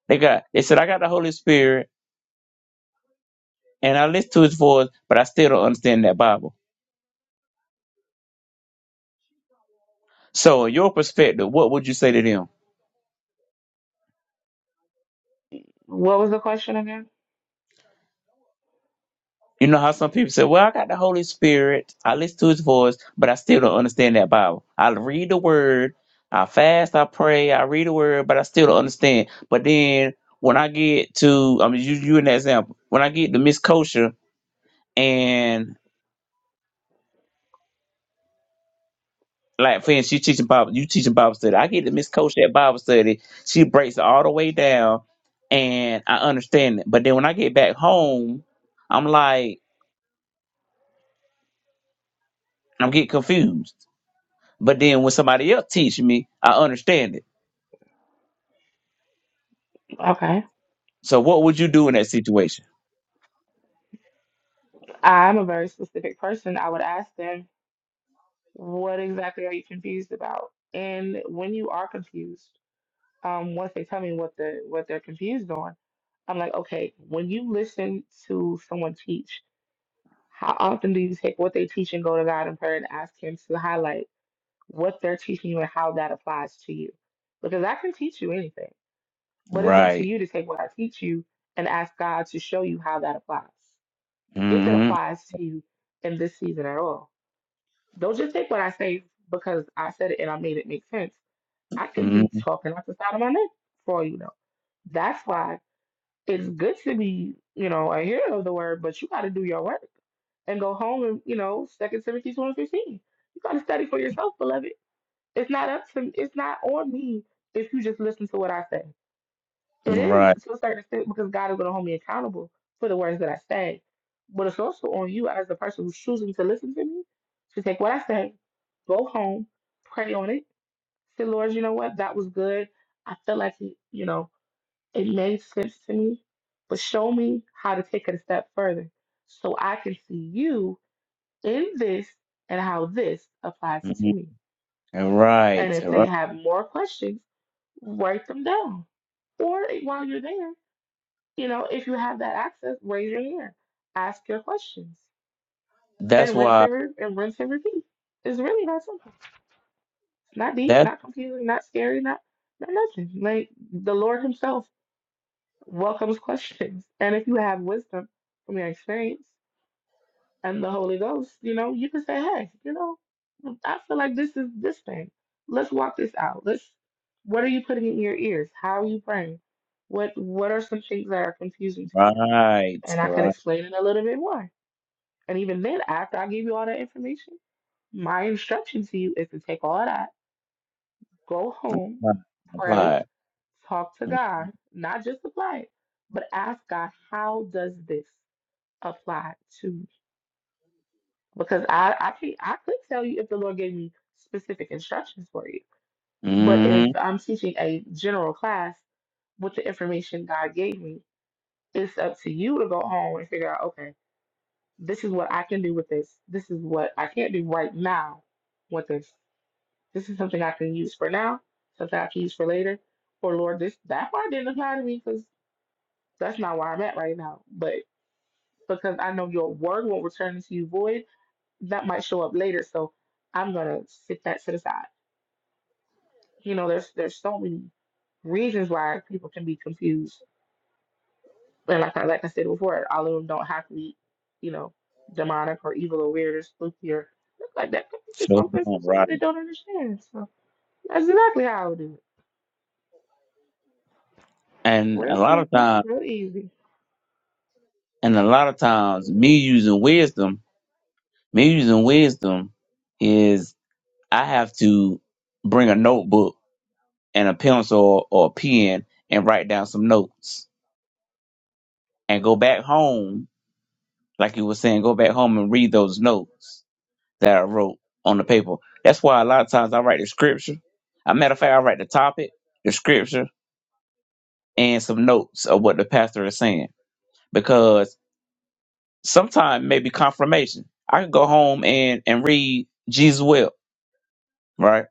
Speaker 5: they got. They said I got the Holy Spirit and I listen to His voice, but I still don't understand that Bible. So, in your perspective, what would you say to them?
Speaker 4: What was the question again?
Speaker 5: You know how some people say, "Well, I got the Holy Spirit. I listen to His voice, but I still don't understand that Bible. I read the Word." I fast, I pray, I read the word, but I still don't understand. But then when I get to, I mean, you, you in that example, when I get to Miss Kosher, and like for instance, you teaching Bible, you teaching Bible study. I get to Miss Coach that Bible study. She breaks it all the way down, and I understand it. But then when I get back home, I'm like, I'm getting confused. But then when somebody else teach me, I understand it.
Speaker 4: Okay.
Speaker 5: So what would you do in that situation?
Speaker 4: I'm a very specific person. I would ask them, what exactly are you confused about? And when you are confused, um, once they tell me what the what they're confused on, I'm like, okay, when you listen to someone teach, how often do you take what they teach and go to God in prayer and ask Him to highlight what they're teaching you and how that applies to you? Because I can teach you anything, but it's up to
Speaker 5: Right.
Speaker 4: you to take what I teach you and ask God to show you how that applies. if it
Speaker 5: hmm
Speaker 4: applies to you in this season at all. Don't just take what I say because I said it and I made it make sense. I could
Speaker 5: hmm
Speaker 4: be talking out the side of my neck for all you know. That's why it's good to be, you know, a hearer of the word, but you got to do your work and go home and, you know, Second Timothy two and fifteen. You got to study for yourself, beloved. It's not up to, it's not on me if you just listen to what I say. It is
Speaker 5: Right.
Speaker 4: to a certain extent because God is going to hold me accountable for the words that I say. But it's also on you as the person who's choosing to listen to me to take what I say, go home, pray on it. Say, Lord, you know what? That was good. I feel like it, you know, it made sense to me, but show me how to take it a step further so I can see you in this and how this applies to
Speaker 5: hmm
Speaker 4: me.
Speaker 5: Right.
Speaker 4: And if they
Speaker 5: Right.
Speaker 4: have more questions, write them down. Or while you're there, you know, if you have that access, raise your hand, ask your questions,
Speaker 5: That's
Speaker 4: and rinse
Speaker 5: why.
Speaker 4: and, re- and rinse and repeat. It's really that simple. It's not deep,
Speaker 5: That's
Speaker 4: not confusing, not scary, not not nothing. Like the Lord Himself welcomes questions, (laughs) and if you have wisdom from your experience and the Holy Ghost, you know, you can say, hey, you know, I feel like this is this thing. Let's walk this out. Let's. What are you putting in your ears? How are you praying? What What are some things that are confusing to you?
Speaker 5: right.
Speaker 4: And I can
Speaker 5: Right.
Speaker 4: explain it a little bit more And even then, after I give you all that information, my instruction to you is to take all that, go home, pray,
Speaker 5: Applied.
Speaker 4: talk to God, not just apply it, but ask God, how does this apply to me? Because I, I can't I could tell you if the Lord gave me specific instructions for you. But
Speaker 5: Mm-hmm.
Speaker 4: if I'm teaching a general class with the information God gave me, it's up to you to go home and figure out, okay, this is what I can do with this. This is what I can't do right now with this This is something I can use for now, something I can use for later. Or Lord, this that part didn't apply to me because that's not where I'm at right now. But because I know your word won't return to you void, that might show up later. So I'm gonna sit that to the side. You know, there's there's so many reasons why people can be confused. And like I, like I said before, all of them don't have to be, you know, demonic or evil or weird or spooky or look like that. It's just
Speaker 5: Sure,
Speaker 4: something
Speaker 5: no,
Speaker 4: simple that
Speaker 5: right.
Speaker 4: they don't understand. So that's exactly how I would do it.
Speaker 5: And a
Speaker 4: Real
Speaker 5: lot of
Speaker 4: simple,
Speaker 5: times,
Speaker 4: real easy.
Speaker 5: and a lot of times, me using wisdom, me using wisdom is I have to bring a notebook and a pencil or a pen and write down some notes and go back home, like you were saying, go back home and read those notes that I wrote on the paper. That's why a lot of times I write the scripture. a matter of fact, I write the topic, the scripture, and some notes of what the pastor is saying because Sometimes maybe confirmation. I can go home and and read Jesus will, right?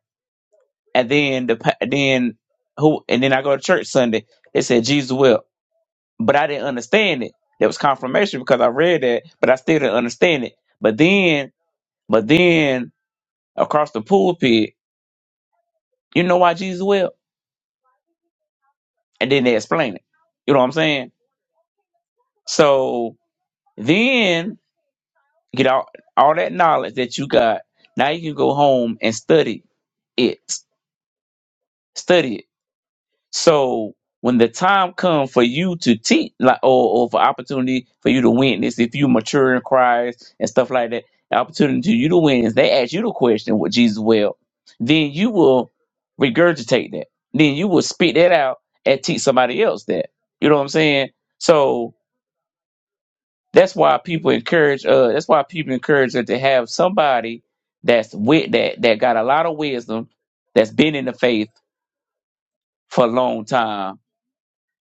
Speaker 5: And then the pa- then who and then I go to church Sunday. They said Jesus will, but I didn't understand it. That was confirmation because I read that, but I still didn't understand it. But then, but then across the pulpit, you know why Jesus will, and then they explain it. You know what I'm saying? So then get all all that knowledge that you got. Now you can go home and study it. Study it So when the time comes for you to teach, like, or, or for opportunity for you to witness, if you mature in Christ and stuff like that, the opportunity for you to witness, they ask you the question what Jesus will, then you will regurgitate that. Then you will spit that out and teach somebody else that. You know what I'm saying? So that's why people encourage. Uh, that's why people encourage that to have somebody that's with that that got a lot of wisdom, that's been in the faith for a long time.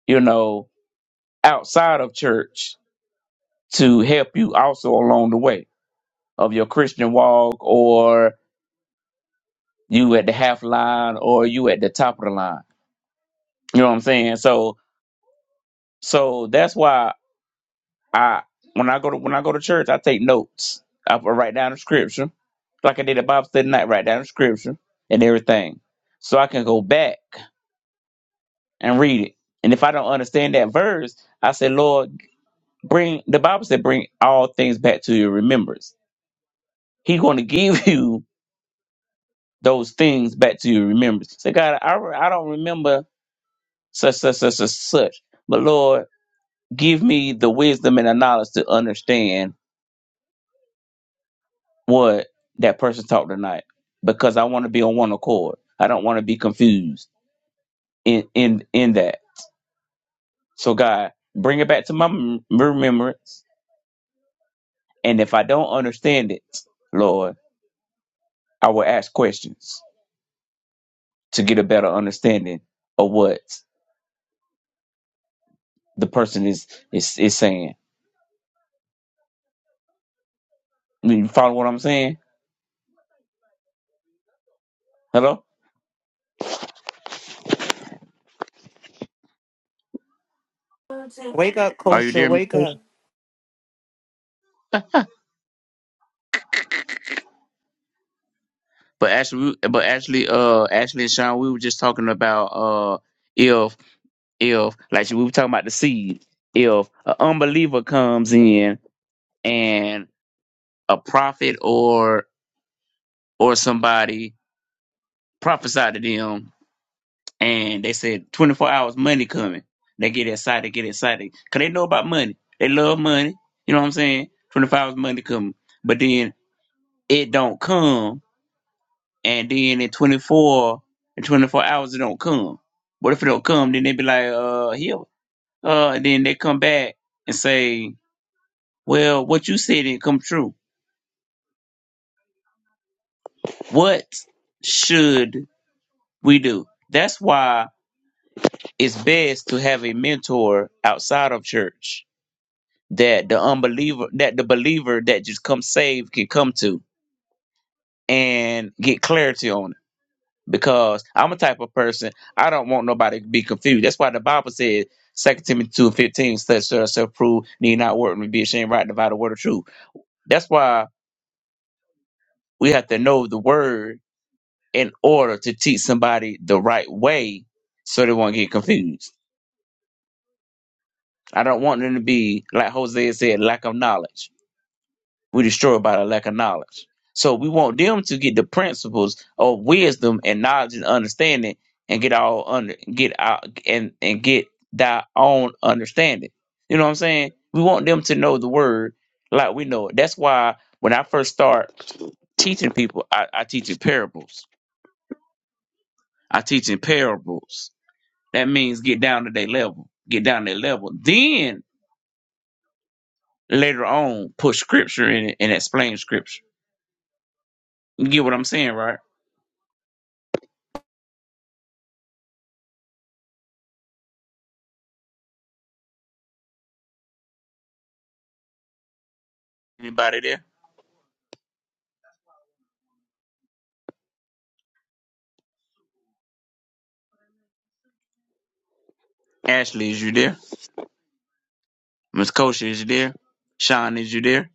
Speaker 5: You know, outside of church to help you also along the way of your Christian walk or you at the half line or you at the top of the line. You know what I'm saying? So so that's why I when I go to when I go to church I take notes. I write down the scripture. Like I did at Bible study night, write down the scripture and everything. So I can go back and read it. And if I don't understand that verse, I say, Lord, bring the Bible said bring all things back to your remembrance. He's gonna (laughs) give you those things back to your remembrance. Say, God, I, re- I don't remember such, such, such, such, such. But Lord, give me the wisdom and the knowledge to understand what that person taught tonight because I want to be on one accord. I don't want to be confused in, in, in that. So, God, bring it back to my mem- remembrance. And if I don't understand it, Lord, I will ask questions to get a better understanding of what the person is, is, is saying. You follow what I'm saying? Hello?
Speaker 1: Wake up,
Speaker 5: Are you
Speaker 1: Kosha.
Speaker 5: there, Miss
Speaker 1: Wake
Speaker 5: Coach?
Speaker 1: up.
Speaker 5: But actually, we- but actually, uh, Ashley and Sean, we were just talking about uh, if if like we were talking about the seed. If an unbeliever comes in and a prophet or or somebody prophesied to them, and they said twenty four hours money coming, they get excited, get excited, cause they know about money. They love money. You know what I'm saying? Twenty four hours money coming, but then it don't come and then in 24 in 24 hours it don't come what if it don't come then they be like uh here uh and then they come back and say well what you said didn't come true what should we do that's why it's best to have a mentor outside of church that the unbeliever that the believer that just come saved can come to and get clarity on because I'm a type of person I don't want nobody to be confused. That's why the Bible said Second Timothy two fifteen and fifteen says show prove need not work and be ashamed right divide the word of truth. That's why we have to know the word in order to teach somebody the right way so they won't get confused. I don't want them to be like Hosea said, lack of knowledge. we destroy by the lack of knowledge. So we want them to get the principles of wisdom and knowledge and understanding, and get all under get out and and get thy own understanding. You know what I'm saying? We want them to know the word like we know it. That's why when I first start teaching people, I, I teach in parables. I teach in parables. That means get down to their level. Get down to their level. Then later on, put scripture in it and explain scripture. You get what I'm saying, right? Anybody there? Ashley, is you there? Miss Kosha, is you there? Sean, is you there?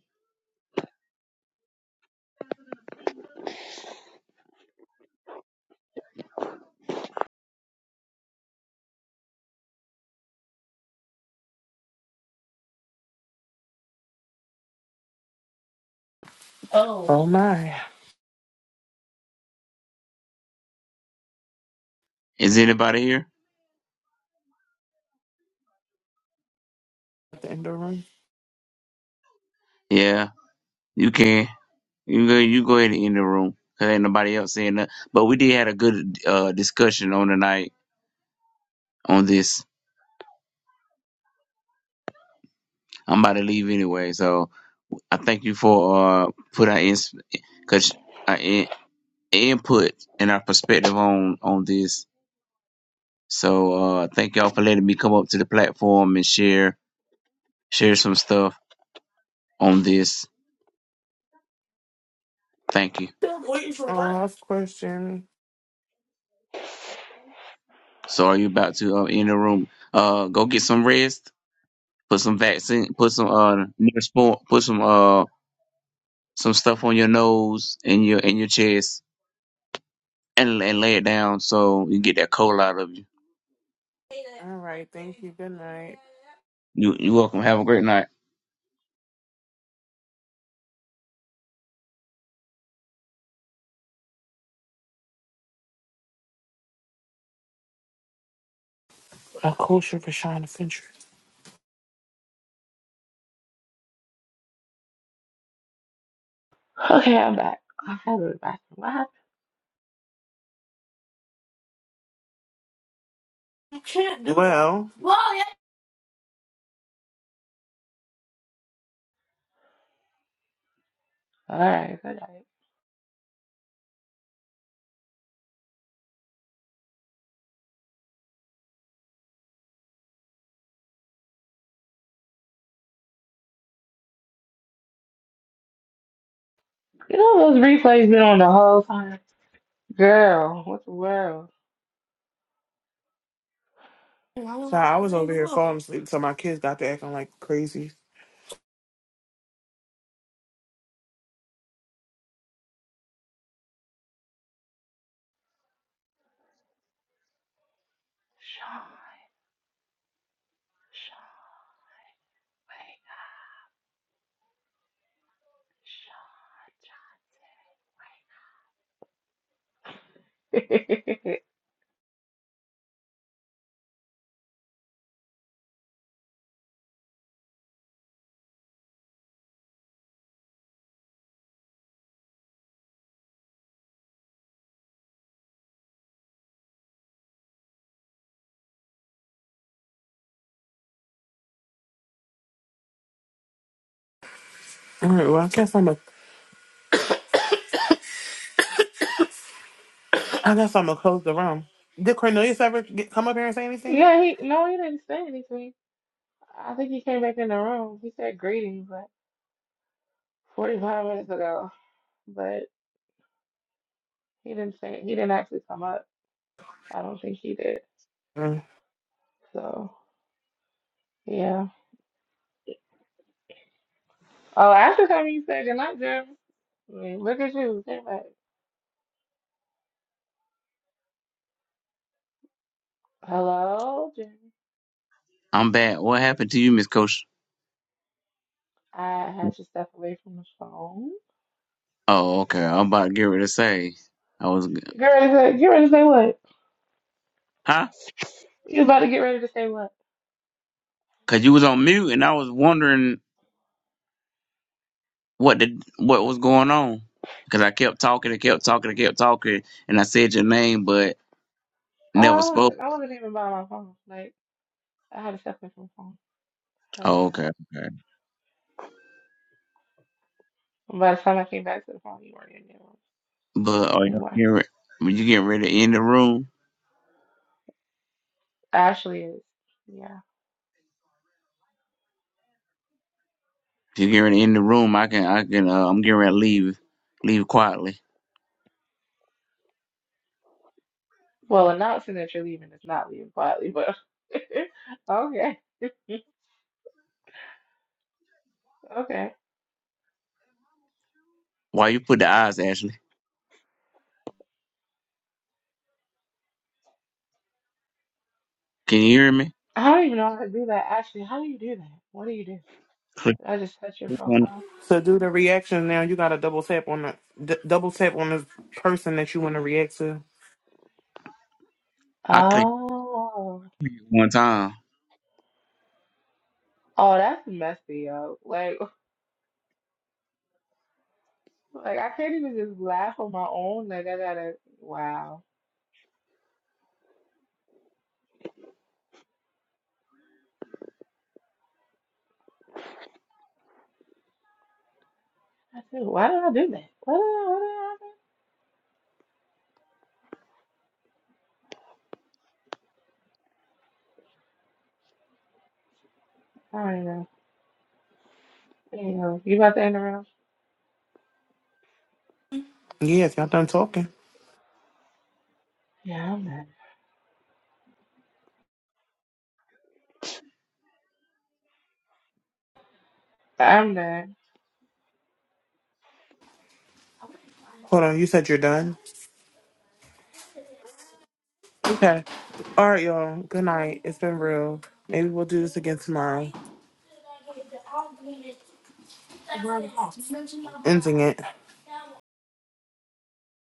Speaker 1: Oh my.
Speaker 5: Is anybody here?
Speaker 1: the end of the room.
Speaker 5: Yeah, you can. You go. You go ahead and end the room. Cause ain't nobody else saying nothing. But we did had a good uh, discussion on tonight on this. I'm about to leave anyway, so I thank you for uh put our ins cause our in- input and our perspective on on this. So uh thank y'all for letting me come up to the platform and share share some stuff on this. Thank you.
Speaker 1: Last question.
Speaker 5: So are you about to uh, in the room? Uh, go get some rest. Put some vaccine. Put some uh Neosporin. Put some uh some stuff on your nose and your and your chest and and lay it down so you get that cold out of you.
Speaker 1: All right. Thank you. Good night.
Speaker 5: You you welcome. Have a great night.
Speaker 1: A kosher for Shine Fincher.
Speaker 4: Okay, I'm back. I had to go to the bathroom. What happened?
Speaker 1: Well,
Speaker 4: All right, good night. You know those replays been on the whole time? Girl, what the world?
Speaker 1: so I was over here falling asleep, so my kids got to acting like crazy.
Speaker 4: Sean, Sean, wait, Sean, Sean.
Speaker 1: All right. Well, I guess I'm a. I guess I'm gonna close the room. Did Cornelius ever get, come up here and say
Speaker 4: (laughs)
Speaker 1: anything?
Speaker 4: yeah, he, no, he didn't say anything. I think he came back in the room. He said greetings like 45 minutes ago, but he didn't say, he didn't actually come up. I don't think he did. So, yeah. Oh, after coming, you said good night, Jeremy. I mean, look at you. Came back. Hello, Jeremy.
Speaker 5: I'm bad. What happened to you, Miss Coach?
Speaker 4: I had to step away from the phone.
Speaker 5: Oh, okay. I'm about to get ready to say. I was
Speaker 4: Get ready to get ready to say what?
Speaker 5: huh?
Speaker 4: You about to get ready to say what?
Speaker 5: Cause you was on mute and I was wondering what did what was going on. Cause I kept talking and kept talking and kept talking and I said your name but
Speaker 4: Oh,
Speaker 5: never
Speaker 4: I
Speaker 5: spoke.
Speaker 4: wasn't I wasn't even by my phone. Like I had to step away from the phone. I had to the
Speaker 5: Oh,
Speaker 4: phone.
Speaker 5: okay, okay.
Speaker 4: by the time I came back to the phone, you weren't in there
Speaker 5: But are you
Speaker 4: anyway.
Speaker 5: getting re- when you get ready to end the room?
Speaker 4: Ashley is yeah.
Speaker 5: If you get ready to end the room, I can I can uh, I'm getting ready to leave leave quietly.
Speaker 4: Well, announcing that you're leaving is not leaving quietly, but (laughs) okay, okay.
Speaker 5: Why you put the eyes, Ashley? Can you hear me?
Speaker 4: I don't even know how to do that. Ashley, how do you do that? What do you do?
Speaker 5: Click,
Speaker 4: I just touch your
Speaker 5: click on it.
Speaker 4: profile.
Speaker 1: To do the reaction now, you gotta double tap on the d- double tap on the person that you want to react to.
Speaker 5: I clicked
Speaker 4: Oh,
Speaker 5: it one time.
Speaker 4: oh, that's messy, yo. Like. Like I can't even just laugh on my own. Like I gotta. Wow. I said, why did I do that? What did I, what did I do? I don't even know. Anyhow, you about to end the round?
Speaker 1: Yes, y'all done talking.
Speaker 4: Yeah, I'm done. I'm done.
Speaker 1: Hold on, you said you're done. Okay. All right, y'all. Good night. It's been real. Maybe we'll do this again tomorrow. Ending it.